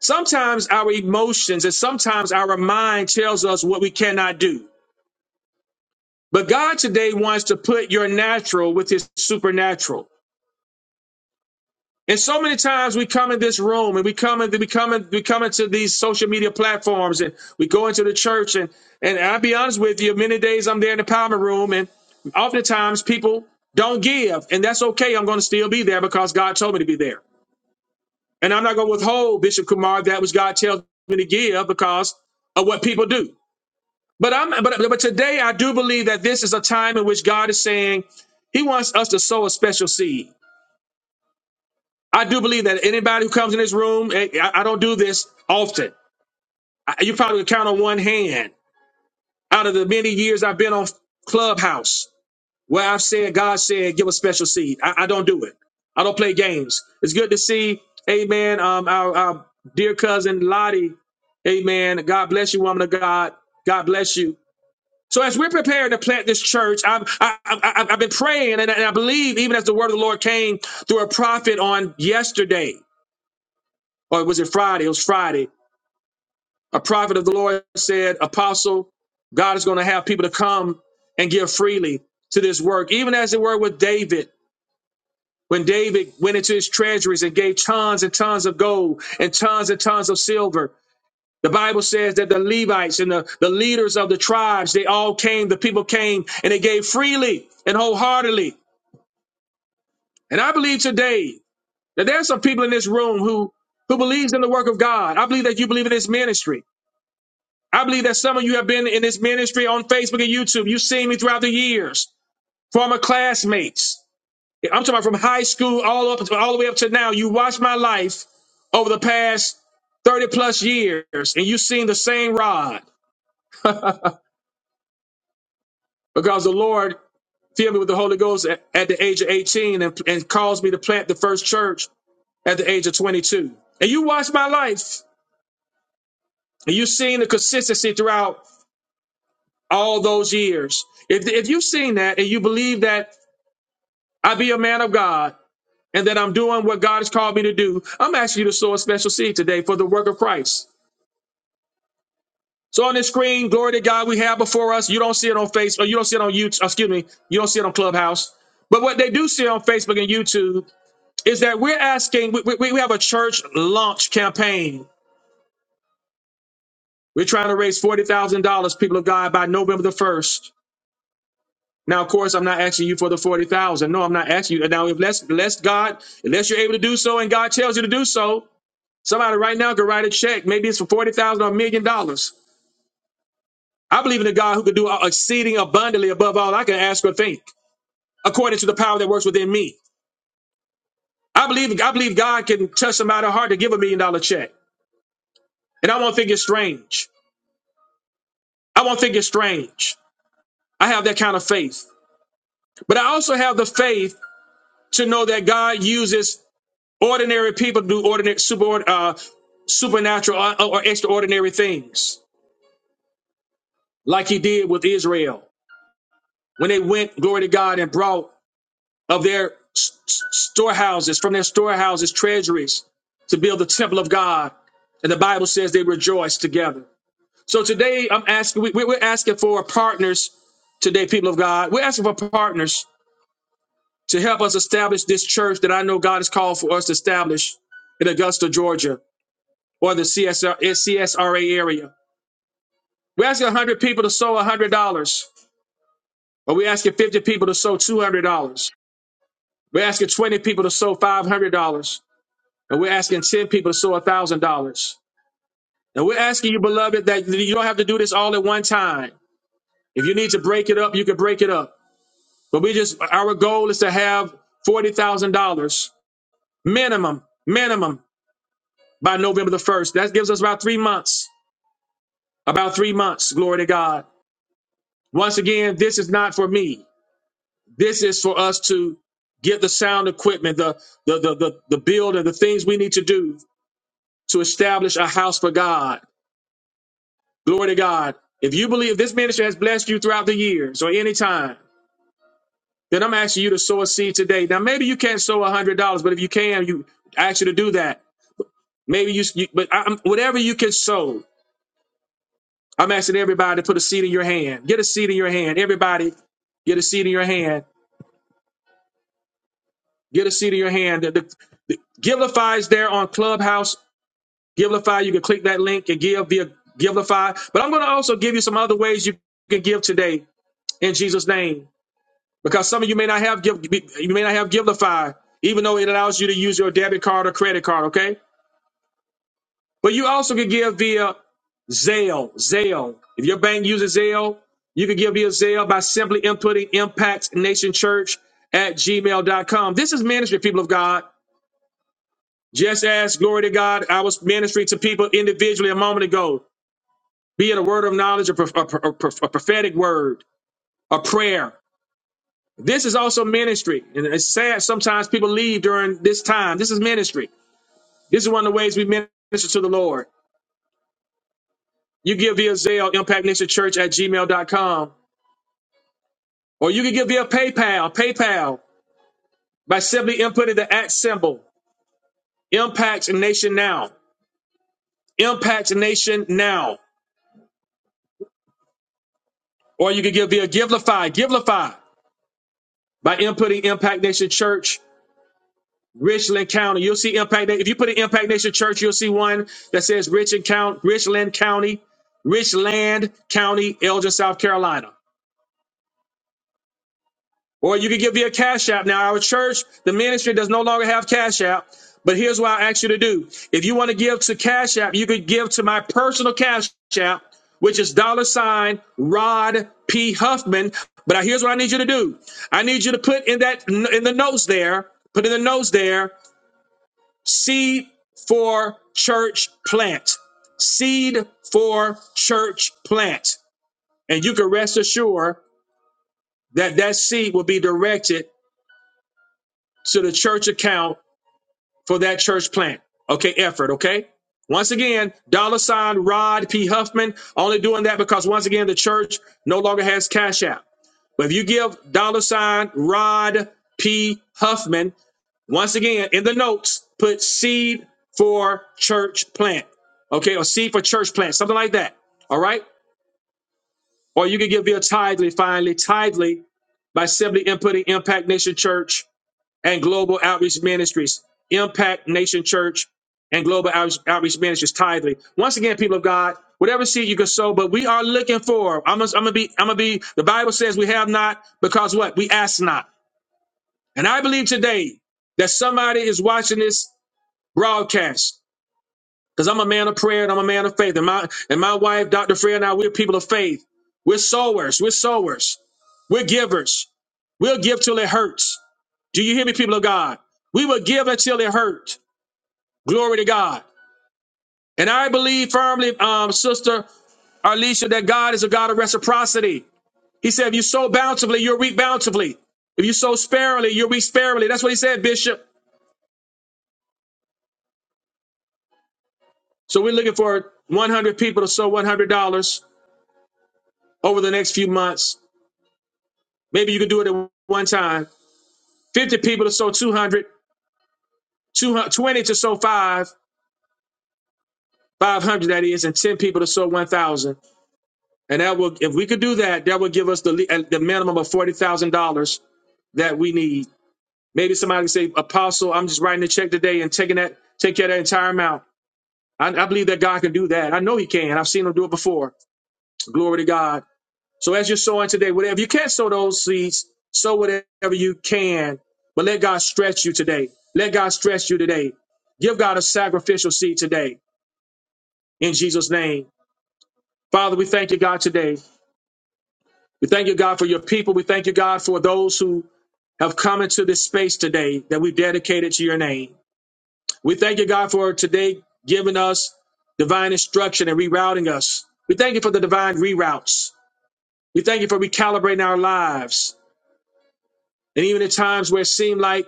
Speaker 1: Sometimes our emotions and sometimes our mind tells us what we cannot do. But God today wants to put your natural with his supernatural. And so many times we come in this room and we come in, we come in, we come into these social media platforms and we go into the church and and I'll be honest with you, many days I'm there in the empowerment room and oftentimes people don't give and that's okay. I'm going to still be there because God told me to be there. And I'm not going to withhold Bishop Kumar that which God tells me to give because of what people do. But I'm but but today I do believe that this is a time in which God is saying He wants us to sow a special seed. I do believe that anybody who comes in this room, eh, I, I don't do this often. I, you probably can count on one hand out of the many years I've been on Clubhouse where I've said, God said, give a special seed. I, I don't do it. I don't play games. It's good to see, amen, um, our, our dear cousin Lottie, amen. God bless you, woman of God. God bless you. So as we're preparing to plant this church, I'm, I, I, I- I've been praying, and I and I believe even as the word of the Lord came through a prophet on yesterday. or was it Friday? It was Friday. A prophet of the Lord said, Apostle, God is going to have people to come and give freely to this work, even as it were with David. When David went into his treasuries and gave tons and tons of gold and tons and tons of silver, the Bible says that the Levites and the, the leaders of the tribes, they all came, the people came, and they gave freely and wholeheartedly. And I believe today that there are some people in this room who, who believes in the work of God. I believe that you believe in this ministry. I believe that some of you have been in this ministry on Facebook and YouTube. You've seen me throughout the years, former classmates. Yeah, I'm talking about from high school all up all the way up to now. You watched my life over the past 30 plus years, and you've seen the same rod because the Lord filled me with the Holy Ghost at, at the age of 18 and, and caused me to plant the first church at the age of 22. And you watched my life, and you've seen the consistency throughout all those years. If, if you've seen that and you believe that I be a man of God and that I'm doing what God has called me to do, I'm asking you to sow a special seed today for the work of Christ. So on this screen, glory to God, we have before us. You don't see it on Facebook, you don't see it on YouTube, excuse me, you don't see it on Clubhouse. But what they do see on Facebook and YouTube is that we're asking, we, we, we have a church launch campaign. We're trying to raise $40,000, people of God, by November the 1st. Now, of course, I'm not asking you for the 40,000. No, I'm not asking you. Now, if less, less God, unless you're able to do so and God tells you to do so, Somebody right now could write a check. Maybe it's for forty thousand dollars or a million dollars. I believe in a God who could do exceeding abundantly above all I can ask or think, according to the power that works within me. I believe I believe God can touch somebody's heart to give a million dollar check, and I won't think it's strange. I won't think it's strange. I have that kind of faith, but I also have the faith to know that God uses ordinary people to do ordinary, super, uh, supernatural uh, or, or extraordinary things, like He did with Israel when they went, glory to God, and brought of their s- s- storehouses, from their storehouses, treasuries to build the temple of God. And the Bible says they rejoice together. So today I'm asking, we, we- we're asking for partners today, people of God. We're asking for partners to help us establish this church that I know God has called for us to establish in Augusta, Georgia, or the CSRCSRA area. We're asking 100 people to sow $100, or we're asking 50 people to sow $200. We're asking 20 people to sow $500. and we're asking 10 people to sow a thousand dollars. And we're asking you, beloved, that you don't have to do this all at one time. If you need to break it up, you can break it up. But we just, our goal is to have $40,000 minimum, minimum by November the 1st. That gives us about three months, about three months. Glory to God. Once again, this is not for me. This is for us to get the sound equipment, the, the, the, the, the build and the things we need to do to establish a house for God Glory to God. If you believe this ministry has blessed you throughout the years or any time, then I'm asking you to sow a seed today. Now, maybe you can't sow a hundred dollars, but if you can, you I ask you to do that. Maybe you, you but I, am whatever you can sow, I'm asking everybody to put a seed in your hand. Get a seed in your hand. Everybody, get a seed in your hand. Get a seed in your hand. The, the Givelify is there on Clubhouse. Givelify, you can click that link and give via Givelify. But I'm going to also give you some other ways you can give today in Jesus' name. because some of you may not have give you may not have Givelify, even though it allows you to use your debit card or credit card. Okay, but you also could give via Zelle. Zelle. If your bank uses Zelle, you can give via Zelle by simply inputting impactnationchurch at Gmail dot com. This is ministry, people of God. Just as glory to God, I was ministering to people individually a moment ago, be it a word of knowledge, a, prof- a, pro- a prof- a prophetic word, a prayer. This is also ministry. And it's sad sometimes people leave during this time. This is ministry. This is one of the ways we minister to the Lord. You give via Zelle, impact nation Church at gmail dot com, Or you can give via PayPal, PayPal, by simply inputting the at symbol, Impact Nation Now, Impact Nation Now. Or you can give via Givelify, Givelify, by inputting Impact Nation Church Richland County. You'll see Impact. Na- If you put an Impact Nation Church, you'll see one that says Richland County, Richland County, Richland County, Elgin, South Carolina. Or you can give me a Cash App. Now, our church, the ministry does no longer have Cash App. But here's what I ask you to do. If you want to give to Cash App, you could give to my personal Cash App, which is dollar sign Rod P. Huffman. But here's what I need you to do. I need you to put in that in the notes there, put in the notes there Seed for church plant. Seed for church plant. And you can rest assured that that seed will be directed to the church account for that church plant. Okay, effort, okay? Once again, dollar sign Rod P. Huffman, only doing that because once again, the church no longer has Cash App. But if you give dollar sign Rod P. Huffman, Once again, in the notes, put seed for church plant. Okay, or seed for church plant, something like that. All right. Or you can give your tithely finally, tithely by simply inputting Impact Nation Church and Global Outreach Ministries. Impact Nation Church and Global Outreach, Outreach Ministries tithely. Once again, people of God, whatever seed you can sow, but we are looking for. I'm gonna, I'm gonna be. I'm gonna be. The Bible says we have not because what we ask not. And I believe today that somebody is watching this broadcast. Because I'm a man of prayer and I'm a man of faith. And my and my wife, Dr. Freya, and I, we're people of faith. We're sowers. We're sowers. We're givers. We'll give till it hurts. Do you hear me, people of God? We will give until it hurts. Glory to God. And I believe firmly, um, sister Alicia, that God is a God of reciprocity. He said, if you sow bountifully, you'll reap bountifully. If you sow sparingly, you'll reap sparingly. That's what he said, Bishop. So we're looking for 100 people to sow $100. over the next few months. Maybe you could do it at one time. 50 people to sow 200, 20 to sow five, 500 that is, and 10 people to sow 1,000. And that will, if we could do that, that would give us the le- uh, the minimum of $40,000 that we need. Maybe somebody can say, Apostle, I'm just writing a check today and taking that, take care of that entire amount. I, I believe that God can do that. I know He can. I've seen Him do it before. Glory to God. So as you're sowing today, whatever you can't sow those seeds, sow whatever you can. But let God stretch you today. Let God stretch you today. Give God a sacrificial seed today in Jesus' name. Father, we thank you, God, today. We thank you, God, for your people. We thank you, God, for those who have come into this space today that we've dedicated to your name. We thank you, God, for today giving us divine instruction and rerouting us. We thank you for the divine reroutes. We thank you for recalibrating our lives. And even at times where it seemed like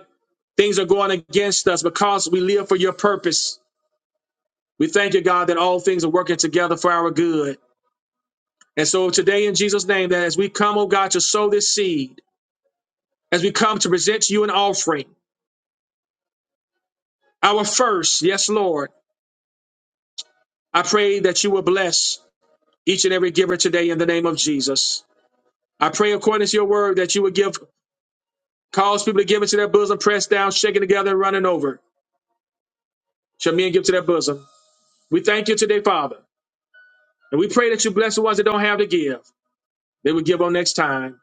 Speaker 1: Things are going against us because we live for your purpose. We thank you, God, that all things are working together for our good. And so today, in Jesus' name, that as we come, oh God, to sow this seed, as we come to present to you an offering, our first, yes, Lord, I pray that you will bless each and every giver today in the name of Jesus. I pray according to your word that you would give, cause people to give into their bosom, pressed down, shaken together, and running over. Shall men give to their bosom? We thank you today, Father. And we pray that you bless the ones that don't have to give. They will give on next time.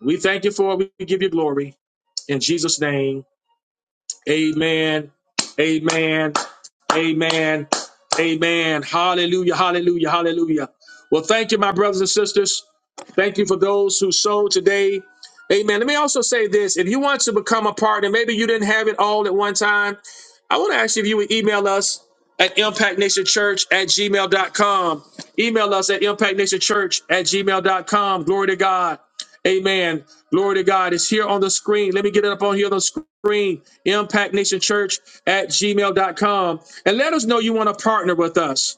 Speaker 1: We thank you for it. We give you glory. In Jesus' name, amen, amen, amen, amen. Hallelujah, hallelujah, hallelujah. Well, thank you, my brothers and sisters. Thank you for those who sold today. Amen. Let me also say this. If you want to become a partner, maybe you didn't have it all at one time. I want to ask you if you would email us at impactnationchurch at gmail dot com. Email us at impactnationchurch at gmail dot com. Glory to God. Amen. Glory to God. It's here on the screen. Let me get it up on here on the screen. Impactnationchurch at gmail dot com, And let us know you want to partner with us.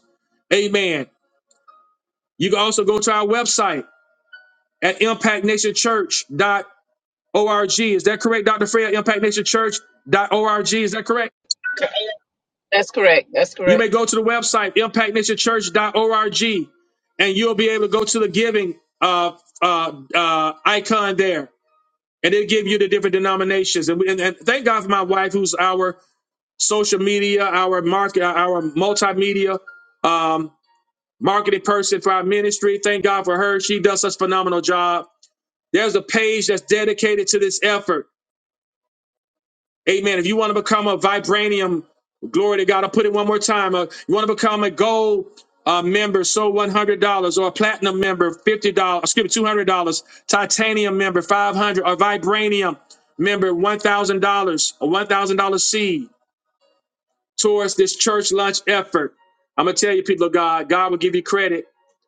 Speaker 1: Amen. You can also go to our website at impact nation church dot org. Is that correct, Dr. Fred? impact nation church dot org. Is that correct?
Speaker 4: That's correct. That's
Speaker 1: You may
Speaker 4: correct.
Speaker 1: go to the website, impact nation church dot org, and you'll be able to go to the giving uh, uh, uh, icon there. And it'll give you the different denominations. And, we, and, and thank God for my wife, who's our social media, our market, uh, our multimedia um, marketing person for our ministry. Thank God for her. She does such a phenomenal job. There's a page that's dedicated to this effort Amen. If you want to become a vibranium, glory to God. I'll put it one more time. Uh, you want to become a gold uh, member, so $100, or a platinum member, $50, excuse me, $200, titanium member, 500 or vibranium member, $1,000, a $1,000 seed towards this church lunch effort. I'm going to tell you, people of God, God will give you credit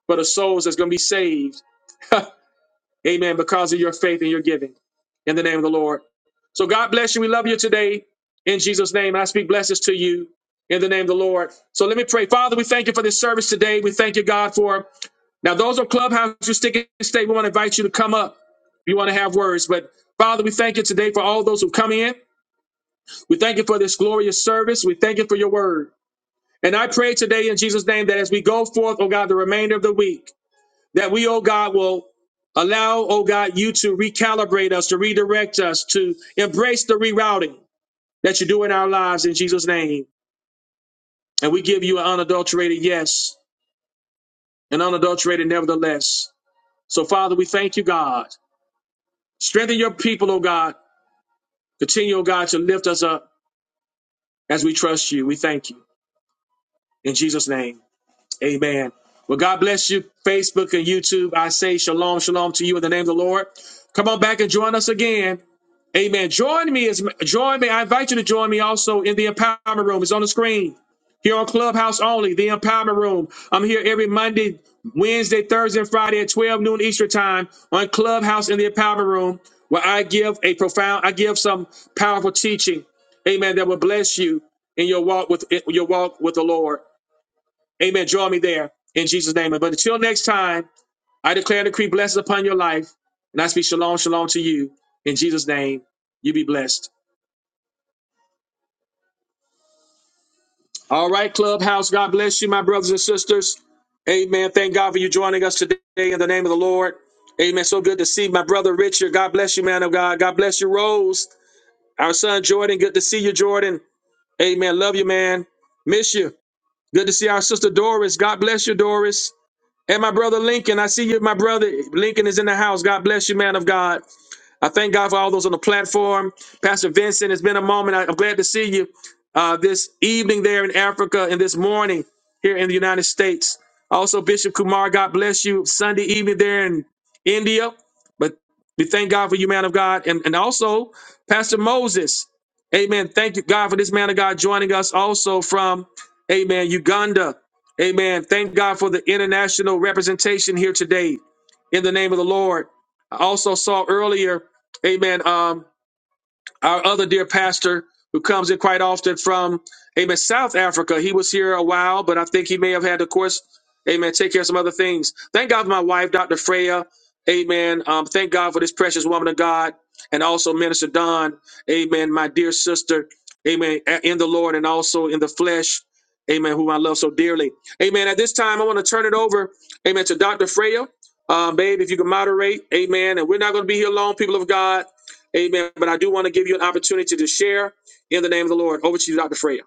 Speaker 1: for the souls that's going to be saved Amen. Because of your faith and your giving in the name of the Lord. So God bless you. We love you today in Jesus' name. And I speak blessings to you in the name of the Lord. So let me pray. Father, we thank you for this service today. We thank you, God, for now those on Clubhouse who stick and stay. We want to invite you to come up. you want to have words, but Father, we thank you today for all those who come in. We thank you for this glorious service. We thank you for your word. And I pray today in Jesus' name that as we go forth, oh God, the remainder of the week, that we, oh God, will allow, oh God, you to recalibrate us, to redirect us, to embrace the rerouting that you do in our lives in Jesus' name. And we give you an unadulterated yes, an unadulterated nevertheless. So, Father, we thank you, God. Strengthen your people, oh God. Continue, oh God, to lift us up as we trust you. We thank you. In Jesus' name, amen. Well, God bless you, Facebook and YouTube. I say shalom, shalom to you in the name of the Lord. Come on back and join us again Amen. Join me as join me. I invite you to join me also in the empowerment room. It's on the screen here on Clubhouse only. The empowerment room. I'm here every Monday, Wednesday, Thursday, and Friday at 12 noon Eastern time on Clubhouse in the empowerment room, where I give a profound, I give some powerful teaching. Amen. That will bless you in your walk with your walk with the Lord. Amen. Join me there in Jesus' name. But until next time. I declare and decree blessings upon your life, and I speak shalom, shalom to you. In Jesus' name, you be blessed. All right, Clubhouse, God bless you, my brothers and sisters. Amen. Thank God for you joining us today in the name of the Lord. Amen. So good to see my brother Richard. God bless you, man of God. God bless you, Rose. Our son Jordan, good to see you, Jordan. Amen. Love you, man. Miss you. Good to see our sister Doris. God bless you, Doris. And my brother Lincoln, I see you, my brother. Lincoln is in the house. God bless you, man of God. I thank God for all those on the platform. Pastor Vincent, it's been a moment. I- I'm glad to see you uh, this evening there in Africa and this morning here in the United States. Also, Bishop Kumar, God bless you. Sunday evening there in India. But we thank God for you, man of God. And, and also, Pastor Moses, amen. Thank you, God, for this man of God joining us also from, amen, Uganda. Amen. Thank God for the international representation here today in the name of the Lord. I also saw earlier amen, um, our other dear pastor who comes in quite often from, amen, South Africa. He was here a while, but I think he may have had, of course, amen, take care of some other things. Thank God for my wife, Dr. Freya. Amen. Um, thank God for this precious woman of God and also Minister Don. Amen. My dear sister. Amen. a- In the Lord and also in the flesh. Amen. Who I love so dearly. Amen. At this time, I want to turn it over. Amen. To Dr. Freya. Um, babe, if you can moderate. Amen. And we're not going to be here long, people of God. Amen. But I do want to give you an opportunity to share in the name of the Lord. Over to you, Dr. Freya.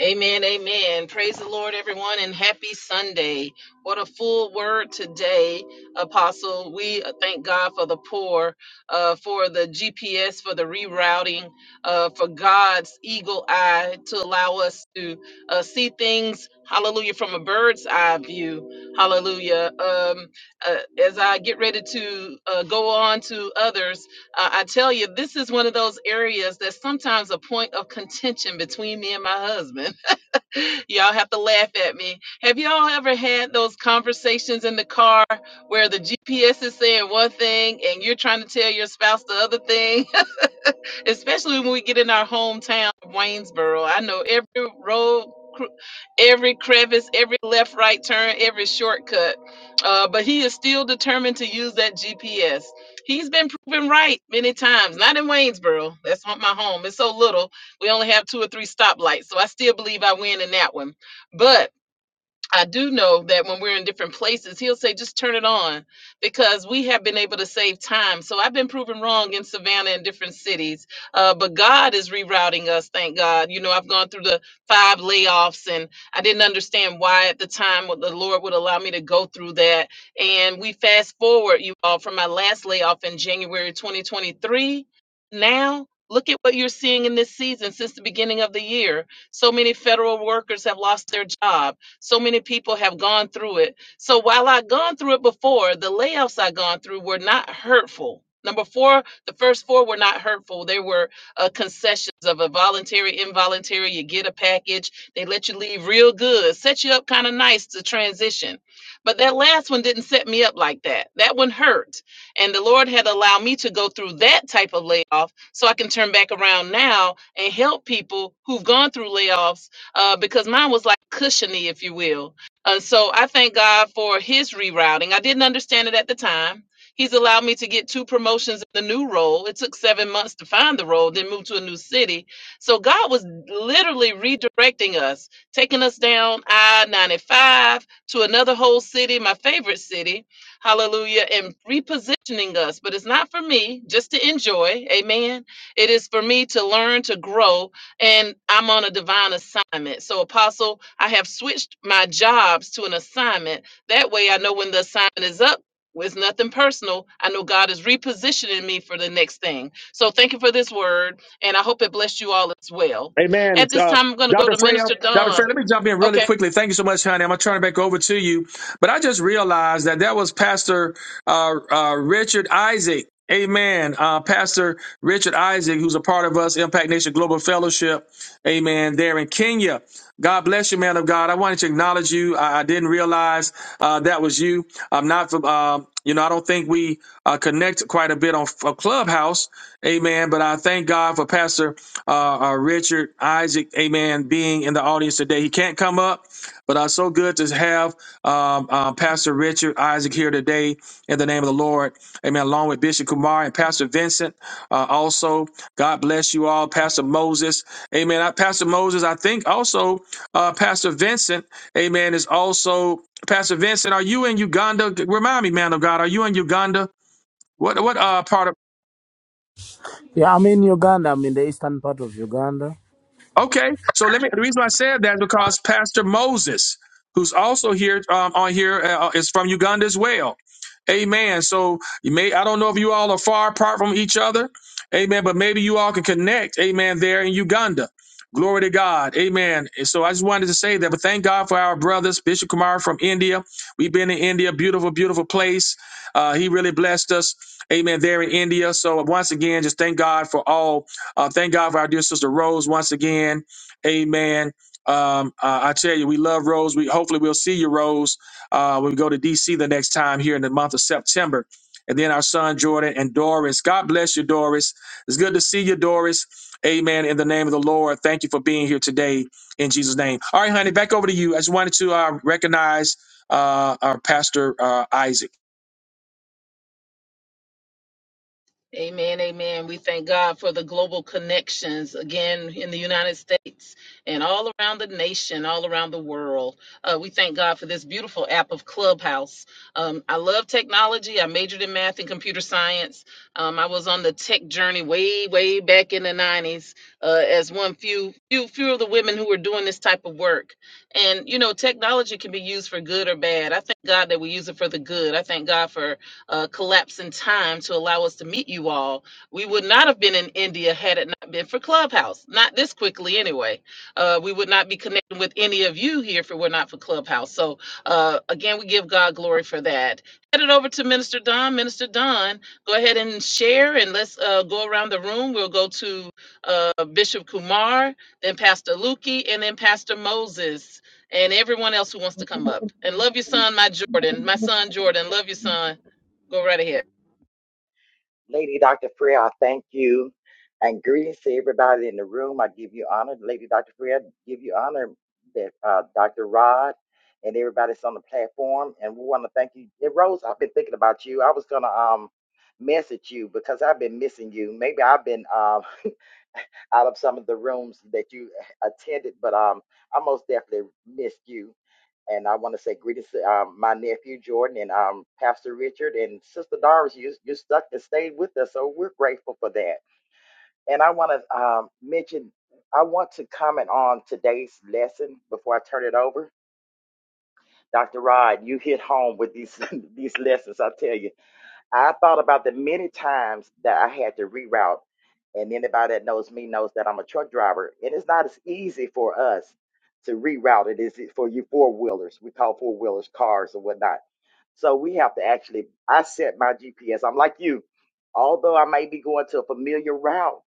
Speaker 4: Amen. Amen. Praise the Lord, everyone, and happy Sunday. What a full word today, Apostle. We thank God for the poor, uh, for the GPS, for the rerouting, uh, for God's eagle eye to allow us to uh, see things, hallelujah, from a bird's eye view. Hallelujah. Um, uh, as I get ready to uh, go on to others, uh, I tell you, this is one of those areas that's sometimes a point of contention between me and my husband. (laughs) y'all have to laugh at me. Have y'all ever had those conversations in the car where the GPS is saying one thing and you're trying to tell your spouse the other thing? especially when we get in our hometown of Waynesboro. I know every road, cr- every crevice, every left, right turn, every shortcut. Uh, but he is still determined to use that GPS. He's been proven right many times. Not in Waynesboro. That's not my home. It's so little. We only have two or three stoplights, so I still believe I win in that one. But I do know that when we're in different places, he'll say, just turn it on because we have been able to save time. So I've been proven wrong in Savannah and different cities. Uh, but God is rerouting us, thank God. You know, I've gone through the five layoffs and I didn't understand why at the time what the Lord would allow me to go through that. And we fast forward, you all, from my last layoff in January 2023. Now, look at what you're seeing in this season since the beginning of the year. So many federal workers have lost their jobs so many people have gone through it. So while I've gone through it before, the layoffs I've gone through were not hurtful. Number four, the first four were not hurtful. They were uh, concessions of a voluntary, involuntary. You get a package, they let you leave real good, set you up kind of nice to transition. But that last one didn't set me up like that. That one hurt. And the Lord had allowed me to go through that type of layoff so I can turn back around now and help people who've gone through layoffs uh, because mine was like cushiony, if you will. Uh, so I thank God for his rerouting. I didn't understand it at the time. He's allowed me to get two promotions in the new role. It took seven months to find the role, then move to a new city. So God was literally redirecting us, taking us down I 95 to another whole city, my favorite city, hallelujah, and repositioning us. But it's not for me just to enjoy, amen. It is for me to learn, to grow, and I'm on a divine assignment. So, Apostle, I have switched my jobs to an assignment. That way, I know when the assignment is up. well, It's nothing personal. I know God is repositioning me for the next thing. So, thank you for this word, and I hope it blessed you all as well.
Speaker 1: Amen.
Speaker 4: At
Speaker 1: It's,
Speaker 4: this
Speaker 1: Uh,
Speaker 4: time, I'm going to go
Speaker 1: Dr.
Speaker 4: to
Speaker 1: Freya,
Speaker 4: Minister
Speaker 1: Dr.
Speaker 4: Dawn.
Speaker 1: Freya, let me jump in really
Speaker 4: Okay.
Speaker 1: quickly. Thank you so much, honey. I'm going to turn it back over to you. But I just realized that that was Pastor uh, uh, Richard Isaac. Amen. Uh, Pastor Richard Isaac, who's a part of us, Impact Nation Global Fellowship. Amen. There in Kenya. God bless you, man of God. I wanted to acknowledge you. I, I didn't realize uh, that was you. I'm not, uh, you know, I don't think we uh, connect quite a bit on a Clubhouse. Amen. But I thank God for Pastor uh, uh, Richard Isaac, amen, being in the audience today. He can't come up, but uh, so good to have um, uh, Pastor Richard Isaac here today in the name of the Lord. Amen. Along with Bishop Kumar and Pastor Vincent uh, also. God bless you all. Pastor Moses. Amen. I, Pastor Moses, I think also uh, Pastor Vincent, amen, is also Pastor Vincent. Are you in Uganda? Remind me, man of God, are you in Uganda? What what uh part of?
Speaker 5: Yeah, I'm in Uganda. I'm in the eastern part of Uganda.
Speaker 1: Okay, so let me. The reason I said that is because Pastor Moses, who's also here um, on here, uh, uh, is from Uganda as well. Amen. So you may I don't know if you all are far apart from each other. Amen. But maybe you all can connect. Amen. There in Uganda. Glory to God. Amen. And so I just wanted to say that, but thank God for our brothers, Bishop Kumar from India. We've been in India, beautiful, beautiful place. Uh, he really blessed us. Amen. There in India. So once again, just thank God for all uh, thank God for our dear sister Rose once again. Amen. Um, uh, I tell you, we love Rose. We hopefully we'll see you, Rose, uh, when we go to DC the next time here in the month of September. And then our son Jordan and Doris. God bless you, Doris. It's good to see you, Doris. Amen. In the name of the Lord, thank you for being here today in Jesus' name. All right, honey, back over to you. I just wanted to uh, recognize uh, our pastor uh, Isaac.
Speaker 4: Amen, amen. We thank God for the global connections again in the United States and all around the nation, all around the world. Uh, we thank God for this beautiful app of Clubhouse. Um, I love technology. I majored in math and computer science. Um, I was on the tech journey way, way back in the '90s, uh, as one few, few, few of the women who were doing this type of work. And you know, technology can be used for good or bad. I thank God that we use it for the good. I thank God for uh, collapse in time to allow us to meet you all. We would not have been in India had it not been for Clubhouse. Not this quickly, anyway. Uh, we would not be connecting with any of you here if it were not for Clubhouse. So, uh, again, we give God glory for that. Headed over to Minister Don. Minister Don, go ahead and share, and let's uh, go around the room. We'll go to uh, Bishop Kumar, then Pastor Lukey, and then Pastor Moses, and everyone else who wants to come up. And love your son, my Jordan, my son Jordan. Love your son. Go right ahead.
Speaker 2: Lady Dr. Freya, I thank you. And greetings to everybody in the room. I give you honor. Lady Dr. Freya, I give you honor that uh, Dr. Rod and everybody that's on the platform. And we want to thank you. And Rose, I've been thinking about you. I was gonna um message you because I've been missing you. Maybe I've been um (laughs) out of some of the rooms that you attended, but um, I most definitely missed you. And I want to say greetings to um, my nephew Jordan and um, Pastor Richard and Sister Doris. You you stuck and stayed with us, so we're grateful for that. And I want to um, mention, I want to comment on today's lesson before I turn it over. Dr. Rod, you hit home with these (laughs) these lessons. I tell you. I thought about the many times that I had to reroute. And anybody that knows me knows that I'm a truck driver. And it's not as easy for us to reroute it as it for you four wheelers. We call four wheelers cars or whatnot. So we have to actually, I set my GPS. I'm like you. Although I may be going to a familiar route,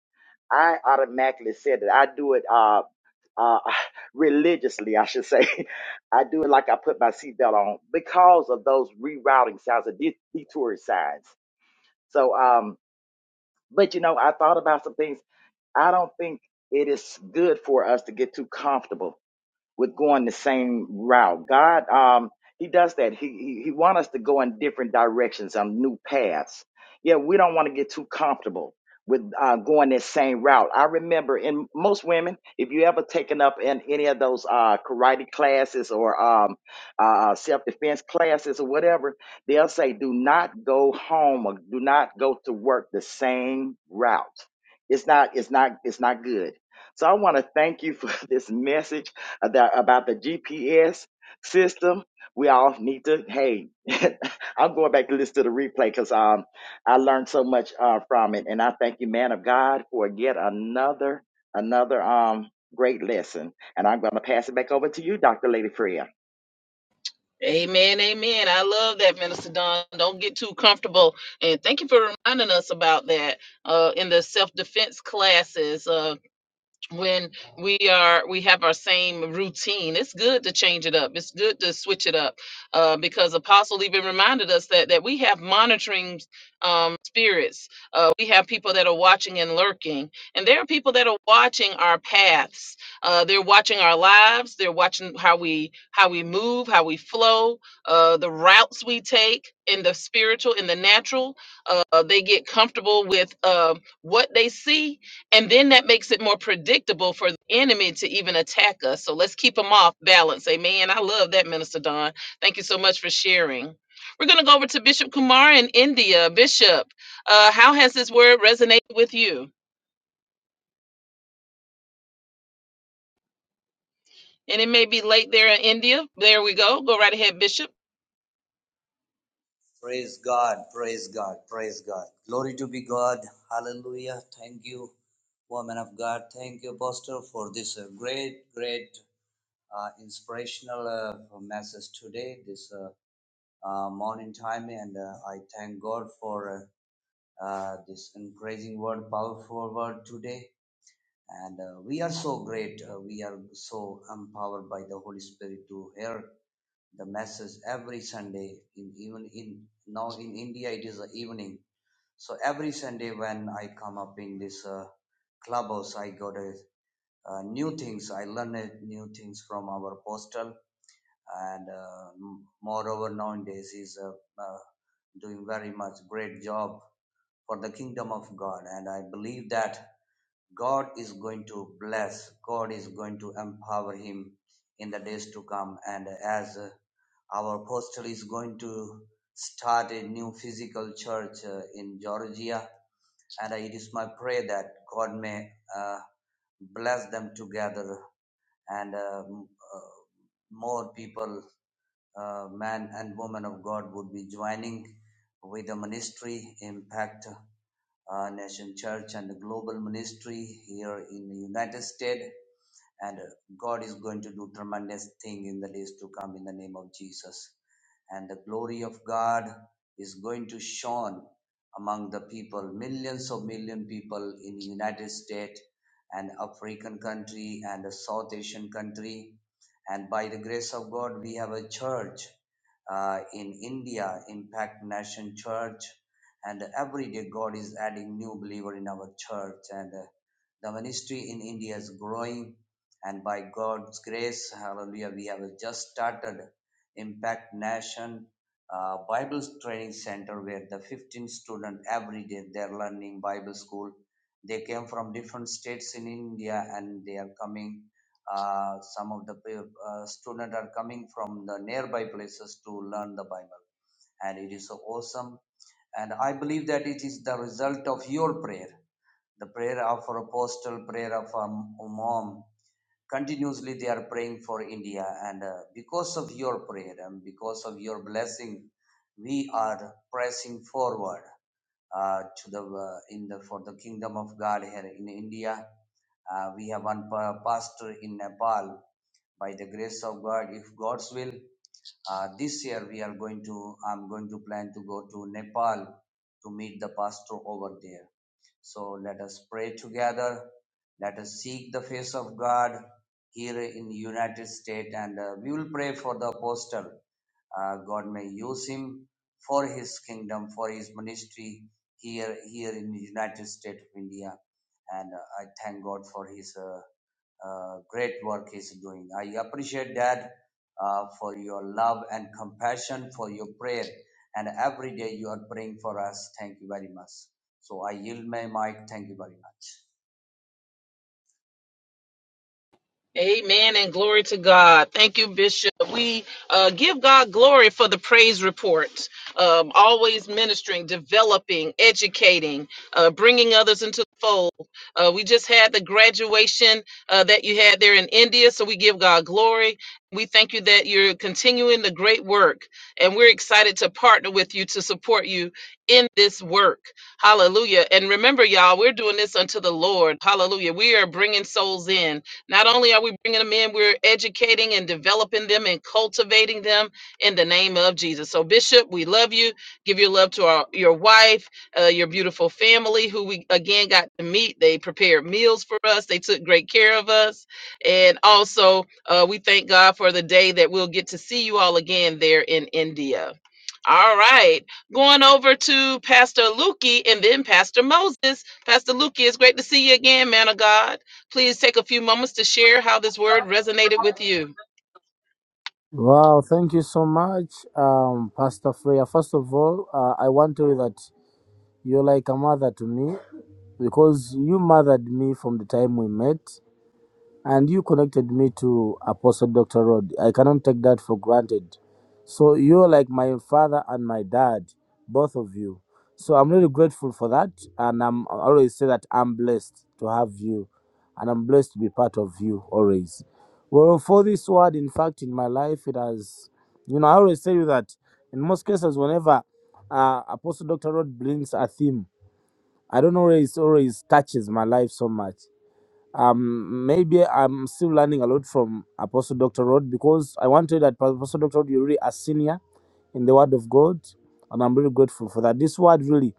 Speaker 2: I automatically set it. I do it uh, uh, (sighs) (laughs) religiously, I should say. (laughs) I do it like I put my seatbelt on because of those rerouting signs, the de- detour signs. So, um, but you know, I thought about some things. I don't think it is good for us to get too comfortable with going the same route. God, um, He does that. He He, he wants us to go in different directions on new paths. Yeah, we don't want to get too comfortable with uh, going that same route. I remember in most women, if you ever taken up in any of those uh, karate classes or um, uh, self defense classes or whatever, they'll say, "Do not go home or do not go to work the same route." It's not. It's not. It's not good. So I want to thank you for (laughs) this message about about the GPS system. We all need to. Hey, (laughs) I'm going back to listen to the replay because um, I learned so much uh, from it, and I thank you, man of God, for yet another another um great lesson. And I'm going to pass it back over to you, Doctor Lady
Speaker 4: Amen, amen. I love that, Minister Don. Don't get too comfortable. And thank you for reminding us about that uh, in the self defense classes. Uh, when we are we have our same routine it's good to change it up it's good to switch it up uh, because apostle even reminded us that that we have monitoring um, spirits uh, we have people that are watching and lurking and there are people that are watching our paths uh, they're watching our lives they're watching how we how we move how we flow uh, the routes we take in the spiritual in the natural uh, they get comfortable with uh, what they see and then that makes it more predictable for the enemy to even attack us. So let's keep them off balance. Amen. I love that, Minister Don. Thank you so much for sharing. We're going to go over to Bishop Kumar in India. Bishop, uh, how has this word resonated with you? And it may be late there in India. There we go. Go right ahead, Bishop.
Speaker 6: Praise God, praise God, praise God. Glory to be God. Hallelujah. Thank you, woman of God. Thank you, Pastor, for this uh, great, great uh, inspirational uh, message today, this uh, uh, morning time. And uh, I thank God for uh, uh, this encouraging word, powerful word today. And uh, we are so great. Uh, we are so empowered by the Holy Spirit to hear the message every Sunday, in, even in now in India, it is the evening so every Sunday when I come up in this uh, clubhouse, I got a, uh, new things. I learned new things from our postal, and uh, moreover nowadays he's uh, uh, doing very much great job for the kingdom of God. And I believe that God is going to bless. God is going to empower him in the days to come. And as uh, our postal is going to start a new physical church uh, in Georgia and uh, it is my prayer that God may uh, bless them together and uh, m- uh, more people, uh, men and women of God, would be joining with the ministry impact. Uh, Nation Church and the global ministry here in the United States and uh, God is going to do tremendous thing in the days to come in the name of Jesus. And the glory of God is going to shone among the people, millions of million people in the United States and African country and the South Asian country. And by the grace of God, we have a church uh, in India, Impact Nation Church. And every day God is adding new believer in our church and uh, the ministry in India is growing and by God's grace, hallelujah, we have just started Impact Nation uh, Bible Training Center where the 15 students every day they're learning Bible school. They came from different states in India and they are coming. Uh, some of the uh, students are coming from the nearby places to learn the Bible, and it is so awesome. And I believe that it is the result of your prayer, the prayer of our apostle, prayer of our mom, continuously they are praying for india and uh, because of your prayer and because of your blessing we are pressing forward uh, to the uh, in the for the kingdom of god here in india uh, we have one pa- pastor in nepal by the grace of god if god's will uh, this year we are going to i'm going to plan to go to nepal to meet the pastor over there so let us pray together. Let us seek the face of God here in United States, and uh, we will pray for the apostle. Uh, God may use him for His kingdom, for His ministry here here in United States of India. And uh, I thank God for His uh, uh, great work he's doing. I appreciate that uh, for your love and compassion, for your prayer, and every day you are praying for us. Thank you very much. So I yield my mic. Thank you very much.
Speaker 4: Amen and glory to God. Thank you, Bishop. We uh, give God glory for the praise reports, um, always ministering, developing, educating, uh, bringing others into the fold. Uh, we just had the graduation uh, that you had there in India, so we give God glory. We thank you that you're continuing the great work, and we're excited to partner with you to support you in this work. Hallelujah. And remember, y'all, we're doing this unto the Lord. Hallelujah. We are bringing souls in. Not only are we bringing them in, we're educating and developing them and cultivating them in the name of Jesus. So, Bishop, we love you. Give your love to our, your wife, uh, your beautiful family, who we again got to meet. They prepared meals for us, they took great care of us. And also, uh, we thank God for the day that we'll get to see you all again there in India. All right, going over to Pastor Lukey and then Pastor Moses. Pastor Lukey, it's great to see you again, man of God. Please take a few moments to share how this word resonated with you.
Speaker 5: Wow, thank you so much, um, Pastor Freya. First of all, uh, I want to tell you that you're like a mother to me because you mothered me from the time we met. and you connected me to Apostle Dr. Rod. I cannot take that for granted. So you're like my father and my dad, both of you. So I'm really grateful for that, and I'm I always say that I'm blessed to have you, and I'm blessed to be part of you always. Well, for this word, in fact, in my life, it has, you know, I always tell you that in most cases, whenever uh, Apostle Dr. Rod brings a theme, I don't always always touches my life so much um, maybe I'm still learning a lot from uh, Apostle Dr. Rod because I want to that Apostle Dr. Rod, you're really a senior in the Word of God, and I'm really grateful for that. This Word really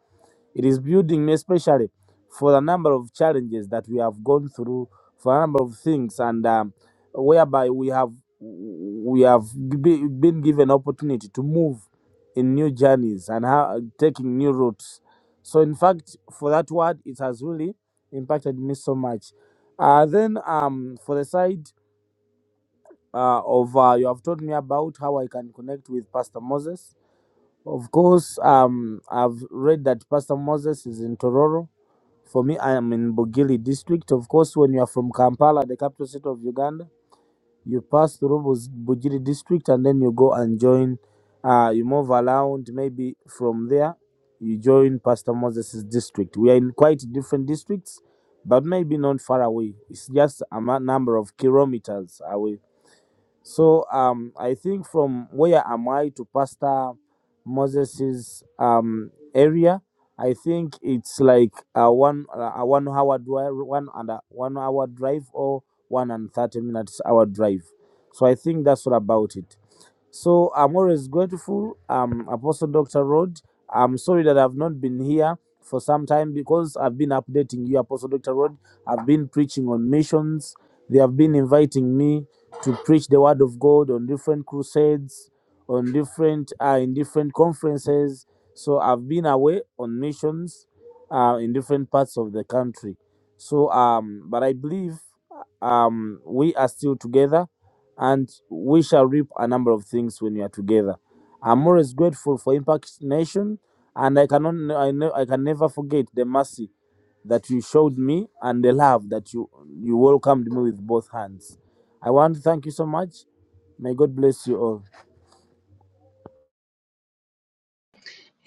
Speaker 5: it is building me especially for the number of challenges that we have gone through, for a number of things, and um, whereby we have we have be, been given opportunity to move in new journeys and how, taking new routes. So, in fact, for that word, it has really impacted me so much. Uh, then, um, for the side uh, of uh, you have told me about how I can connect with Pastor Moses. Of course, um, I've read that Pastor Moses is in Tororo for me, I am in Bugili district. Of course, when you are from Kampala, the capital city of Uganda, you pass through Buz- Bugili district and then you go and join, uh, you move around. Maybe from there, you join Pastor Moses' district. We are in quite different districts, but maybe not far away. It's just a ma- number of kilometers away. So um, I think from where am I to Pastor Moses's um, area, I think it's like a one uh, a one hour drive, one and a one hour drive or one and thirty minutes hour drive. So I think that's what about it. So I'm always grateful. Um, Apostle Dr. Rod, I'm sorry that I've not been here for some time because I've been updating you, Apostle Dr. Rod. I've been preaching on missions. They have been inviting me to preach the word of God on different crusades, on different uh, in different conferences. So I've been away on missions uh, in different parts of the country. So um, but I believe um we are still together and we shall reap a number of things when we are together. I'm always grateful for Impact Nation, and I cannot, I know, I can never forget the mercy that you showed me and the love that you you welcomed me with both hands. I want to thank you so much. May God bless you all.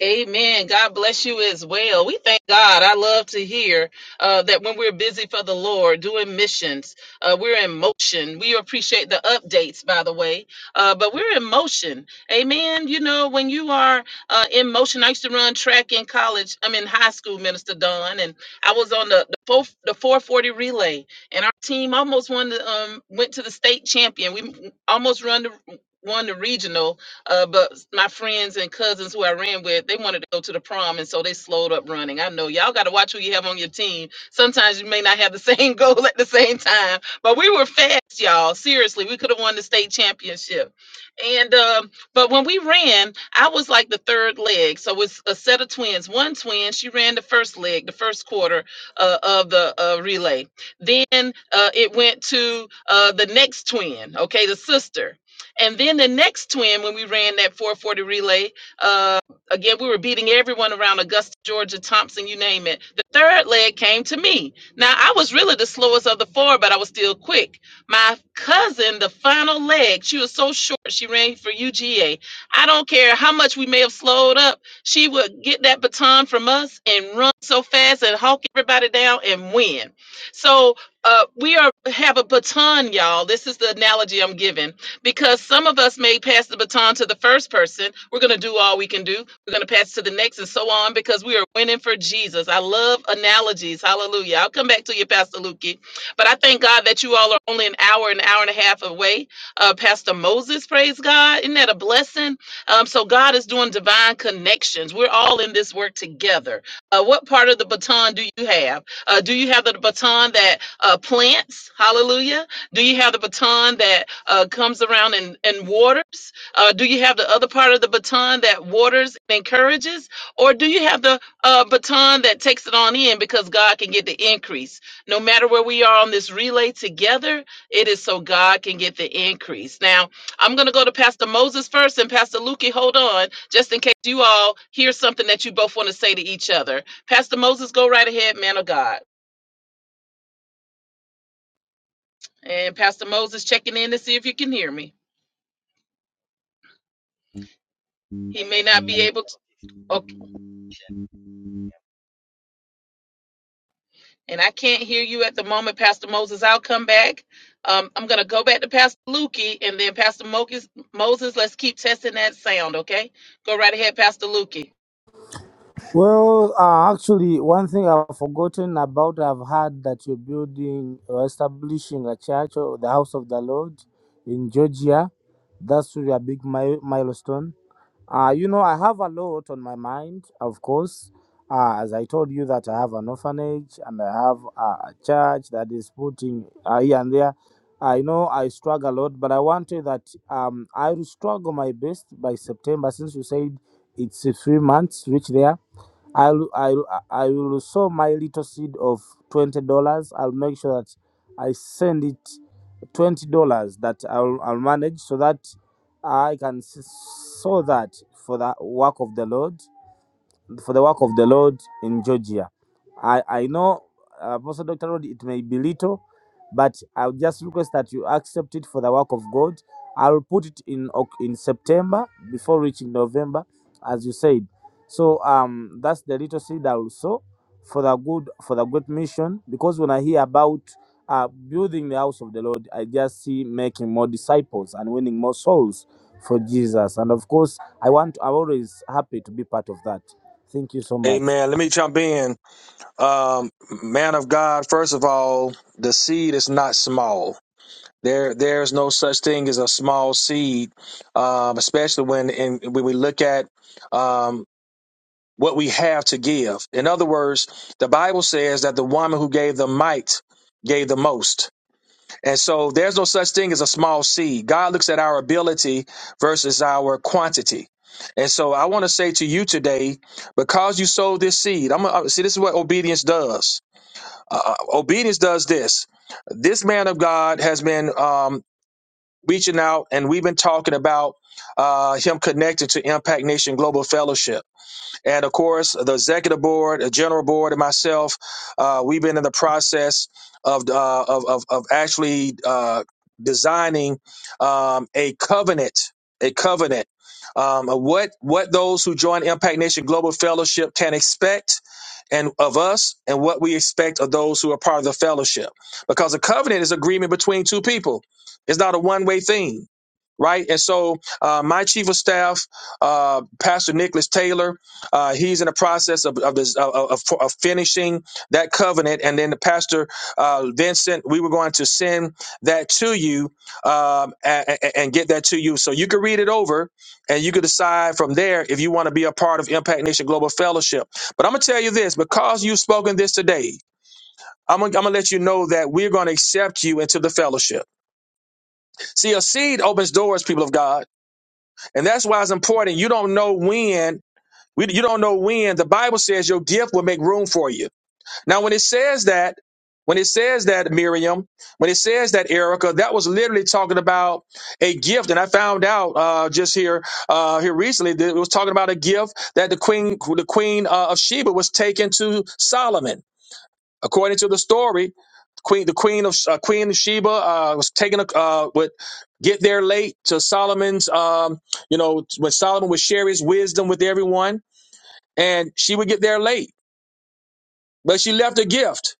Speaker 4: Amen. God bless you as well. We thank God. I love to hear uh, that when we're busy for the Lord doing missions, uh, we're in motion. We appreciate the updates, by the way, uh, but we're in motion. Amen. You know, when you are uh, in motion, I used to run track in college. I'm in high school, Minister Don, and I was on the the, four, the 440 relay, and our team almost won the um, went to the state champion. We almost run the won the regional uh, but my friends and cousins who I ran with, they wanted to go to the prom, and so they slowed up running. I know y'all got to watch who you have on your team. Sometimes you may not have the (laughs) same goal at the same time, but we were fast, y'all. Seriously, we could have won the state championship. And um, but when we ran, I was like the third leg, so it's a set of twins. One twin, she ran the first leg, the first quarter uh, of the uh, relay. Then uh, it went to uh, the next twin, okay, the sister and then the next twin, when we ran that 440 relay, uh, again, we were beating everyone around Augusta, Georgia, Thompson, you name it. The third leg came to me. Now, I was really the slowest of the four, but I was still quick. My cousin, the final leg, she was so short, she ran for UGA. I don't care how much we may have slowed up, she would get that baton from us and run so fast and hawk everybody down and win. So, uh, we are have a baton, y'all. This is the analogy I'm giving because some of us may pass the baton to the first person. We're going to do all we can do. We're going to pass to the next and so on because we are winning for Jesus. I love analogies. Hallelujah. I'll come back to you, Pastor Lukey. But I thank God that you all are only an hour, an hour and a half away. Uh, Pastor Moses, praise God. Isn't that a blessing? Um, so God is doing divine connections. We're all in this work together. Uh, what part of the baton do you have? Uh, do you have the baton that uh, plants? Hallelujah. Do you have the baton that uh, comes around and, and waters? Uh, do you have the other part of the baton that waters and encourages? Or do you have the uh, baton that takes it on in because God can get the increase? No matter where we are on this relay together, it is so God can get the increase. Now, I'm going to go to Pastor Moses first and Pastor Lukey, hold on, just in case you all hear something that you both want to say to each other. Pastor Moses, go right ahead, man of God. And Pastor Moses checking in to see if you can hear me. He may not be able to. Okay. And I can't hear you at the moment, Pastor Moses. I'll come back. Um, I'm going to go back to Pastor Lukey and then Pastor Moses, Moses, let's keep testing that sound, okay? Go right ahead, Pastor Lukey.
Speaker 5: Well, uh, actually, one thing I've forgotten about, I've heard that you're building or establishing a church or the house of the Lord in Georgia. That's really a big mi- milestone Uh, you know, I have a lot on my mind, of course. Uh, as I told you that I have an orphanage and I have uh, a church that is putting uh, here and there. I know I struggle a lot, but I wanted that um, I will struggle my best by September since you said it's uh, three months to reach there. I'll, I'll, I will sow my little seed of $20. I'll make sure that I send it $20 that I'll, I'll manage so that I can s- sow that for the work of the Lord for the work of the Lord in Georgia. I, I know, uh, Pastor Dr. Rod, it may be little, but I'll just request that you accept it for the work of God. I'll put it in Oc- in September before reaching November, as you said. So um, that's the little seed I will sow for the good for the good mission. Because when I hear about uh, building the house of the Lord, I just see making more disciples and winning more souls for Jesus. And of course, I want I'm always happy to be part of that. Thank you so much.
Speaker 1: Amen. Let me jump in. Um, man of God, first of all, the seed is not small. There, there's no such thing as a small seed, um, especially when in, when we look at um, what we have to give. In other words, the Bible says that the woman who gave the mite gave the most, and so there's no such thing as a small seed. God looks at our ability versus our quantity. And so I want to say to you today, because you sowed this seed, I'm gonna uh, see this is what obedience does uh, uh, obedience does this. This man of God has been um, reaching out, and we've been talking about uh, him connected to Impact Nation Global Fellowship. And of course, the executive board, the general board, and myself, uh, we've been in the process of uh, of, of of actually uh, designing um, a covenant, a covenant. Um, of what what those who join Impact Nation Global Fellowship can expect and of us and what we expect of those who are part of the fellowship. Because a covenant is agreement between two people. It's not a one-way thing right? And so, uh, my chief of staff, uh, Pastor Nicholas Taylor, uh, he's in the process of of, this, of, of of finishing that covenant, and then the pastor uh, Vincent, we were going to send that to you um, and, and get that to you, so you can read it over, and you can decide from there if you want to be a part of Impact Nation Global Fellowship. But I'm gonna tell you this, because you've spoken this today, I'm gonna, let you know that we're gonna accept you into the fellowship. See, a seed opens doors, people of God, and that's why it's important. You don't know when. We, you don't know when. The Bible says your gift will make room for you. Now, when it says that, when it says that Miriam, when it says that Erica, that was literally talking about a gift. And I found out uh, just here uh, here recently that it was talking about a gift that the queen the queen uh, of Sheba was taken to Solomon. According to the story, queen the queen of uh, Queen of Sheba uh, was taken uh, would get there late to Solomon's. Um, you know when Solomon would share his wisdom with everyone, and she would get there late, but she left a gift.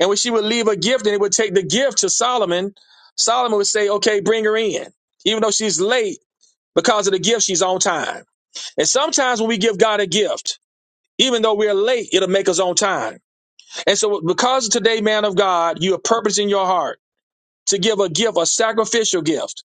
Speaker 1: And when she would leave a gift, and it would take the gift to Solomon, Solomon would say, "Okay, bring her in," even though she's late because of the gift. She's on time. And sometimes when we give God a gift. Even though we're late, it'll make us on time. And so, because today, man of God, you are purpose in your heart to give a gift, a sacrificial gift.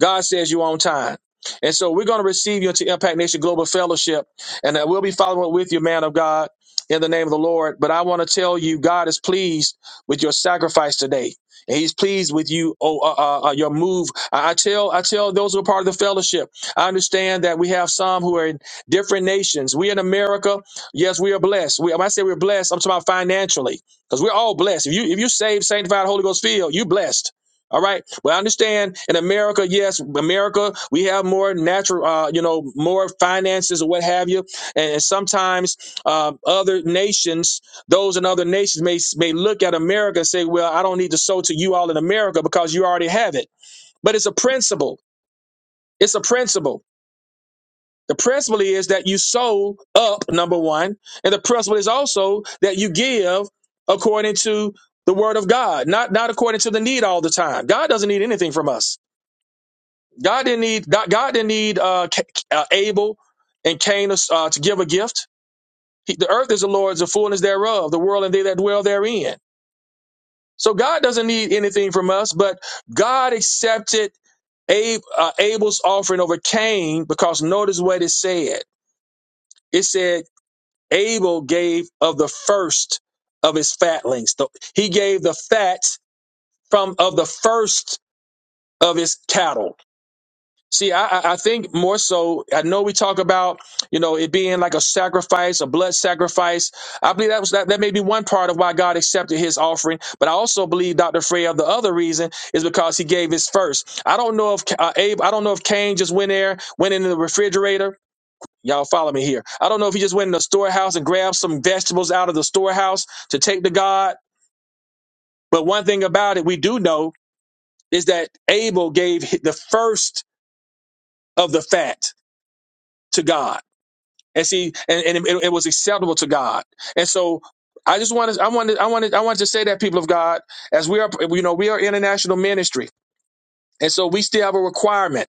Speaker 1: God says you're on time. And so we're going to receive you into Impact Nation Global Fellowship, and that we'll be following up with you, man of God, in the name of the Lord. But I want to tell you, God is pleased with your sacrifice today. And he's pleased with you, oh, uh, uh, uh, your move. I, I tell, I tell those who are part of the fellowship. I understand that we have some who are in different nations. We in America, yes, we are blessed. We, when I say we're blessed, I'm talking about financially, because we're all blessed. If you, if you saved, sanctified, Holy Ghost filled, you blessed. All right. Well, I understand in America, yes, America, we have more natural, uh, you know, more finances or what have you. And, and sometimes um, other nations, those in other nations may, may look at America and say, well, I don't need to sow to you all in America because you already have it. But it's a principle. It's a principle. The principle is that you sow up, number one. And the principle is also that you give according to the word of God, not, not according to the need all the time. God doesn't need anything from us. God didn't need God, God didn't need uh, Ca- uh, Abel and Cain uh, to give a gift. He, the earth is the Lord's, the fullness thereof, the world and they that dwell therein. So God doesn't need anything from us, but God accepted Abe, uh, Abel's offering over Cain because notice what it said. It said Abel gave of the first of his fatlings. The- He gave the fat from of the first of his cattle. See, I, I I think more so, I know we talk about, you know, it being like a sacrifice, a blood sacrifice. I believe that was that, that may be one part of why God accepted his offering. But I also believe, Dr. Freya, the other reason is because he gave his first. I don't know if uh, Abe, I don't know if Cain just went there, went into the refrigerator. Y'all follow me here. I don't know if he just went in the storehouse and grabbed some vegetables out of the storehouse to take to God. But one thing about it, we do know is that Abel gave the first of the fat to God. and see, and, and it, it was acceptable to God. And so, I just wanted, I wanted, I wanted, I wanted to say that people of God, as we are, you know, we are international ministry, and so we still have a requirement.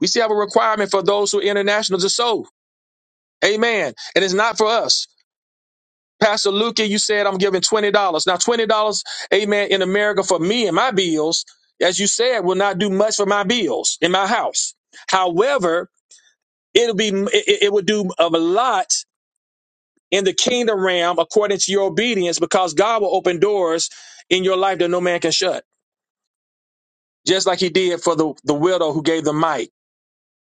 Speaker 1: We still have a requirement for those who are international to sow. Amen. And it's not for us. Pastor Luca, you said I'm giving twenty dollars. Now twenty dollars, amen, in America for me and my bills, as you said, will not do much for my bills in my house. However, it'll be it it would do a lot in the kingdom realm according to your obedience because God will open doors in your life that no man can shut, just like he did for the, the widow who gave the mite.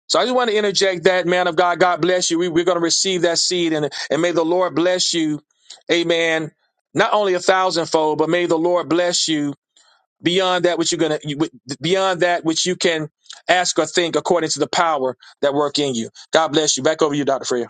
Speaker 1: So I just want to interject that, man of God, God bless you. We, we're going to receive that seed and, and may the Lord bless you. Amen. Not only a thousandfold, but may the Lord bless you beyond that which you're going to, beyond that which you can ask or think according to the power that work in you. God bless you. Back over to you, Dr. Freya.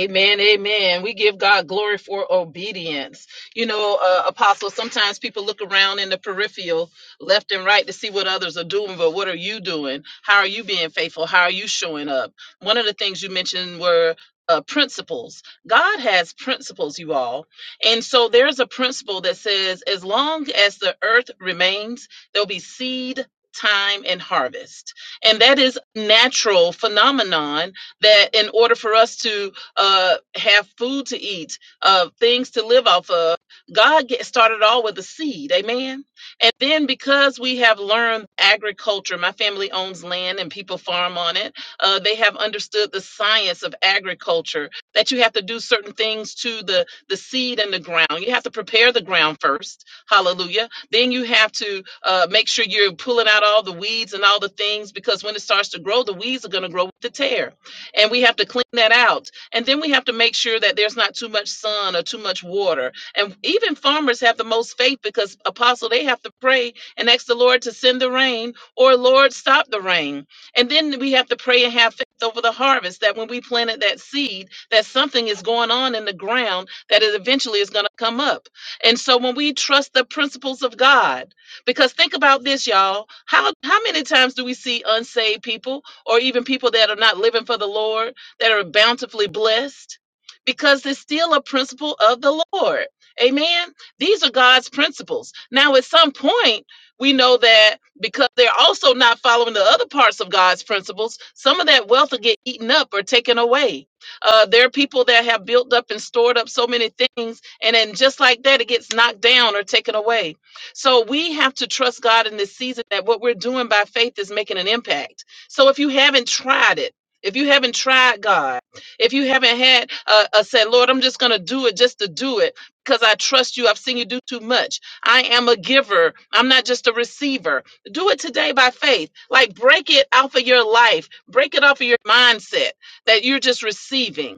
Speaker 4: Amen, amen. We give God glory for obedience. You know, uh, Apostle, sometimes people look around in the peripheral, left and right, to see what others are doing, but what are you doing? How are you being faithful? How are you showing up? One of the things you mentioned were uh, principles. God has principles, you all. And so there's a principle that says as long as the earth remains, there'll be seed. Time and harvest. And that is natural phenomenon that in order for us to uh, have food to eat, uh, things to live off of. God get started all with a seed, amen. And then because we have learned agriculture, my family owns land and people farm on it. Uh, they have understood the science of agriculture that you have to do certain things to the the seed and the ground. You have to prepare the ground first, hallelujah. Then you have to uh, make sure you're pulling out all the weeds and all the things because when it starts to grow, the weeds are going to grow with the tear, and we have to clean that out and then we have to make sure that there's not too much sun or too much water. And even farmers have the most faith because apostle they have to pray and ask the Lord to send the rain or Lord stop the rain. And then we have to pray and have faith over the harvest that when we planted that seed, that something is going on in the ground that it eventually is going to come up. And so when we trust the principles of God, because think about this, y'all. How how many times do we see unsaved people or even people that are not living for the Lord? that are bountifully blessed because it's still a principle of the Lord. Amen. These are God's principles. Now, at some point, we know that because they're also not following the other parts of God's principles, some of that wealth will get eaten up or taken away. Uh, there are people that have built up and stored up so many things, and then just like that, it gets knocked down or taken away. So we have to trust God in this season that what we're doing by faith is making an impact. So if you haven't tried it, if you haven't tried God, if you haven't had uh, uh, said, Lord, I'm just going to do it just to do it because I trust you. I've seen you do too much. I am a giver. I'm not just a receiver. Do it today by faith. Like break it off of your life. Break it off of your mindset that you're just receiving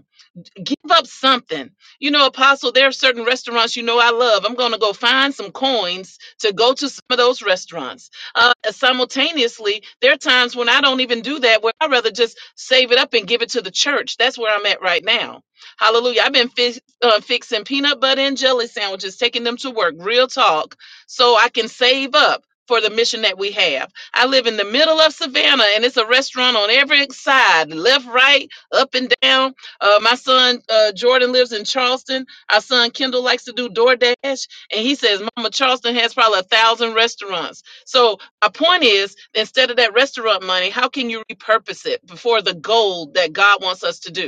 Speaker 4: give up something. You know, Apostle, there are certain restaurants you know I love. I'm going to go find some coins to go to some of those restaurants. Uh, simultaneously, there are times when I don't even do that, where I'd rather just save it up and give it to the church. That's where I'm at right now. Hallelujah. I've been fi- uh, fixing peanut butter and jelly sandwiches, taking them to work, real talk, so I can save up. For the mission that we have, I live in the middle of Savannah and it's a restaurant on every side left, right, up, and down uh, my son uh, Jordan lives in Charleston. Our son Kendall likes to do DoorDash, and he says, "Mama, Charleston has probably a thousand restaurants." So my point is, instead of that restaurant money, how can you repurpose it before the goal that God wants us to do?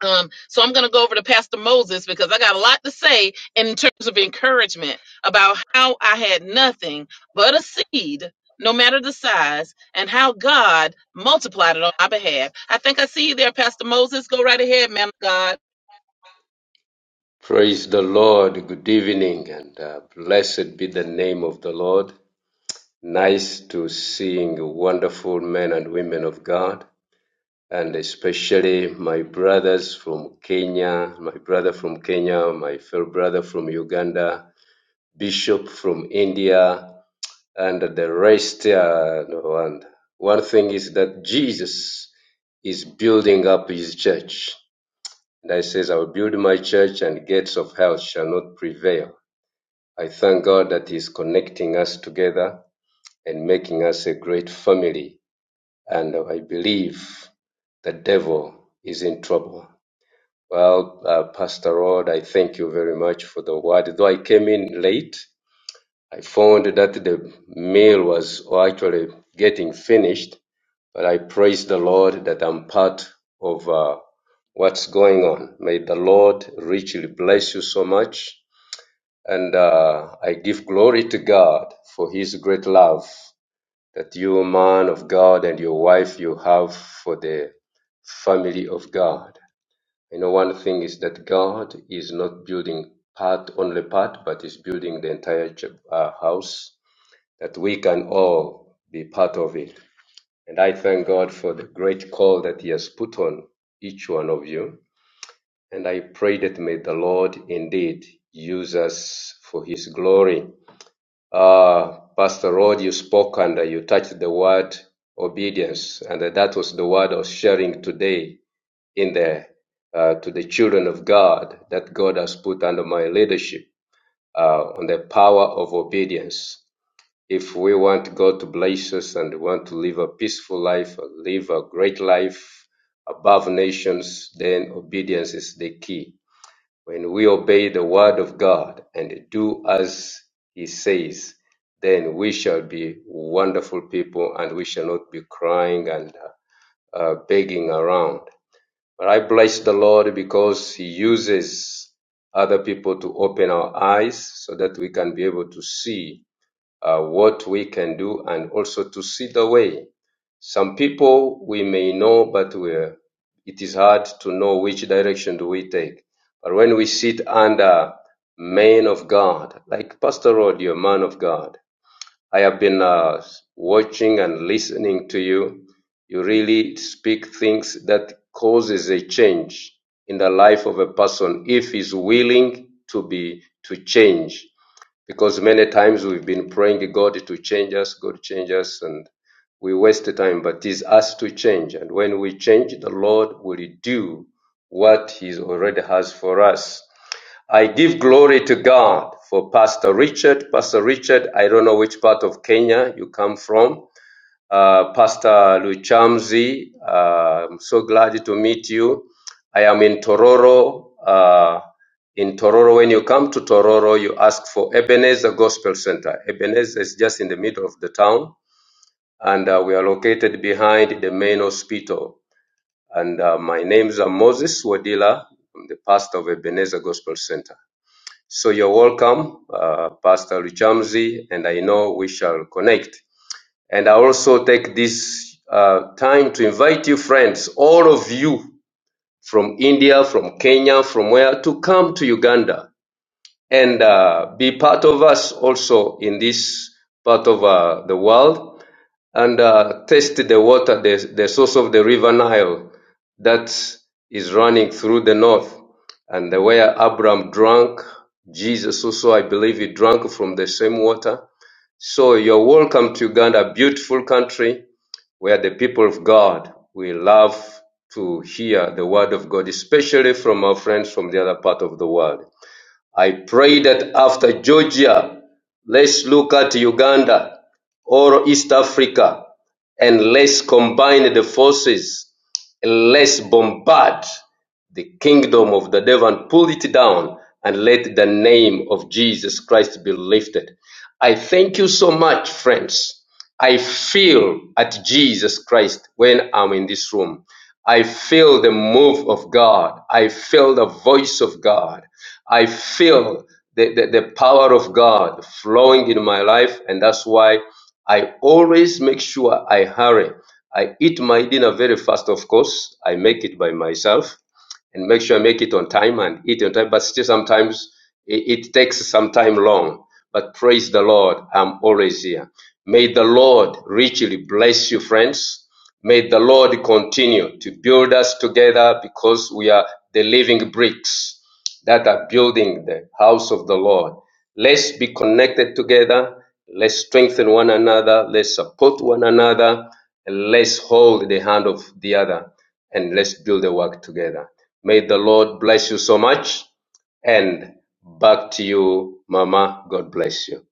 Speaker 4: Um, so I'm going to go over to Pastor Moses because I got a lot to say in terms of encouragement about how I had nothing but a seed, no matter the size, and how God multiplied it on my behalf. I think I see you there, Pastor Moses. Go right ahead, man of God.
Speaker 7: Praise the Lord. Good evening and uh, blessed be the name of the Lord. Nice to seeing wonderful men and women of God and especially my brothers from Kenya, my brother from Kenya, my fellow brother from Uganda, Bishop from India and the rest. Uh, and one thing is that Jesus is building up his church. And I says, I will build my church and gates of hell shall not prevail. I thank God that He's connecting us together and making us a great family. And I believe the devil is in trouble. Well, uh, Pastor Rod, I thank you very much for the word. Though I came in late, I found that the meal was actually getting finished, but I praise the Lord that I'm part of uh, what's going on. May the Lord richly bless you so much. And uh, I give glory to God for His great love that you, man of God, and your wife you have for the family of God. You know, one thing is that God is not building part only part, but is building the entire ch- uh, house that we can all be part of it. And I thank God for the great call that He has put on each one of you. And I pray that may the Lord indeed use us for His glory. Uh, Pastor Rod, you spoke and uh, you touched the word obedience, and that that was the word I was sharing today in the uh, to the children of God that God has put under my leadership uh, on the power of obedience if we want God to bless us and want to live a peaceful life, uh, live a great life above nations, then obedience is the key. When we obey the word of God and do as he says, then we shall be wonderful people and we shall not be crying and uh, uh, begging around. But I bless the Lord because he uses other people to open our eyes so that we can be able to see uh, what we can do and also to see the way. Some people we may know, but we uh, it is hard to know which direction do we take. But when we sit under men of God, like Pastor Rod, you're a man of God. I have been uh, watching and listening to you. You really speak things that causes a change in the life of a person if he's willing to be to change because many times we've been praying God to change us, God change us, and we waste time. But it is us to change, and when we change, the Lord will do what He already has for us. I give glory to God for Pastor Richard. Pastor Richard, I don't know which part of Kenya you come from, uh, Pastor Luchamzi. Uh, I'm so glad to meet you. I am in Tororo. Uh, in Tororo, when you come to Tororo, you ask for Ebenezer Gospel Center. Ebenezer is just in the middle of the town, and uh, we are located behind the main hospital. And uh, my name is uh, Moses Wadila. I'm the pastor of Ebenezer Gospel Center. So you're welcome, uh, Pastor Luchamzi, and I know we shall connect. And I also take this uh, time to invite you, friends, all of you from India, from Kenya, from where, to come to Uganda and uh, be part of us also in this part of uh, the world and uh, taste the water, the, the source of the river Nile that is running through the north. And the way Abraham drank, Jesus also, I believe, he drank from the same water. So you're welcome to Uganda, beautiful country where the people of God, we love to hear the word of God, especially from our friends from the other part of the world. I pray that after Georgia, let's look at Uganda or East Africa and let's combine the forces and let's bombard the kingdom of the devil and pull it down and let the name of Jesus Christ be lifted. I thank you so much, friends. I feel at Jesus Christ when I'm in this room. I feel the move of God. I feel the voice of God. I feel the, the, the power of God flowing in my life. And that's why I always make sure I hurry. I eat my dinner very fast, of course. I make it by myself and make sure I make it on time and eat on time. But still, sometimes it, it takes some time long. But praise the Lord, I'm always here. May the Lord richly bless you, friends. May the Lord continue to build us together because we are the living bricks that are building the house of the Lord. Let's be connected together. Let's strengthen one another. Let's support one another. And let's hold the hand of the other and let's build the work together. May the Lord bless you so much. And back to you, Mama. God bless you.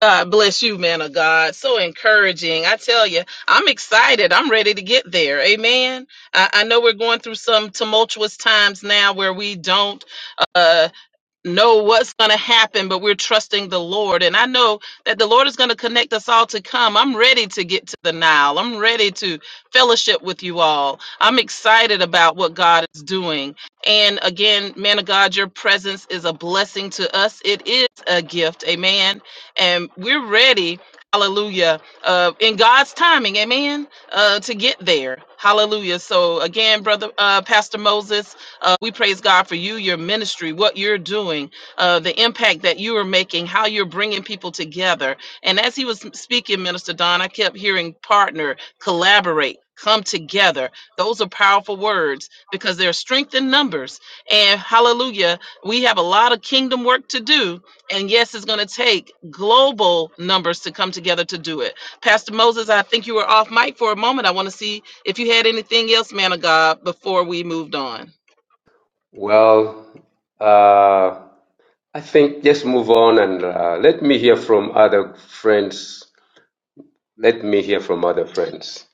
Speaker 4: God bless you, man of God. So encouraging. I tell you, I'm excited. I'm ready to get there. Amen. I, I know we're going through some tumultuous times now where we don't uh, know what's going to happen, but we're trusting the Lord. And I know that the Lord is going to connect us all to come. I'm ready to get to the Nile. I'm ready to fellowship with you all. I'm excited about what God is doing. And again, man of God, your presence is a blessing to us. It is a gift. Amen. And we're ready. Hallelujah. Uh, in God's timing, amen, uh, to get there. Hallelujah. So, again, brother, uh, Pastor Moses, uh, we praise God for you, your ministry, what you're doing, uh, the impact that you are making, how you're bringing people together. And as he was speaking, Minister Don, I kept hearing partner, collaborate. Come together. Those are powerful words because there's strength in numbers. And hallelujah, we have a lot of kingdom work to do. And yes, it's going to take global numbers to come together to do it. Pastor Moses, I think you were off mic for a moment. I want to see if you had anything else, man of God, before we moved on.
Speaker 7: Well, uh, I think just move on and uh, let me hear from other friends. Let me hear from other friends.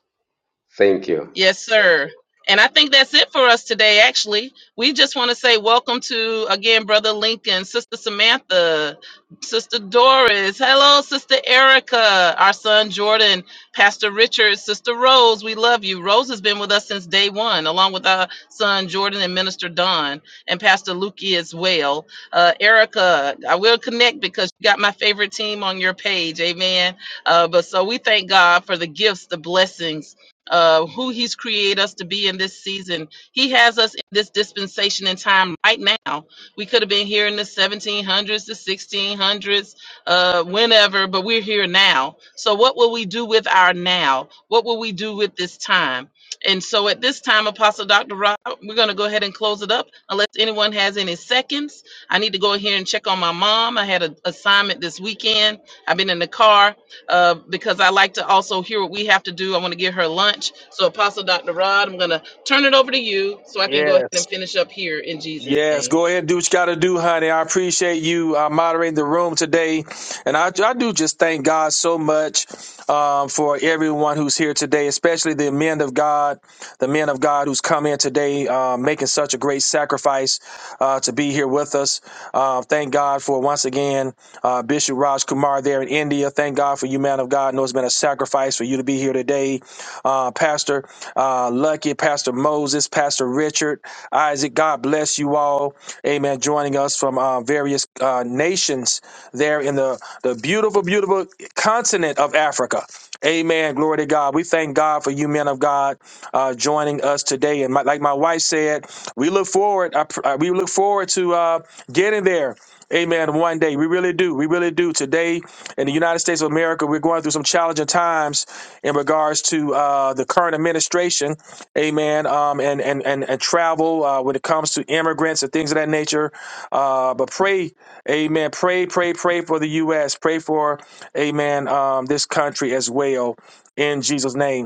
Speaker 7: Thank you.
Speaker 4: Yes, sir. And I think that's it for us today, actually. We just want to say welcome to, again, Brother Lincoln, Sister Samantha, Sister Doris. Hello, Sister Erica, our son Jordan, Pastor Richard, Sister Rose. We love you. Rose has been with us since day one, along with our son Jordan and Minister Don, and Pastor Lukey as well. Uh, Erica, I will connect because you got my favorite team on your page. Amen. Uh, but so we thank God for the gifts, the blessings uh, who he's created us to be in this season. He has us in this dispensation in time right now. We could have been here in the 1700s, the 1600s, uh, whenever, but we're here now. So, what will we do with our now? What will we do with this time? And so, at this time, Apostle Dr. Rob, we're going to go ahead and close it up unless anyone has any seconds. I need to go ahead and check on my mom. I had an assignment this weekend. I've been in the car uh, because I like to also hear what we have to do. I want to get her lunch. So, Apostle Dr. Rod, I'm going to turn it over to you so I can go ahead
Speaker 1: Yes.
Speaker 4: and finish up here in Jesus'
Speaker 1: Yes,
Speaker 4: name.
Speaker 1: go ahead and do what you got to do, honey. I appreciate you uh, moderating the room today. And I, I do just thank God so much um, for everyone who's here today, especially the men of God, the men of God who's come in today, uh, making such a great sacrifice uh, to be here with us. Uh, thank God for, once again, uh, Bishop Raj Kumar there in India. Thank God for you, man of God. I know it's been a sacrifice for you to be here today. Uh, Pastor uh, Lucky, Pastor Moses, Pastor Richard, Isaac. God God bless you all. Amen. Joining us from uh, various uh, nations there in the, the beautiful, beautiful continent of Africa. Amen. Glory to God. We thank God for you, men of God, uh, joining us today. And my, like my wife said, we look forward. I, pr- uh, we look forward to uh, getting there. Amen. One day, we really do. We really do. Today, in the United States of America, we're going through some challenging times in regards to uh, the current administration. Amen. Um, and and and, and travel uh, when it comes to immigrants and things of that nature. Uh, but pray, Amen. Pray, pray, pray for the U.S. Pray for, Amen. Um, this country as well. In Jesus' name.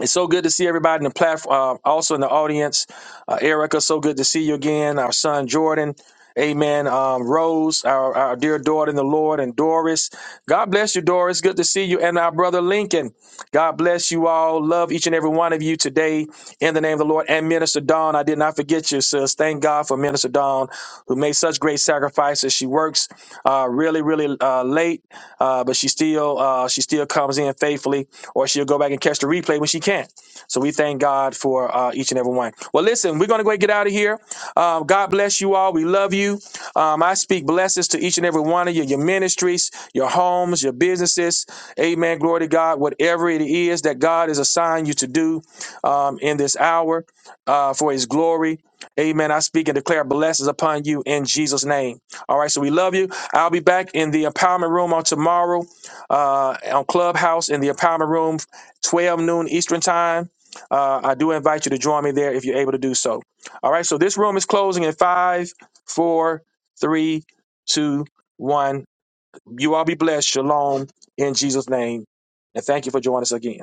Speaker 1: It's so good to see everybody in the platform, uh, also in the audience. Uh, Erica, so good to see you again. Our son Jordan, Amen. Um, Rose, our, our dear daughter in the Lord, and Doris. God bless you, Doris. Good to see you, and our brother Lincoln. God bless you all. Love each and every one of you today in the name of the Lord. And Minister Dawn, I did not forget you, sis. Thank God for Minister Dawn, who made such great sacrifices. She works uh, really, really uh, late, uh, but she still uh, she still comes in faithfully, or she'll go back and catch the replay when she can. So we thank God for uh, each and every one. Well, listen, we're going to go and get out of here. Um, God bless you all. We love you. Um, I speak blessings to each and every one of you, your ministries, your homes, your businesses. Amen. Glory to God. Whatever it is that God has assigned you to do, um, in this hour uh, for his glory. Amen. I speak and declare blessings upon you in Jesus' name. All right, so we love you. I'll be back in the empowerment room on tomorrow uh, on Clubhouse in the empowerment room, 12 noon Eastern time. Uh, I do invite you to join me there if you're able to do so. All right, so this room is closing in five, four, three, two, one. You all be blessed. Shalom in Jesus' name. And thank you for joining us again.